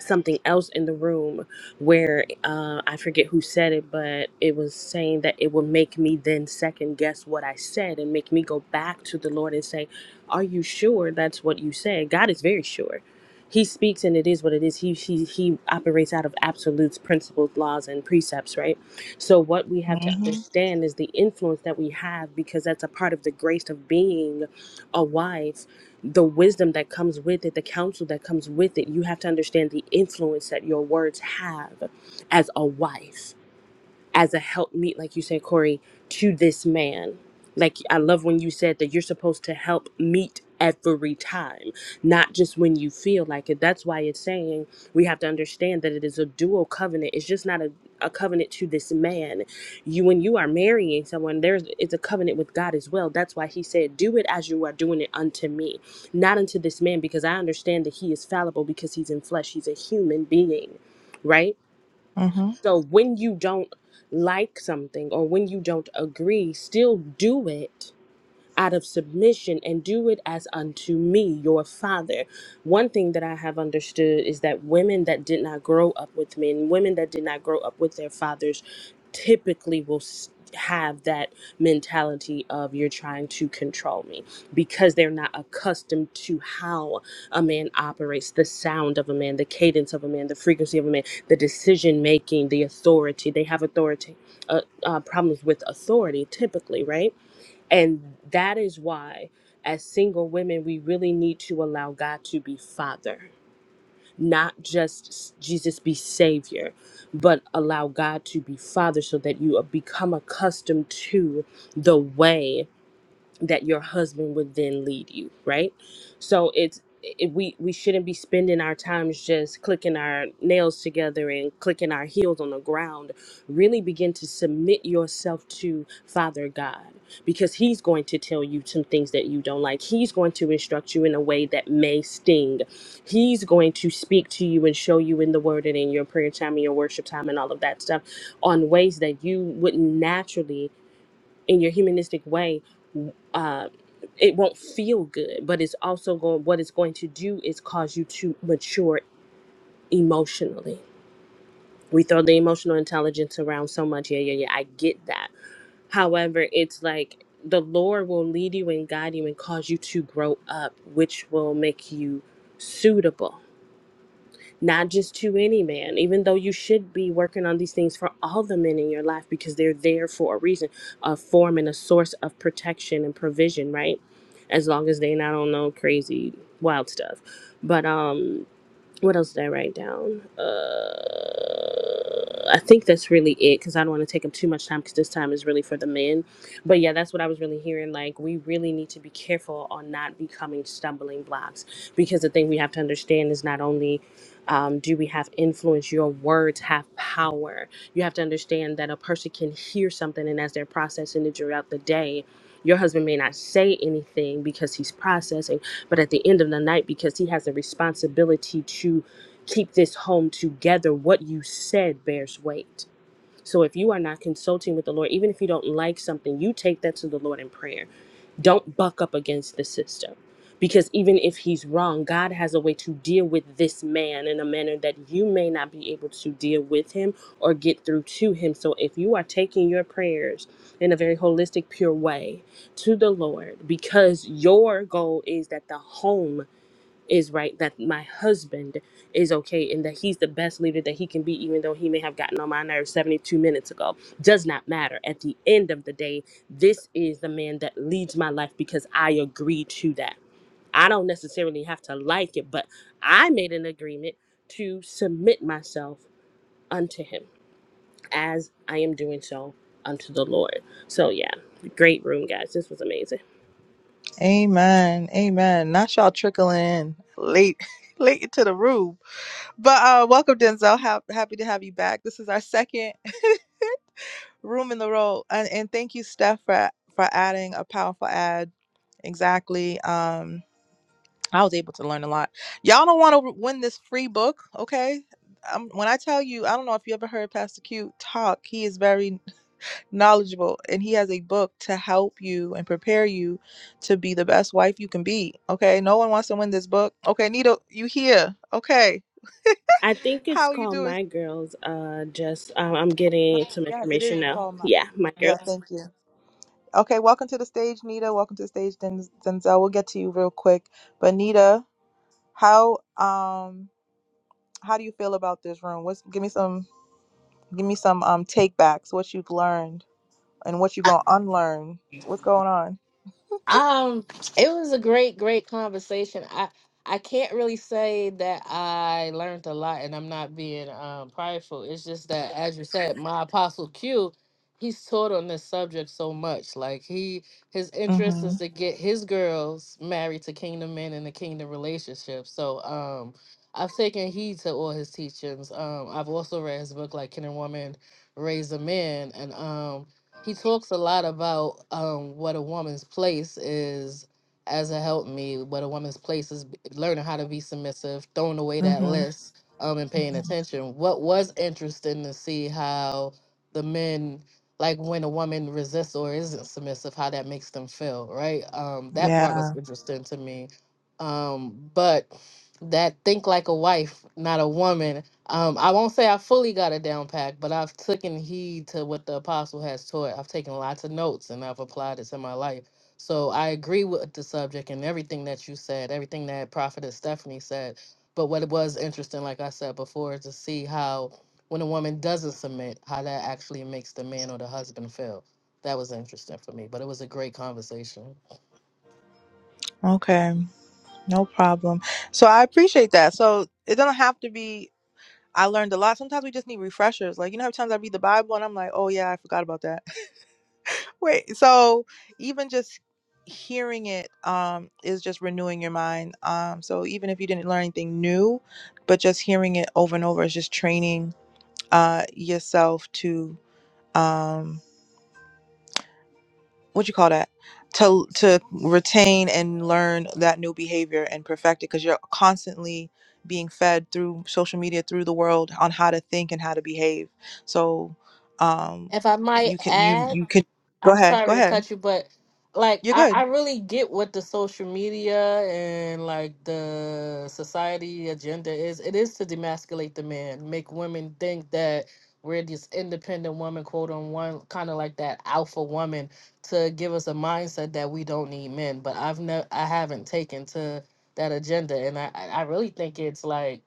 C: something else in the room where uh, I forget who said it, but it was saying that it would make me then second guess what I said and make me go back to the Lord and say, Are you sure that's what you said? God is very sure. He speaks and it is what it is. He, he, he operates out of absolutes, principles, laws, and precepts, right? So, what we have to
A: hmm
C: understand is the influence that we have because that's a part of the grace of being a wife the wisdom that comes with it, the counsel that comes with it. You have to understand the influence that your words have as a wife as a helpmeet, like you said, Corey, to this man. Like I love when you said that you're supposed to help meet every time, not just when you feel like it. That's why it's saying we have to understand that it is a dual covenant. It's just not a, a covenant to this man. You when you are marrying someone, there's it's a covenant with God as well. That's why he said, Do it as you are doing it unto me, not unto this man, because I understand that he is fallible because he's in flesh, he's a human being, right?
A: hmm
C: So when you don't like something or when you don't agree, still do it out of submission and do it as unto me, your father. One thing that I have understood is that women that did not grow up with men, women that did not grow up with their fathers, typically will. s have that mentality of you're trying to control me because they're not accustomed to how a man operates the sound of a man the cadence of a man the frequency of a man the decision making the authority they have authority uh, uh, problems with authority typically right and that is why, as single women, we really need to allow God to be Father, not just s- Jesus be Savior, but allow God to be Father so that you uh, become accustomed to the way that your husband would then lead you right so it's it, we we shouldn't be spending our times just clicking our nails together and clicking our heels on the ground really begin to submit yourself to father god because he's going to tell you some things that you don't like he's going to instruct you in a way that may sting he's going to speak to you and show you in the word and in your prayer time and your worship time and all of that stuff on ways that you wouldn't naturally in your humanistic way, uh, it won't feel good, but it's also going, what it's going to do is cause you to mature emotionally. We throw the emotional intelligence around so much. Yeah, yeah, yeah. I get that. However, it's like the Lord will lead you and guide you and cause you to grow up, which will make you suitable not just to any man, even though you should be working on these things for all the men in your life because they're there for a reason, a form and a source of protection and provision, right? As long as they not on no crazy wild stuff. But um what else did I write down? Uh, I think that's really it because I don't want to take up too much time because this time is really for the men. But yeah, that's what I was really hearing. Like, we really need to be careful on not becoming stumbling blocks because the thing we have to understand is not only um, do we have influence, your words have power. You have to understand that a person can hear something, and as they're processing it throughout the day, your husband may not say anything because he's processing but at the end of the night, because he has a responsibility to keep this home together, what you said bears weight so if you are not consulting with the Lord, even if you don't like something, you take that to the Lord in prayer. Don't buck up against the system. Because even if he's wrong, God has a way to deal with this man in a manner that you may not be able to deal with him or get through to him. So if you are taking your prayers in a very holistic, pure way to the Lord, because your goal is that the home is right that my husband is okay and that he's the best leader that he can be even though he may have gotten on my nerves 72 minutes ago does not matter at the end of the day this is the man that leads my life because i agree to that i don't necessarily have to like it but i made an agreement to submit myself unto him as I am doing so unto the Lord. So, yeah, great room, guys. This was amazing.
A: amen amen not y'all trickling in late late into the room but uh welcome denzel ha- happy to have you back this is our second room in the row and, and thank you steph for for adding a powerful ad exactly Um I was able to learn a lot. Y'all don't want to win this free book, okay? Um, when I tell you, I don't know if you ever heard Pastor Q talk. He is very knowledgeable, and he has a book to help you and prepare you to be the best wife you can be. Okay, no one wants to win this book. Okay, Nita, you here? Okay,
C: I think it's
A: how you
C: called
A: doing?
C: My Girls. Uh, just um, I'm
A: My-
C: getting some
A: Yes, it
C: information
A: is
C: now.
A: Paul. My-
C: Yeah, My
A: yeah,
C: Girls.
A: thank you. Okay, welcome to the stage, Nita. Welcome to the stage, Den- Denzel. We'll get to you real quick, but Nita, how um how do you feel about this room? What's give me some give me some um take backs, what you've learned and what you're gonna unlearn. What's going on?
J: Um, it was a great, great conversation. I I can't really say that I learned a lot, and I'm not being um prideful. It's just that, as you said, my apostle Q, he's taught on this subject so much. Like he, his interest
A: Mm-hmm.
J: is to get his girls married to kingdom men in the kingdom relationship. So, um, I've taken heed to all his teachings. Um, I've also read his book, like Can a Woman Raise a Man, and um he talks a lot about um, what a woman's place is as a helpmeet, what a woman's place is b- learning how to be submissive, throwing away that
A: Mm-hmm.
J: list, um, and paying
A: mm-hmm.
J: attention. What was interesting to see how the men like when a woman resists or isn't submissive, how that makes them feel, right? Um, that part was
A: Yeah.
J: interesting to me. Um, but that think like a wife, not a woman um, I won't say I fully got it down pat, but I've taken heed to what the apostle has taught. I've taken lots of notes and I've applied it to my life. So I agree with the subject and everything that you said, everything that Prophetess Stephanie said. But what it was interesting, like I said before, is to see how when a woman doesn't submit, how that actually makes the man or the husband feel. That was interesting for me, but it was a great conversation.
A: Okay. No problem. So I appreciate that. So it doesn't have to be I learned a lot. Sometimes we just need refreshers. Like, you know, how times I read the Bible and I'm like, oh yeah, I forgot about that. Wait, so even just hearing it um, is just renewing your mind. Um, so even if you didn't learn anything new, but just hearing it over and over is just training uh, yourself to um, what you call that to to retain and learn that new behavior and perfect it because you're constantly being fed through social media through the world on how to think and how to behave. So um,
J: If I might
A: you can you
J: add.
A: you could go
J: I'm
A: ahead go
J: sorry to
A: ahead
J: cut you, but like
A: you're
J: I, I
A: good.
J: really get what the social media and like the society agenda is. It is to demasculate the man, make women think that we're this independent woman, quote on one, kind of like that alpha woman, to give us a mindset that we don't need men. But I've never, I haven't taken to that agenda, and I, I I really think it's like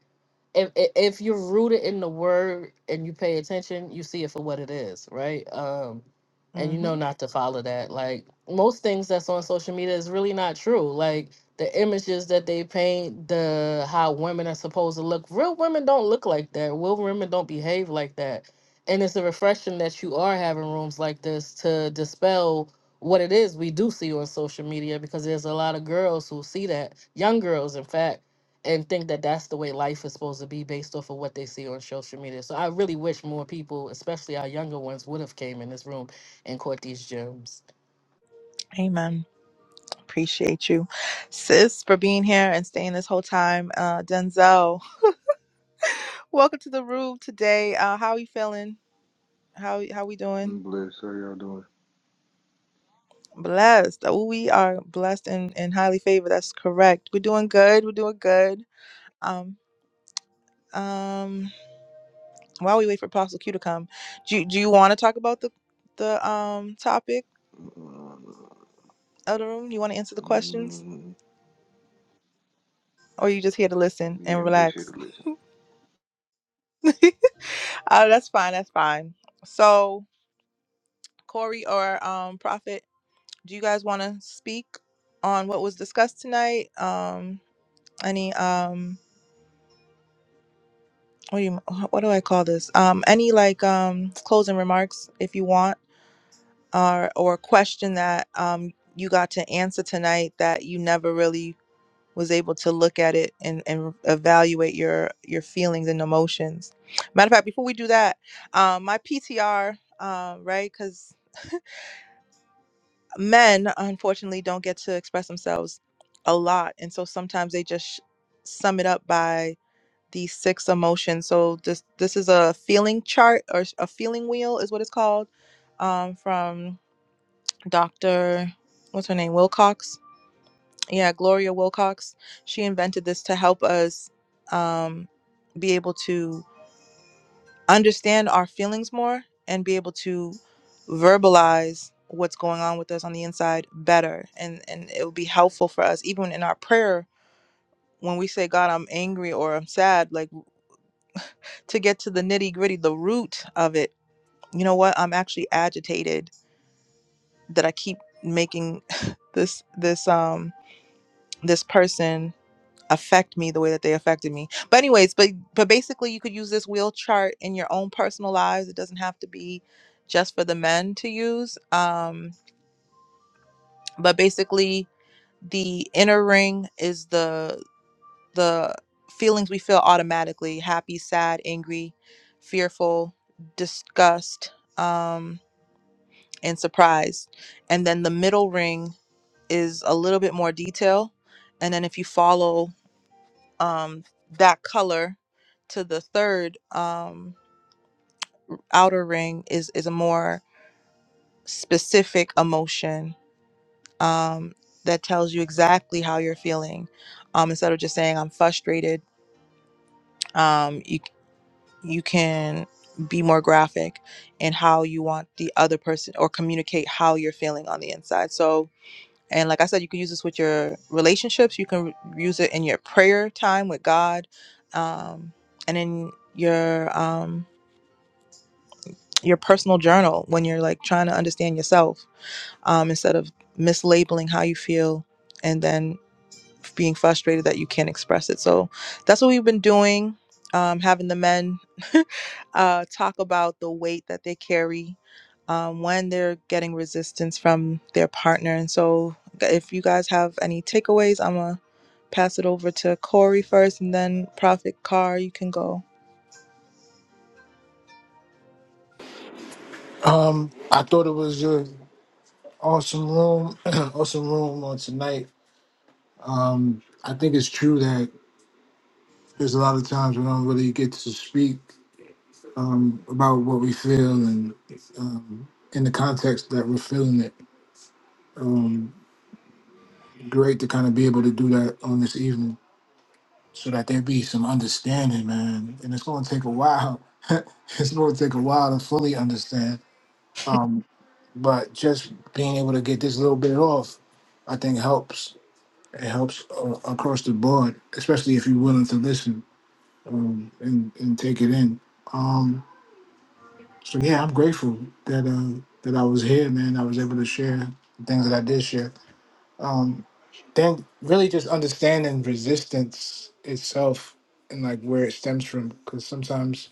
J: if if if you're rooted in the word and you pay attention, you see it for what it is, right? Um and you
A: Hmm.
J: know not to follow that. Like most things that's on social media is really not true. Like the images that they paint, the how women are supposed to look. Real women don't look like that. Real women don't behave like that. And it's a refreshing that you are having rooms like this to dispel what it is we do see on social media because there's a lot of girls who see that, young girls, in fact, and think that that's the way life is supposed to be based off of what they see on social media. So I really wish more people, especially our younger ones, would have came in this room and court these gems.
A: Amen. Appreciate you, sis, for being here and staying this whole time. Uh, Denzel, welcome to the room today. Uh, how are you feeling? How how we doing?
K: Bless, How y'all doing?
A: Blessed. Oh, we are blessed and, and highly favored. That's correct. We're doing good. We're doing good. Um, um. While we wait for Apostle Q to come, do you, do you want to talk about the the um topic
K: Um,
A: of the room? You want to answer the questions,
K: Mm,
A: or are you just here to listen and
K: yeah, I'm just here
A: relax?
K: to listen.
A: uh, that's fine. That's fine. So. Corey or um, Prophet, do you guys want to speak on what was discussed tonight? Um, any um, what do you what do I call this? Um, any like um closing remarks if you want, or or a question that um you got to answer tonight that you never really was able to look at it and, and evaluate your your feelings and emotions. Matter of fact, before we do that, um, my PTR, um, right? Because men unfortunately don't get to express themselves a lot and so sometimes they just sh- sum it up by these six emotions so this this is a feeling chart or s- a feeling wheel is what it's called um, from dr what's her name wilcox yeah gloria wilcox she invented this to help us um, be able to understand our feelings more and be able to verbalize what's going on with us on the inside better and and it will be helpful for us even in our prayer when we say god i'm angry or i'm sad like to get to the nitty gritty the root of it you know what i'm actually agitated that i keep making this this um this person affect me the way that they affected me. But anyways, but but basically you could use this wheel chart in your own personal lives. It doesn't have to be just for the men to use. Um but basically the inner ring is the the feelings we feel automatically, happy, sad, angry, fearful, disgust, um and surprised. And then the middle ring is a little bit more detail. And then if you follow um that color to the third um outer ring is is a more specific emotion um that tells you exactly how you're feeling um instead of just saying i'm frustrated um you you can be more graphic in how you want the other person or communicate how you're feeling on the inside so and like i said you can use this with your relationships you can r- use it in your prayer time with god um and in your um your personal journal when you're like trying to understand yourself um, instead of mislabeling how you feel and then being frustrated that you can't express it. So that's what we've been doing, um, having the men uh, talk about the weight that they carry um, when they're getting resistance from their partner. And so if you guys have any takeaways, I'm going to pass it over to Corey first and then Prophet Carr, you can go.
B: Um, I thought it was your awesome room, awesome room on tonight. Um, I think it's true that there's a lot of times we don't really get to speak um, about what we feel and um, in the context that we're feeling it. Um, great to kind of be able to do that on this evening so that there be some understanding, man. And it's going to take a while. it's going to take a while to fully understand. Um, but just being able to get this little bit off, I think helps. It helps uh, across the board, especially if you're willing to listen um, and and take it in. Um, so yeah, I'm grateful that uh, that I was here, man. I was able to share the things that I did share. Um, then really just understanding resistance itself and like where it stems from, because sometimes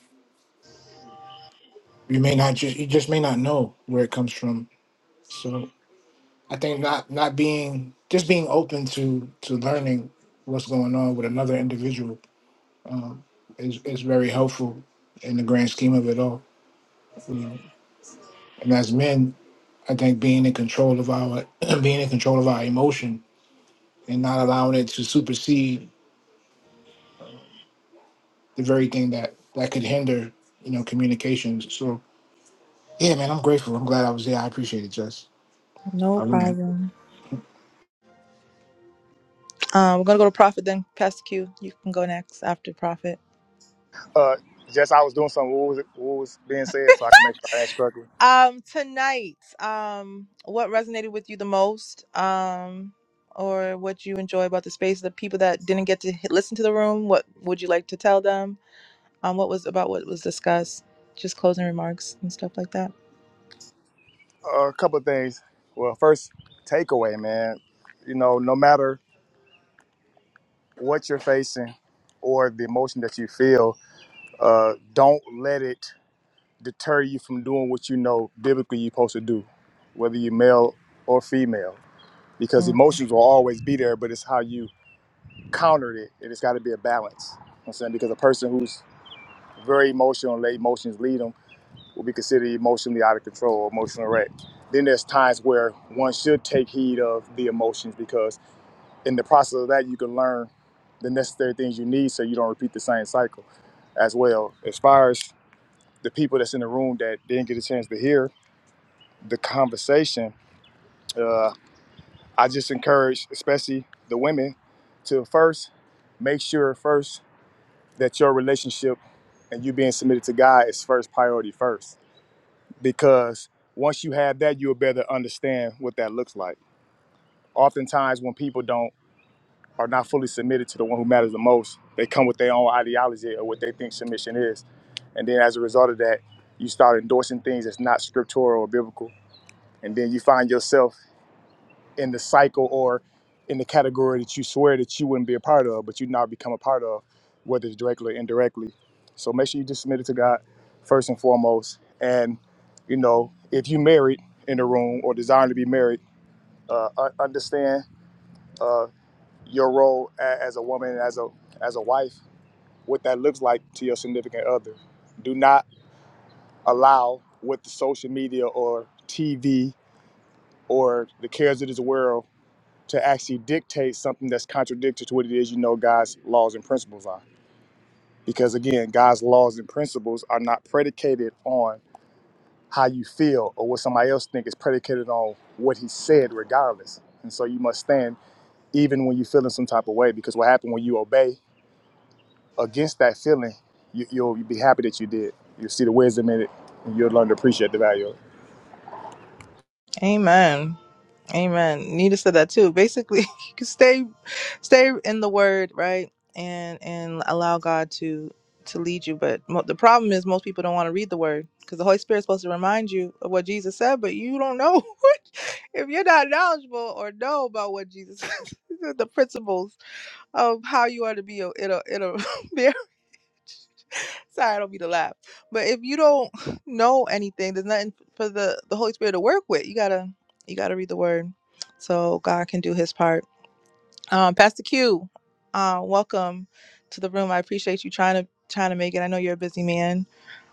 B: you may not just you just may not know where it comes from. So I think not not being just being open to to learning what's going on with another individual is is very helpful in the grand scheme of it all. You know, and as men, I think being in control of our being in control of our emotion and not allowing it to supersede the very thing that that could hinder you know communications. So yeah, man, I'm grateful. I'm glad I was there. I appreciate it, Jess.
A: No
B: I really do.
A: problem. Um, we're gonna go to Prophet then Pastor Q. You can go next after Prophet.
F: Uh, just I was doing something. What was, what was being said, so I can make sure I answer correctly.
A: Um, tonight, um, what resonated with you the most? Um, or what you enjoy about the space? The people that didn't get to hit, listen to the room, what would you like to tell them? um, what was about what was discussed, just closing remarks and stuff like that.
F: Uh, a couple of things. Well, first takeaway, man. You know, no matter what you're facing or the emotion that you feel, uh, don't let it deter you from doing what you know biblically you're supposed to do, whether you're male or female,
A: Mm.
F: because emotions will always be there, but it's how you counter it. and It's got to be a balance. You know what I'm saying because a person who's very emotional, let emotions lead them. will be considered emotionally out of control or emotionally wrecked. Then there's times where one should take heed of the emotions because in the process of that, you can learn the necessary things you need so you don't repeat the same cycle as well. As far as the people that's in the room that didn't get a chance to hear the conversation, uh, I just encourage, especially the women, to first make sure first that your relationship and you being submitted to God is first priority first because once you have that, you'll better understand what that looks like. Oftentimes, when people don't are not fully submitted to the one who matters the most, they come with their own ideology or what they think submission is, and then as a result of that, you start endorsing things that's not scriptural or biblical, and then you find yourself in the cycle or in the category that you swear that you wouldn't be a part of, but you now become a part of, whether it's directly or indirectly. So make sure you just submit it to God first and foremost. And, you know, if you married in the room or desiring to be married, uh, un- understand uh, your role a- as a woman, as a as a wife, what that looks like to your significant other. Do not allow what the social media or TV or the cares of this world to actually dictate something that's contradictory to what it is you know God's laws and principles are. Because again, God's laws and principles are not predicated on how you feel or what somebody else think. It's predicated on what he said regardless. And so you must stand even when you feel in some type of way because what happened when you obey against that feeling, you, you'll be happy that you did. You'll see the wisdom in it and you'll learn to appreciate the value of it.
A: Amen. Amen. Nita said that too. Basically, you can stay stay in the word, right? And and allow God to to lead you. But mo- the problem is most people don't want to read the word because the Holy Spirit's supposed to remind you of what Jesus said, but you don't know what- if you're not knowledgeable or know about what Jesus the principles of how you are to be a, in a in a marriage. Sorry, I don't mean to laugh. But if you don't know anything, there's nothing for the, the Holy Spirit to work with. You gotta you gotta read the word. So God can do his part. Um, Pastor Q, uh, welcome to the room. I appreciate you trying to trying to make it. I know you're a busy man.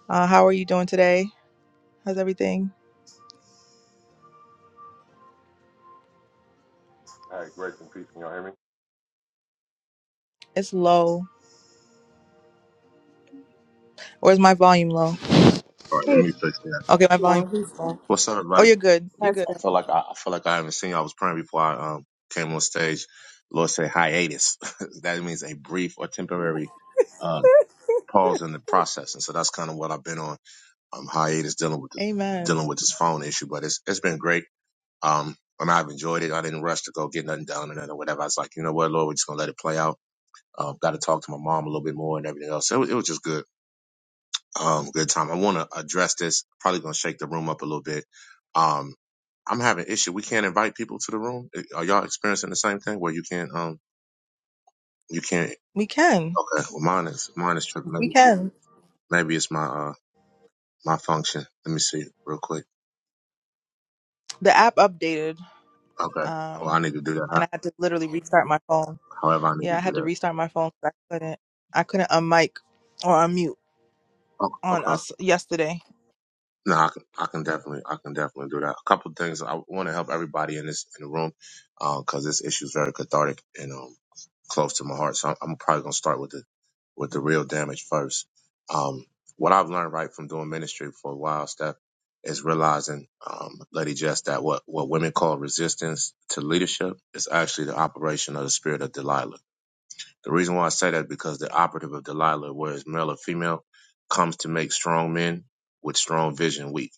A: Uh, how are you doing today? How's everything?
L: All right, grace and peace. Can y'all hear me?
A: It's low. Or is my volume low?
L: All right, let me fix that.
A: Okay, my volume.
C: No, he's back.
L: What's up,
A: Oh,
L: everybody?
A: you're good. You're
C: That's
A: good.
L: I feel
C: better.
L: like I, I feel like I haven't seen you. I was praying before I um came on stage. Lord said hiatus. that means a brief or temporary um pause in the process, and so that's kind of what I've been on. Um, hiatus dealing with this
A: Amen.
L: dealing with this phone issue, but it's it's been great. Um, I mean, I've enjoyed it. I didn't rush to go get nothing done or nothing or whatever. I was like, you know what, Lord, we're just gonna let it play out. Uh, got to talk to my mom a little bit more and everything else. It was, it was just good. Um, good time. I want to address this. Probably gonna shake the room up a little bit. Um, I'm having an issue. We can't invite people to the room. Are y'all experiencing the same thing where you can't? Um, you can't.
A: We can.
L: Okay. Well, mine is mine is tripping.
A: We
L: Maybe
A: can.
L: maybe it's my uh my function. Let me see real quick.
A: The app updated.
L: Okay. Well, I
A: Um,
L: need to do that.
A: and
L: How-
A: I had to literally restart my phone.
L: However, I need
A: Yeah,
L: to
A: I
L: do
A: had to
L: that.
A: restart my phone 'cause I couldn't I couldn't unmic or unmute
L: Oh,
A: on
L: okay.
A: us yesterday.
L: No, I can, I can definitely, I can definitely do that. A couple of things I want to help everybody in this in the room, because this issue is very cathartic, and um, close to my heart. So I'm, I'm probably gonna start with the with the real damage first. Um, what I've learned right from doing ministry for a while, Steph, is realizing, um, Lady Jess, that what what women call resistance to leadership is actually the operation of the spirit of Delilah. The reason why I say that is because the operative of Delilah, whereas male or female, comes to make strong men with strong vision weak.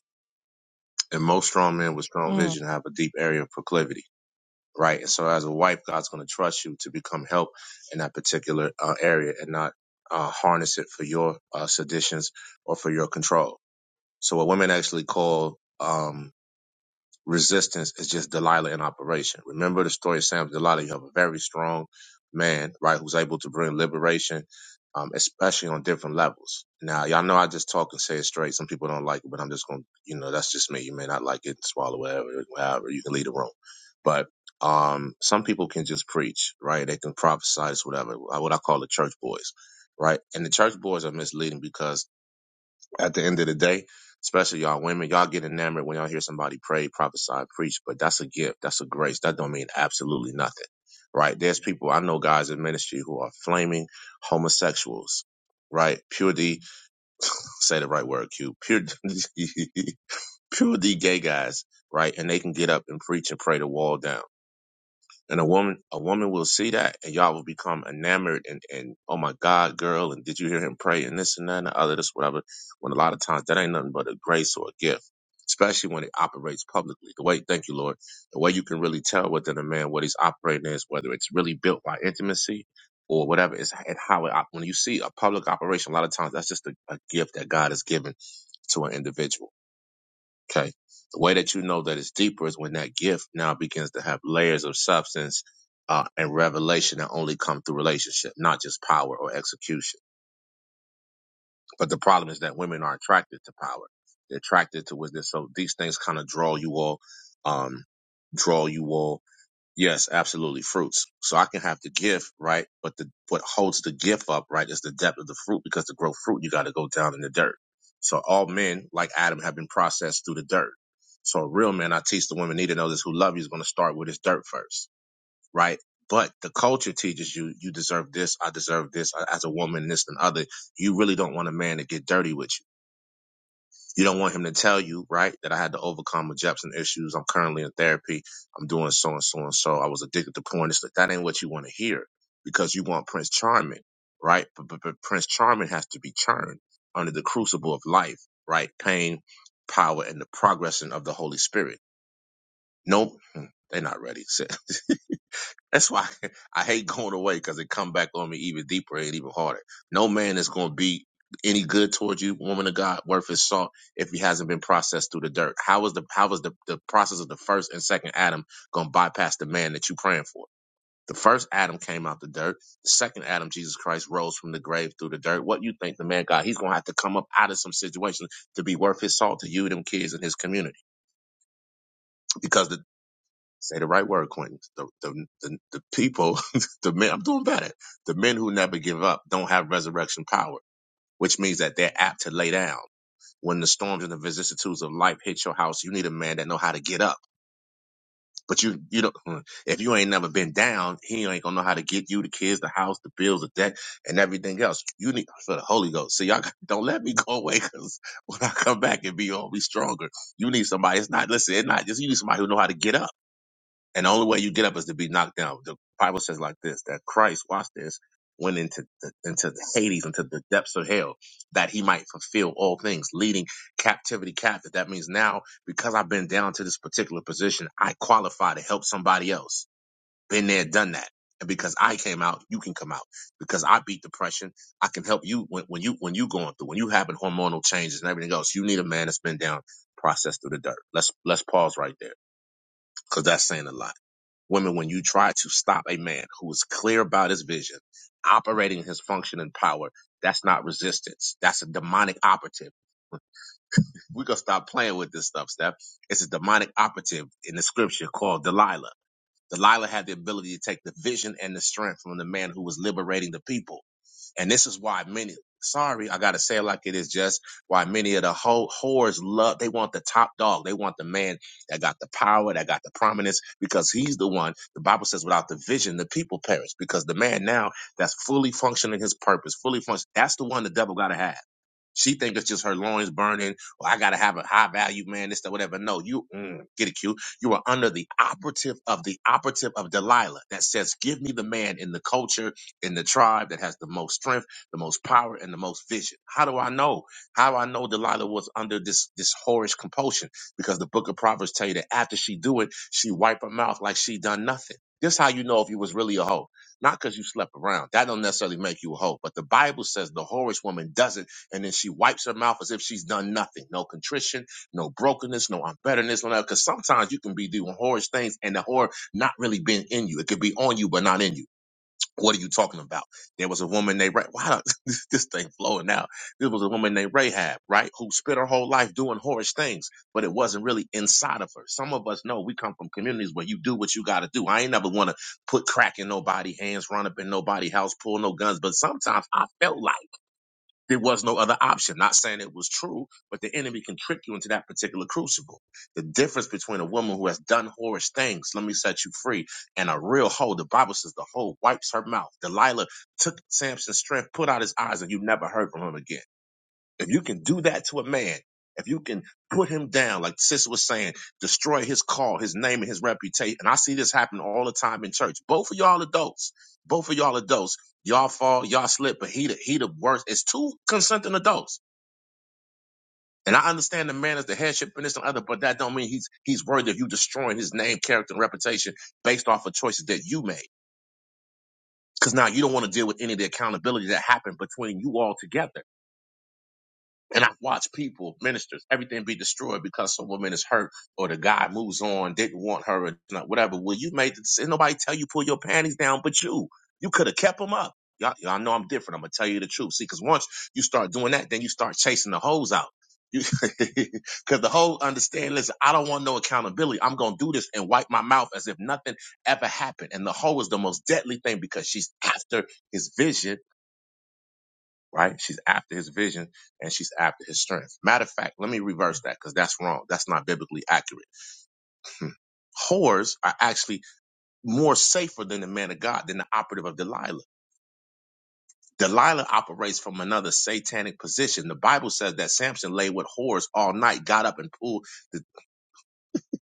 L: And most strong men with strong
A: Mm.
L: vision have a deep area of proclivity right? And so as a wife, God's going to trust you to become help in that particular uh, area and not uh, harness it for your uh, seditions or for your control. So what women actually call, um, resistance is just Delilah in operation. Remember the story of Sam and Delilah. You have a very strong man, right, who's able to bring liberation, um, especially on different levels. Now, y'all know I just talk and say it straight. Some people don't like it, but I'm just going to, you know, that's just me. You may not like it, swallow whatever, however, you can leave the room. But, um, some people can just preach, right? They can prophesize, whatever, what I call the church boys, right? And the church boys are misleading because at the end of the day, especially y'all women, y'all get enamored when y'all hear somebody pray, prophesy, preach, but that's a gift. That's a grace. That don't mean absolutely nothing, right? There's people, I know guys in ministry who are flaming homosexuals, right? Pure D, say the right word, Q, pure, pure D gay guys, right? And they can get up and preach and pray the wall down and a woman, a woman will see that, and y'all will become enamored and and oh my God, girl, and did you hear him pray and this and that and the other, this whatever. When a lot of times that ain't nothing but a grace or a gift, especially when it operates publicly. The way, thank you, Lord, the way you can really tell within a man what he's operating is whether it's really built by intimacy or whatever is and how it op- when you see a public operation, a lot of times that's just a, a gift that God has given to an individual Okay. The way that you know that it's deeper is when that gift now begins to have layers of substance uh, and revelation that only come through relationship, not just power or execution. But the problem is that women are attracted to power. They're attracted to wisdom. So these things kind of draw you all, um, draw you all Yes, absolutely. Fruits. So I can have the gift, right? But the what holds the gift up, right, is the depth of the fruit because to grow fruit you gotta go down in the dirt. So all men, like Adam, have been processed through the dirt. So a real man, I teach the women need to know this who love you is gonna start with his dirt first, right? But the culture teaches you you deserve this, I deserve this, I- as a woman, this and other. You really don't want a man to get dirty with you you don't want him to tell you, right, that I had to overcome rejection issues. I'm currently in therapy. I'm doing so and so and so. I was addicted to porn. It's like, that ain't what you want to hear because you want Prince Charming, right? But, but, but Prince Charming has to be churned under the crucible of life, right? Pain, power, and the progressing of the Holy Spirit. Nope, they're not ready. That's why I hate going away because it come back on me even deeper and even harder. No man is going to be any good towards you, woman of God, worth his salt, if he hasn't been processed through the dirt. How is the how is the, the process of the first and second Adam going to bypass the man that you praying for? The first Adam came out the dirt. The second Adam, Jesus Christ, rose from the grave through the dirt. What you think the man God? He's going to have to come up out of some situation to be worth his salt to you, them kids, and his community. Because the Say the right word, Quentin. The the the, the people, the men. I'm doing better. The men who never give up don't have resurrection power, which means that they're apt to lay down when the storms and the vicissitudes of life hit your house. You need a man that know how to get up. But you you don't. hmm, If you ain't never been down, he ain't gonna know how to get you, the kids, the house, the bills, the debt, and everything else. You need for the Holy Ghost. So y'all don't let me go away, cause when I come back and be all be stronger, you need somebody. It's not listen. It's not just you need somebody who know how to get up and the only way you get up is to be knocked down. The Bible says like this that Christ, watch this, went into the, into Hades, into the depths of hell, that he might fulfill all things, leading captivity captive. That means now, because I've been down to this particular position, I qualify to help somebody else. Been there, done that. And because I came out, you can come out. Because I beat depression, I can help you when, when you when you going through when you having hormonal changes and everything else. You need a man that's been down, processed through the dirt. Let's let's pause right there because that's saying a lot. Women, when you try to stop a man who is clear about his vision, operating his function and power, that's not resistance. That's a demonic operative. We're going to stop playing with this stuff, Steph. It's a demonic operative in the scripture called Delilah. Delilah had the ability to take the vision and the strength from the man who was liberating the people and this is why many, sorry, I gotta say it like it is just why many of the whole whores love, they want the top dog. They want the man that got the power, that got the prominence, because he's the one, the Bible says, without the vision, the people perish. Because the man now that's fully functioning his purpose, fully function, that's the one the devil gotta have. She think it's just her loins burning. Well, I gotta have a high value man, this, that, whatever. No, you mm, get it, Q. You are under the operative of the operative of Delilah that says, "Give me the man in the culture, in the tribe that has the most strength, the most power, and the most vision." How do I know? How do I know Delilah was under this this whorish compulsion? Because the Book of Proverbs tell you that after she do it, she wipe her mouth like she done nothing. This how you know if you was really a hoe, not because you slept around. That don't necessarily make you a hoe, but the Bible says the whorish woman doesn't and then she wipes her mouth as if she's done nothing. No contrition, no brokenness, no unbetterness, no nothing. Because sometimes you can be doing horrid things and the horror not really being in you. It could be on you, but not in you. What are you talking about? There was a woman named Rahab. Wow, this, this thing flowing out. There was a woman named Rahab, right? Who spent her whole life doing horrid things, but it wasn't really inside of her. Some of us know we come from communities where you do what you got to do. I ain't never want to put crack in nobody hands, run up in nobody house, pull no guns. But sometimes I felt like there was no other option. Not saying it was true, but the enemy can trick you into that particular crucible. The difference between a woman who has done whorish things, let me set you free, and a real hoe, the Bible says the hoe wipes her mouth. Delilah took Samson's strength, put out his eyes, and you never heard from him again. If you can do that to a man, if you can put him down, like Sis was saying, destroy his call, his name, and his reputation. And I see this happen all the time in church. Both of y'all adults. Both of y'all adults. Y'all fall, y'all slip, but he the, he the worst. It's two consenting adults. And I understand the man is the headship and this and other, but that don't mean he's he's worthy of you destroying his name, character, and reputation based off of choices that you made. Because now you don't want to deal with any of the accountability that happened between you all together. And I've watched people, ministers, everything be destroyed because some woman is hurt or the guy moves on, didn't want her, or not- whatever. Well, you made the decision. Nobody tell you pull your panties down but you. You could have kept them up. Y'all, y'all know I'm different. I'm going to tell you the truth. See, because once you start doing that, then you start chasing the hoes out. Because the whole understand, listen, I don't want no accountability. I'm going to do this and wipe my mouth as if nothing ever happened. And the hoe is the most deadly thing because she's after his vision right? She's after his vision and she's after his strength. Matter of fact, let me reverse that because that's wrong. That's not biblically accurate. Hmm. Whores are actually more safer than the man of God, than the operative of Delilah. Delilah operates from another satanic position. The Bible says that Samson lay with whores all night, got up and pulled the,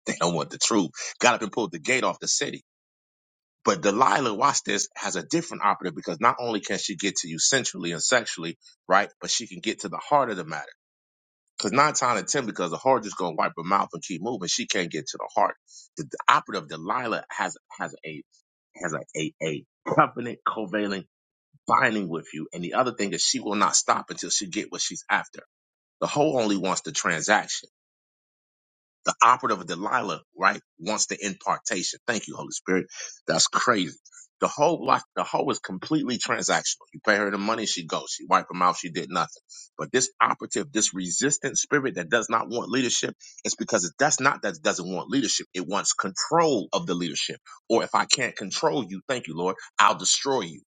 L: they don't want the truth, got up and pulled the gate off the city. But Delilah, watch this, has a different operative because not only can she get to you sensually and sexually, right? But she can get to the heart of the matter Because nine times out of ten, because the heart just gonna wipe her mouth and keep moving, she can't get to the heart. The, the operative Delilah has has a has a, a a covenant, covalent binding with you. And the other thing is, she will not stop until she get what she's after. The whole only wants the transaction. The operative of Delilah, right, wants the impartation. Thank you, Holy Spirit. That's crazy. The whole life, the whole is completely transactional. You pay her the money, she goes. She wipe her mouth, she did nothing. But this operative, this resistant spirit that does not want leadership, it's because it does not that it doesn't want leadership. It wants control of the leadership. Or if I can't control you, thank you, Lord, I'll destroy you.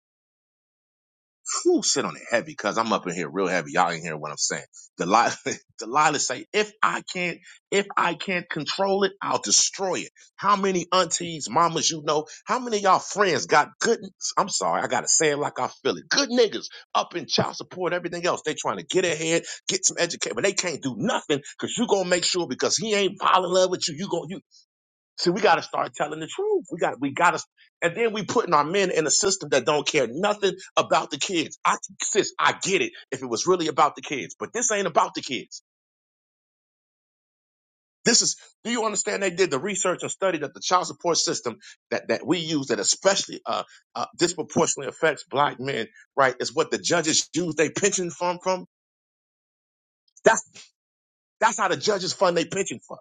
L: Whew, sit on it heavy because I'm up in here real heavy. Y'all ain't hear what I'm saying. Delilah, Delilah say, if I can't, if I can't control it, I'll destroy it. How many aunties, mamas you know? How many of y'all friends got good? I'm sorry, I gotta say it like I feel it. Good niggas up in child support, everything else. They trying to get ahead, get some education, but they can't do nothing because you gonna make sure because he ain't falling in love with you. You gonna you. See, we got to start telling the truth. We got we got to, and then we putting our men in a system that don't care nothing about the kids. I sis, I get it. If it was really about the kids, but this ain't about the kids. This is. Do you understand? They did the research and study that the child support system that that we use that especially uh, uh disproportionately affects black men. Right, is what the judges use they pension fund from. That's that's how the judges fund they pension fund.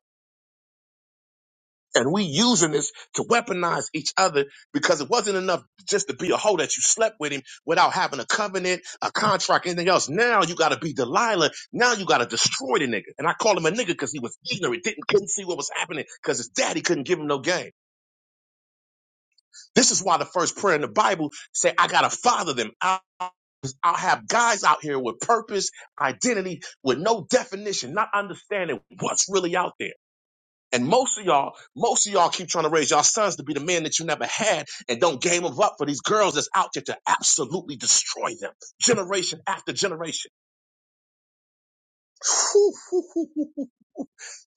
L: And we using this to weaponize each other because it wasn't enough just to be a hoe that you slept with him without having a covenant, a contract, anything else. Now you gotta be Delilah. Now you gotta destroy the nigga. And I call him a nigga because he was ignorant, didn't couldn't see what was happening because his daddy couldn't give him no game. This is why the first prayer in the Bible say, I gotta father them. I- I'll have guys out here with purpose, identity, with no definition, not understanding what's really out there. And most of y'all, most of y'all keep trying to raise y'all sons to be the man that you never had and don't game them up for these girls that's out there to absolutely destroy them generation after generation. Whew, whew, whew, whew, whew.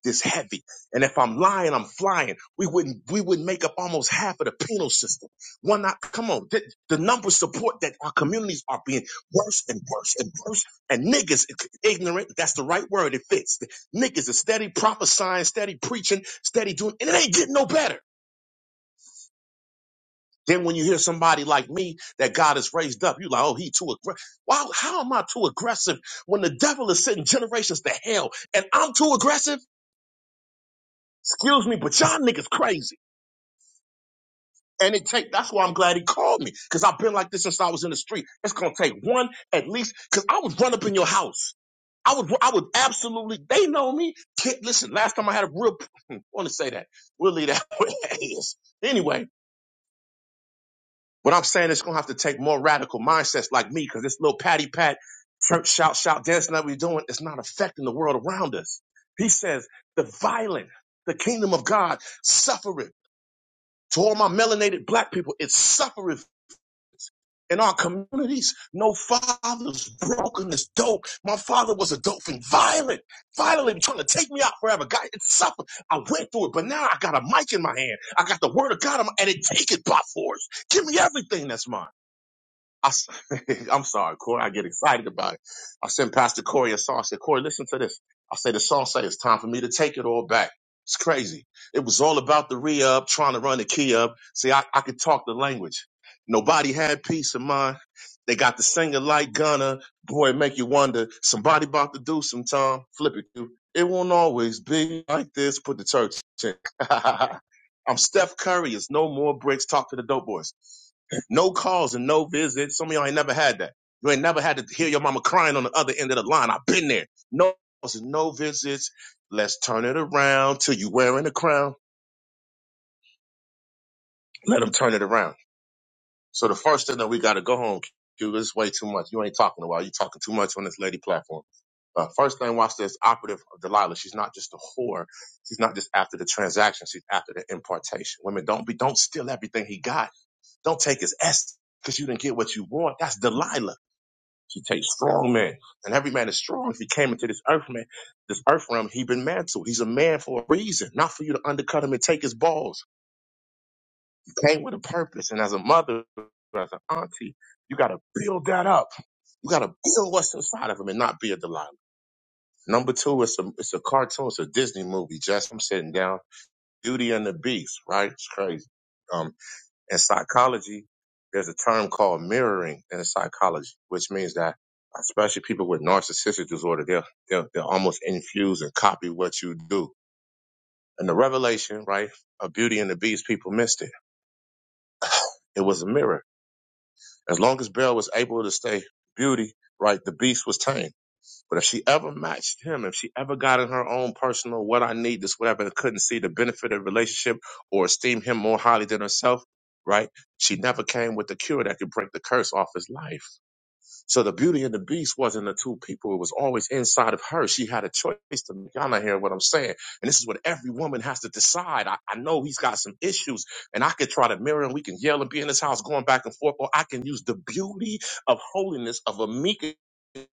L: This heavy. And if I'm lying, I'm flying. We wouldn't, we wouldn't make up almost half of the penal system. Why not, come on. The, the numbers support that our communities are being worse and worse and worse. And niggas, ignorant, that's the right word. It fits. Niggas is steady prophesying, steady preaching, steady doing, and it ain't getting no better. Then when you hear somebody like me that God has raised up, you're like, oh, he too aggressive. Wow, how am I too aggressive when the devil is sending generations to hell and I'm too aggressive? Excuse me, but y'all niggas crazy. And it take that's why I'm glad he called me. Cause I've been like this since I was in the street. It's gonna take one at least, cause I would run up in your house. I would I would absolutely they know me. Kid, listen, last time I had a real I want to say that. We'll leave that where that is. Anyway. What I'm saying is, it's gonna have to take more radical mindsets like me, because this little patty pat church shout shout dancing that we're doing is not affecting the world around us. He says, "The violent, the kingdom of God suffereth." To all my melanated black people, it suffereth in our communities. No fathers, brokenness, dope. My father was a dope and violent, violently trying to take me out forever. God, it suffered. I went through it, but now I got a mic in my hand. I got the word of God, in my, and it take it by force. Give me everything that's mine. I, am sorry, Corey. I get excited about it. I sent Pastor Corey a song. I said, Corey, listen to this. I say the song say it's time for me to take it all back. It's crazy. It was all about the re-up, trying to run the key up. See, I, I could talk the language. Nobody had peace of mind. They got the singer like Gunna. Boy, it make you wonder. Somebody about to do some time. Flip it. dude. It won't always be like this. Put the church in. I'm Steph Curry. It's no more bricks. Talk to the dope boys. No calls and no visits. Some of y'all ain't never had that. You ain't never had to hear your mama crying on the other end of the line. I've been there. No calls and no visits. Let's turn it around till you wearing a crown. Let them turn it around. So the first thing that we got to go home, Q, this is way too much. You ain't talking a while. You talking too much on this lady platform. Uh, first thing, watch this operative of Delilah. She's not just a whore. She's not just after the transaction. She's after the impartation. Women, don't be, don't steal everything he got. Don't take his S because you didn't get what you want. That's Delilah. She takes strong men, and every man is strong. If he came into this earth man, this earth realm, he been mantled. He's a man for a reason, not for you to undercut him and take his balls. He came with a purpose, and as a mother, as an auntie, you gotta build that up. You gotta build what's inside of him and not be a Delilah. Number two, it's a it's a cartoon, it's a Disney movie. Just I'm sitting down, Beauty and the Beast, right? It's crazy. Um. In psychology, there's a term called mirroring in psychology, which means that especially people with narcissistic disorder, they'll, they'll, they'll almost infuse and copy what you do. And the revelation, right, of Beauty and the Beast, people missed it. It was a mirror. As long as Belle was able to stay beauty, right, the beast was tame. But if she ever matched him, if she ever got in her own personal what I need, this whatever, and couldn't see the benefit of the relationship or esteem him more highly than herself, right? She never came with the cure that could break the curse off his life. So the beauty and the beast wasn't the two people. It was always inside of her. She had a choice to make. Y'all not hearing what I'm saying. And this is what every woman has to decide. I, I know he's got some issues and I could try to mirror and we can yell and be in this house going back and forth, or I can use the beauty of holiness of a meek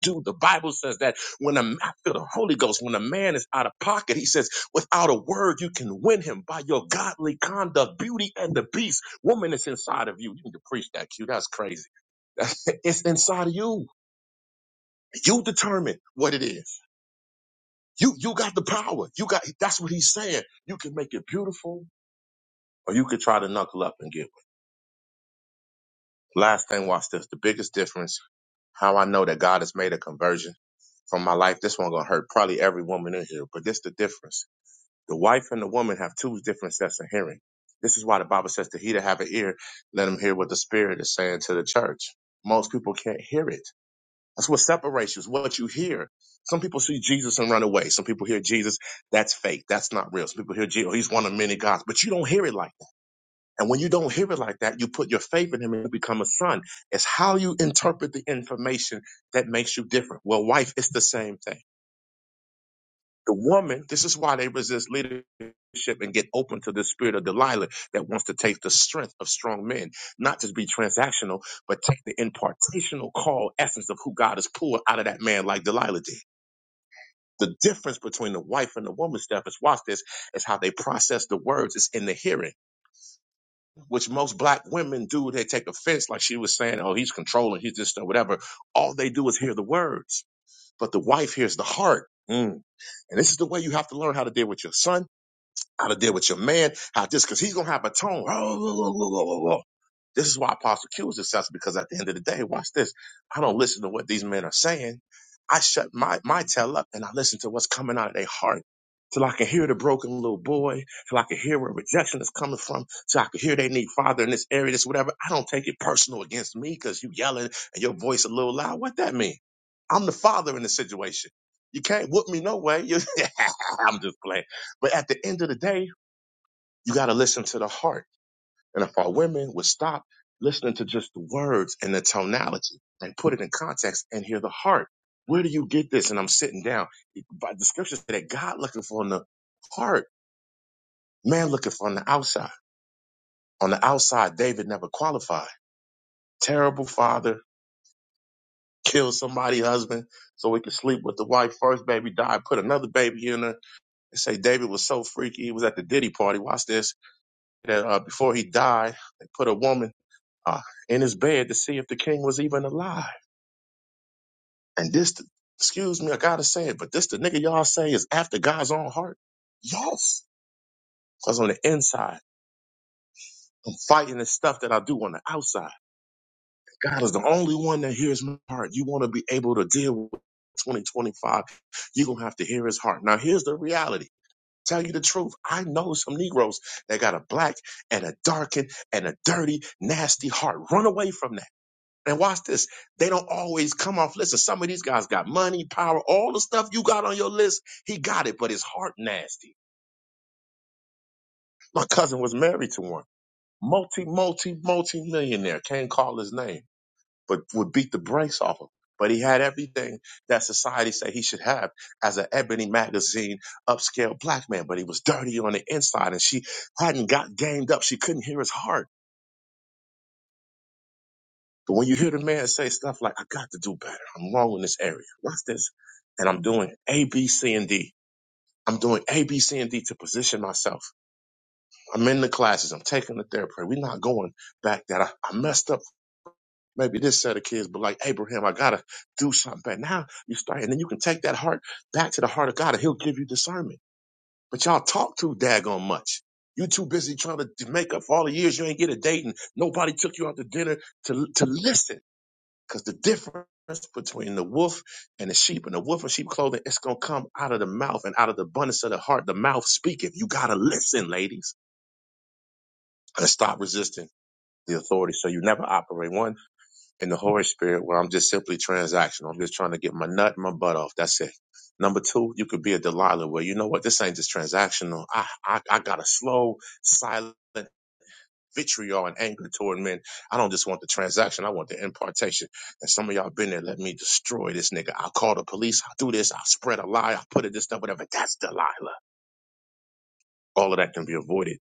L: do. The Bible says that when a man, I feel the Holy Ghost, when a man is out of pocket, he says, without a word, you can win him by your godly conduct, beauty and the beast. Woman is inside of you. You need to preach that, Q. That's crazy. That's, it's inside of you. You determine what it is. You you got the power. You got that's what he's saying. You can make it beautiful, or you could try to knuckle up and get one. Last thing, watch this. The biggest difference, how I know that God has made a conversion from my life. This one gonna hurt probably every woman in here, but this the difference. The wife and the woman have two different sets of hearing. This is why the Bible says to he that have an ear, let him hear what the Spirit is saying to the church. Most people can't hear it. That's what separates you, is what you hear. Some people see Jesus and run away. Some people hear Jesus, that's fake. That's not real. Some people hear Jesus, he's one of many gods, but you don't hear it like that. And when you don't hear it like that, you put your faith in him and you become a son. It's how you interpret the information that makes you different. Well, wife, it's the same thing. The woman, this is why they resist leadership and get open to the spirit of Delilah that wants to take the strength of strong men, not just be transactional, but take the impartational call essence of who God has pulled out of that man like Delilah did. The difference between the wife and the woman, Steph, is watch this, is how they process the words. It's in the hearing, which most black women do. They take offense, like she was saying, oh, he's controlling, he's this, or whatever. All they do is hear the words, but the wife hears the heart. Mm. And this is the way you have to learn how to deal with your son how to deal with your man, how this, because he's gonna have a tone. Oh, This is why Apostle Q is successful because at the end of the day, watch this. I don't listen to what these men are saying. I shut my my tail up and I listen to what's coming out of their heart. Till I can hear the broken little boy, till I can hear where rejection is coming from, till I can hear they need father in this area, this whatever. I don't take it personal against me because you yelling and your voice a little loud. What that mean? I'm the father in the situation. You can't whoop me no way. You, I'm just playing. But at the end of the day, you got to listen to the heart. And if our women would stop listening to just the words and the tonality and put it in context and hear the heart, where do you get this? And I'm sitting down. By the scriptures say that God looking for in the heart, man looking for on the outside. On the outside, David never qualified. Terrible father, killed somebody husband so he could sleep with the wife. First baby died, put another baby in her. They say David was so freaky. He was at the Diddy party. Watch this. That uh, before he died, they put a woman uh, in his bed to see if the king was even alive. And this, excuse me, I gotta say it, but this the nigga y'all say is after God's own heart. Yes, because on the inside, I'm fighting the stuff that I do on the outside. God is the only one that hears my heart. You want to be able to deal with 2025, you're gonna have to hear his heart. Now, here's the reality. Tell you the truth, I know some Negroes that got a black and a darkened and a dirty, nasty heart. Run away from that. And watch this. They don't always come off list. Some of these guys got money, power, all the stuff you got on your list. He got it, but his heart nasty. My cousin was married to one. Multi, multi, multi millionaire. Can't call his name, but would beat the brakes off him. But he had everything that society said he should have as an Ebony magazine upscale black man. But he was dirty on the inside and she hadn't got gamed up. She couldn't hear his heart. But when you hear the man say stuff like, I got to do better, I'm wrong in this area, watch this, and I'm doing A, B, C, and D. I'm doing A, B, C, and D to position myself. I'm in the classes, I'm taking the therapy. We're not going back that I, I messed up maybe this set of kids, but like Abraham, I gotta do something back. Now you start, and then you can take that heart back to the heart of God and he'll give you discernment. But y'all talk too daggone much. You too busy trying to make up for all the years you ain't get a date and nobody took you out to dinner to to listen because the difference between the wolf and the sheep and the wolf and sheep clothing, it's going to come out of the mouth and out of the abundance of the heart. The mouth speaketh. You got to listen, ladies, and stop resisting the authority. So you never operate one in the Holy Spirit where I'm just simply transactional. I'm just trying to get my nut and my butt off. That's it. Number two, you could be a Delilah where you know what? This ain't just transactional. I, I, I got a slow, silent vitriol and anger toward men. I don't just want the transaction. I want the impartation. And some of y'all been there. Let me destroy this nigga. I'll call the police. I'll do this. I'll spread a lie. I'll put it this stuff, whatever. That's Delilah. All of that can be avoided.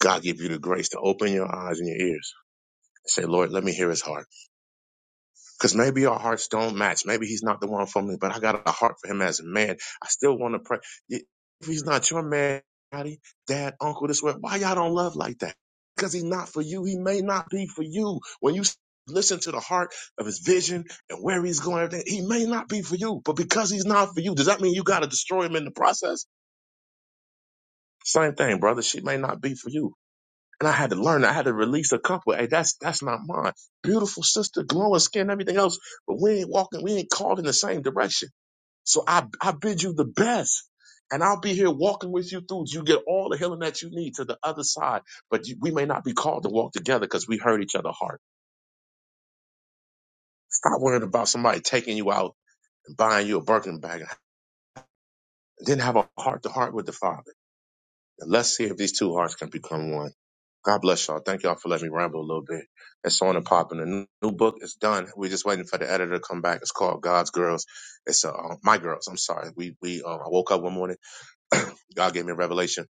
L: God give you the grace to open your eyes and your ears and say, Lord, let me hear his heart. Because maybe our hearts don't match. Maybe he's not the one for me, but I got a heart for him as a man. I still want to pray. If he's not your man, daddy, dad, uncle, this way, why y'all don't love like that? Because he's not for you. He may not be for you. When you listen to the heart of his vision and where he's going, everything, he may not be for you. But because he's not for you, does that mean you got to destroy him in the process? Same thing, brother. She may not be for you. And I had to learn. I had to release a couple. Hey, that's that's not mine. Beautiful sister, glowing skin, everything else. But we ain't walking. We ain't called in the same direction. So I I bid you the best. And I'll be here walking with you through. You get all the healing that you need to the other side. But you, we may not be called to walk together because we hurt each other heart. Stop worrying about somebody taking you out and buying you a Birkin bag. And then have a heart to heart with the Father. And let's see if these two hearts can become one. God bless y'all. Thank y'all for letting me ramble a little bit. It's on and popping. The new new book is done. We're just waiting for the editor to come back. It's called God's Girls. It's uh, uh, my girls. I'm sorry. We we uh, I woke up one morning. God gave me a revelation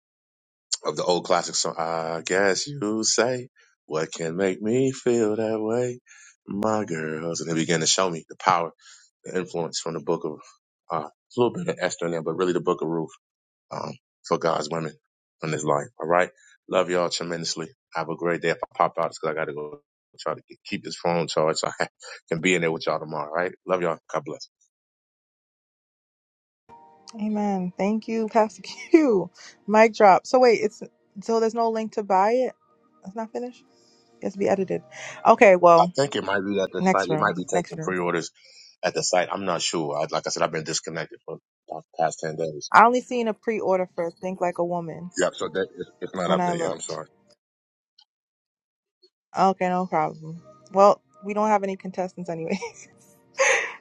L: of the old classic song. I guess you say what can make me feel that way, my girls. And they began to show me the power, the influence from the book of uh, it's a little bit of Esther in there, but really the book of Ruth um, for God's women in this life. All right. Love y'all tremendously. Have a great day. If I pop out, it's because I got to go try to get, keep this phone charged so I can be in there with y'all tomorrow. All right. Love y'all. God bless.
A: Amen. Thank you, Pastor Q. Mic drop. So wait, it's so there's no link to buy it. It's not finished. It's be edited. Okay,
L: I
A: well,
L: think it might be at the site.
A: next
L: It
A: room.
L: might be
A: Next
L: taking
A: room.
L: pre orders at the site. I'm not sure. I, like I said, I've been disconnected for the past 10 days.
A: I only seen a pre-order for Think Like a Woman
L: Yep. So that, it's it's not
A: when
L: up
A: I
L: there yet. I'm
A: looked.
L: sorry.
A: Okay, no problem. Well, we don't have any contestants anyway.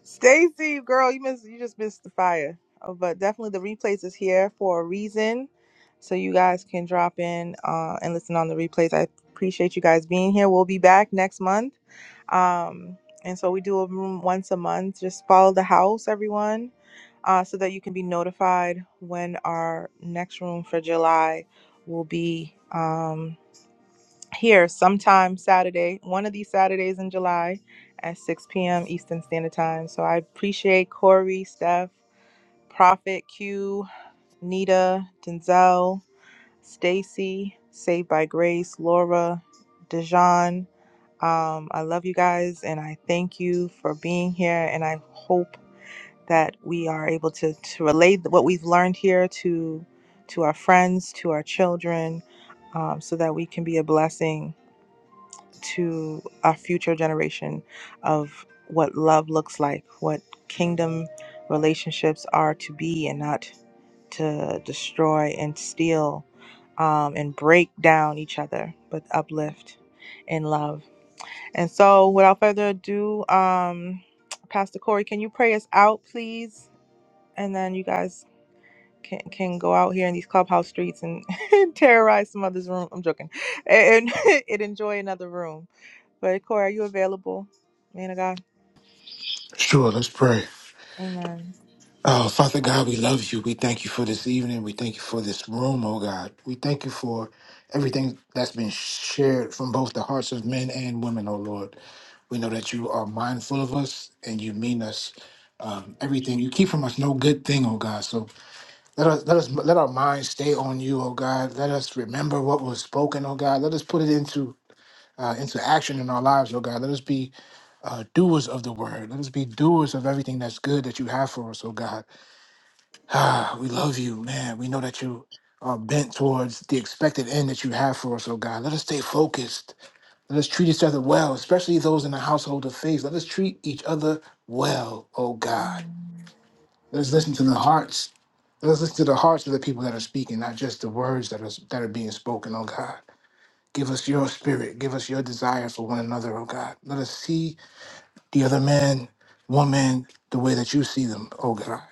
A: Stacy, girl, you missed you just missed the fire. Uh, But definitely the replays is here for a reason. So you guys can drop in uh, and listen on the replays. I appreciate you guys being here. We'll be back next month. Um, and so we do a room once a month. Just follow the house, everyone, uh, so that you can be notified when our next room for July will be. Um, here sometime Saturday, one of these Saturdays in July at 6 p.m. Eastern Standard Time. So I appreciate Corey, Steph, Prophet, Q, Nita, Denzel, Stacy, Saved by Grace, Laura, Dejan. Um, I love you guys and I thank you for being here. And I hope that we are able to, to relate what we've learned here to to our friends, to our children, um, so that we can be a blessing to our future generation of what love looks like, what kingdom relationships are to be and not to destroy and steal um, and break down each other, but uplift in love. And so, without further ado, um, Pastor Corey, can you pray us out, please? And then you guys can, can go out here in these clubhouse streets and, terrorize some other's room. I'm joking. And, and enjoy another room. But Corey, are you available? Man of God.
B: Sure, let's pray.
A: Amen.
B: Oh, Father God, we love you. We thank you for this evening. We thank you for this room, oh God. We thank you for everything that's been shared from both the hearts of men and women, oh Lord. We know that you are mindful of us and you mean us um, everything. You keep from us no good thing, oh God. So let us let us let our minds stay on you, oh God. Let us remember what was spoken, oh God. Let us put it into uh, into action in our lives, oh God. Let us be uh, doers of the word. Let us be doers of everything that's good that you have for us, oh God. Ah, we love you, man. We know that you are bent towards the expected end that you have for us, oh God. Let us stay focused. Let us treat each other well, especially those in the household of faith. Let us treat each other well, oh God. Let us listen to the hearts. Let us listen to the hearts of the people that are speaking, not just the words that are that are being spoken, oh God. Give us your spirit. Give us your desire for one another, oh God. Let us see the other man, woman, the way that you see them, oh God.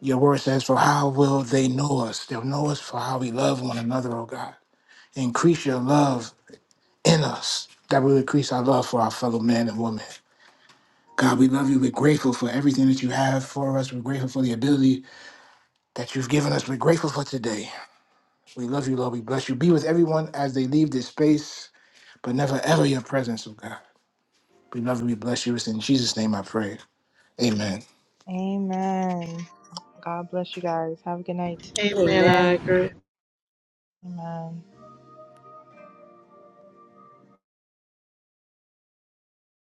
B: Your word says, For how will they know us? They'll know us for how we love one another, oh God. Increase your love in us, that we will increase our love for our fellow man and woman. God, we love you. We're grateful for everything that you have for us. We're grateful for the ability that you've given us. We're grateful for today. We love you, Lord. We bless you. Be with everyone as they leave this space, but never ever your presence, oh God. We love you. We bless you. It's in Jesus' name I pray. Amen.
A: Amen. God bless you guys. Have a good night.
J: Amen.
C: Amen.
J: I agree.
A: Amen.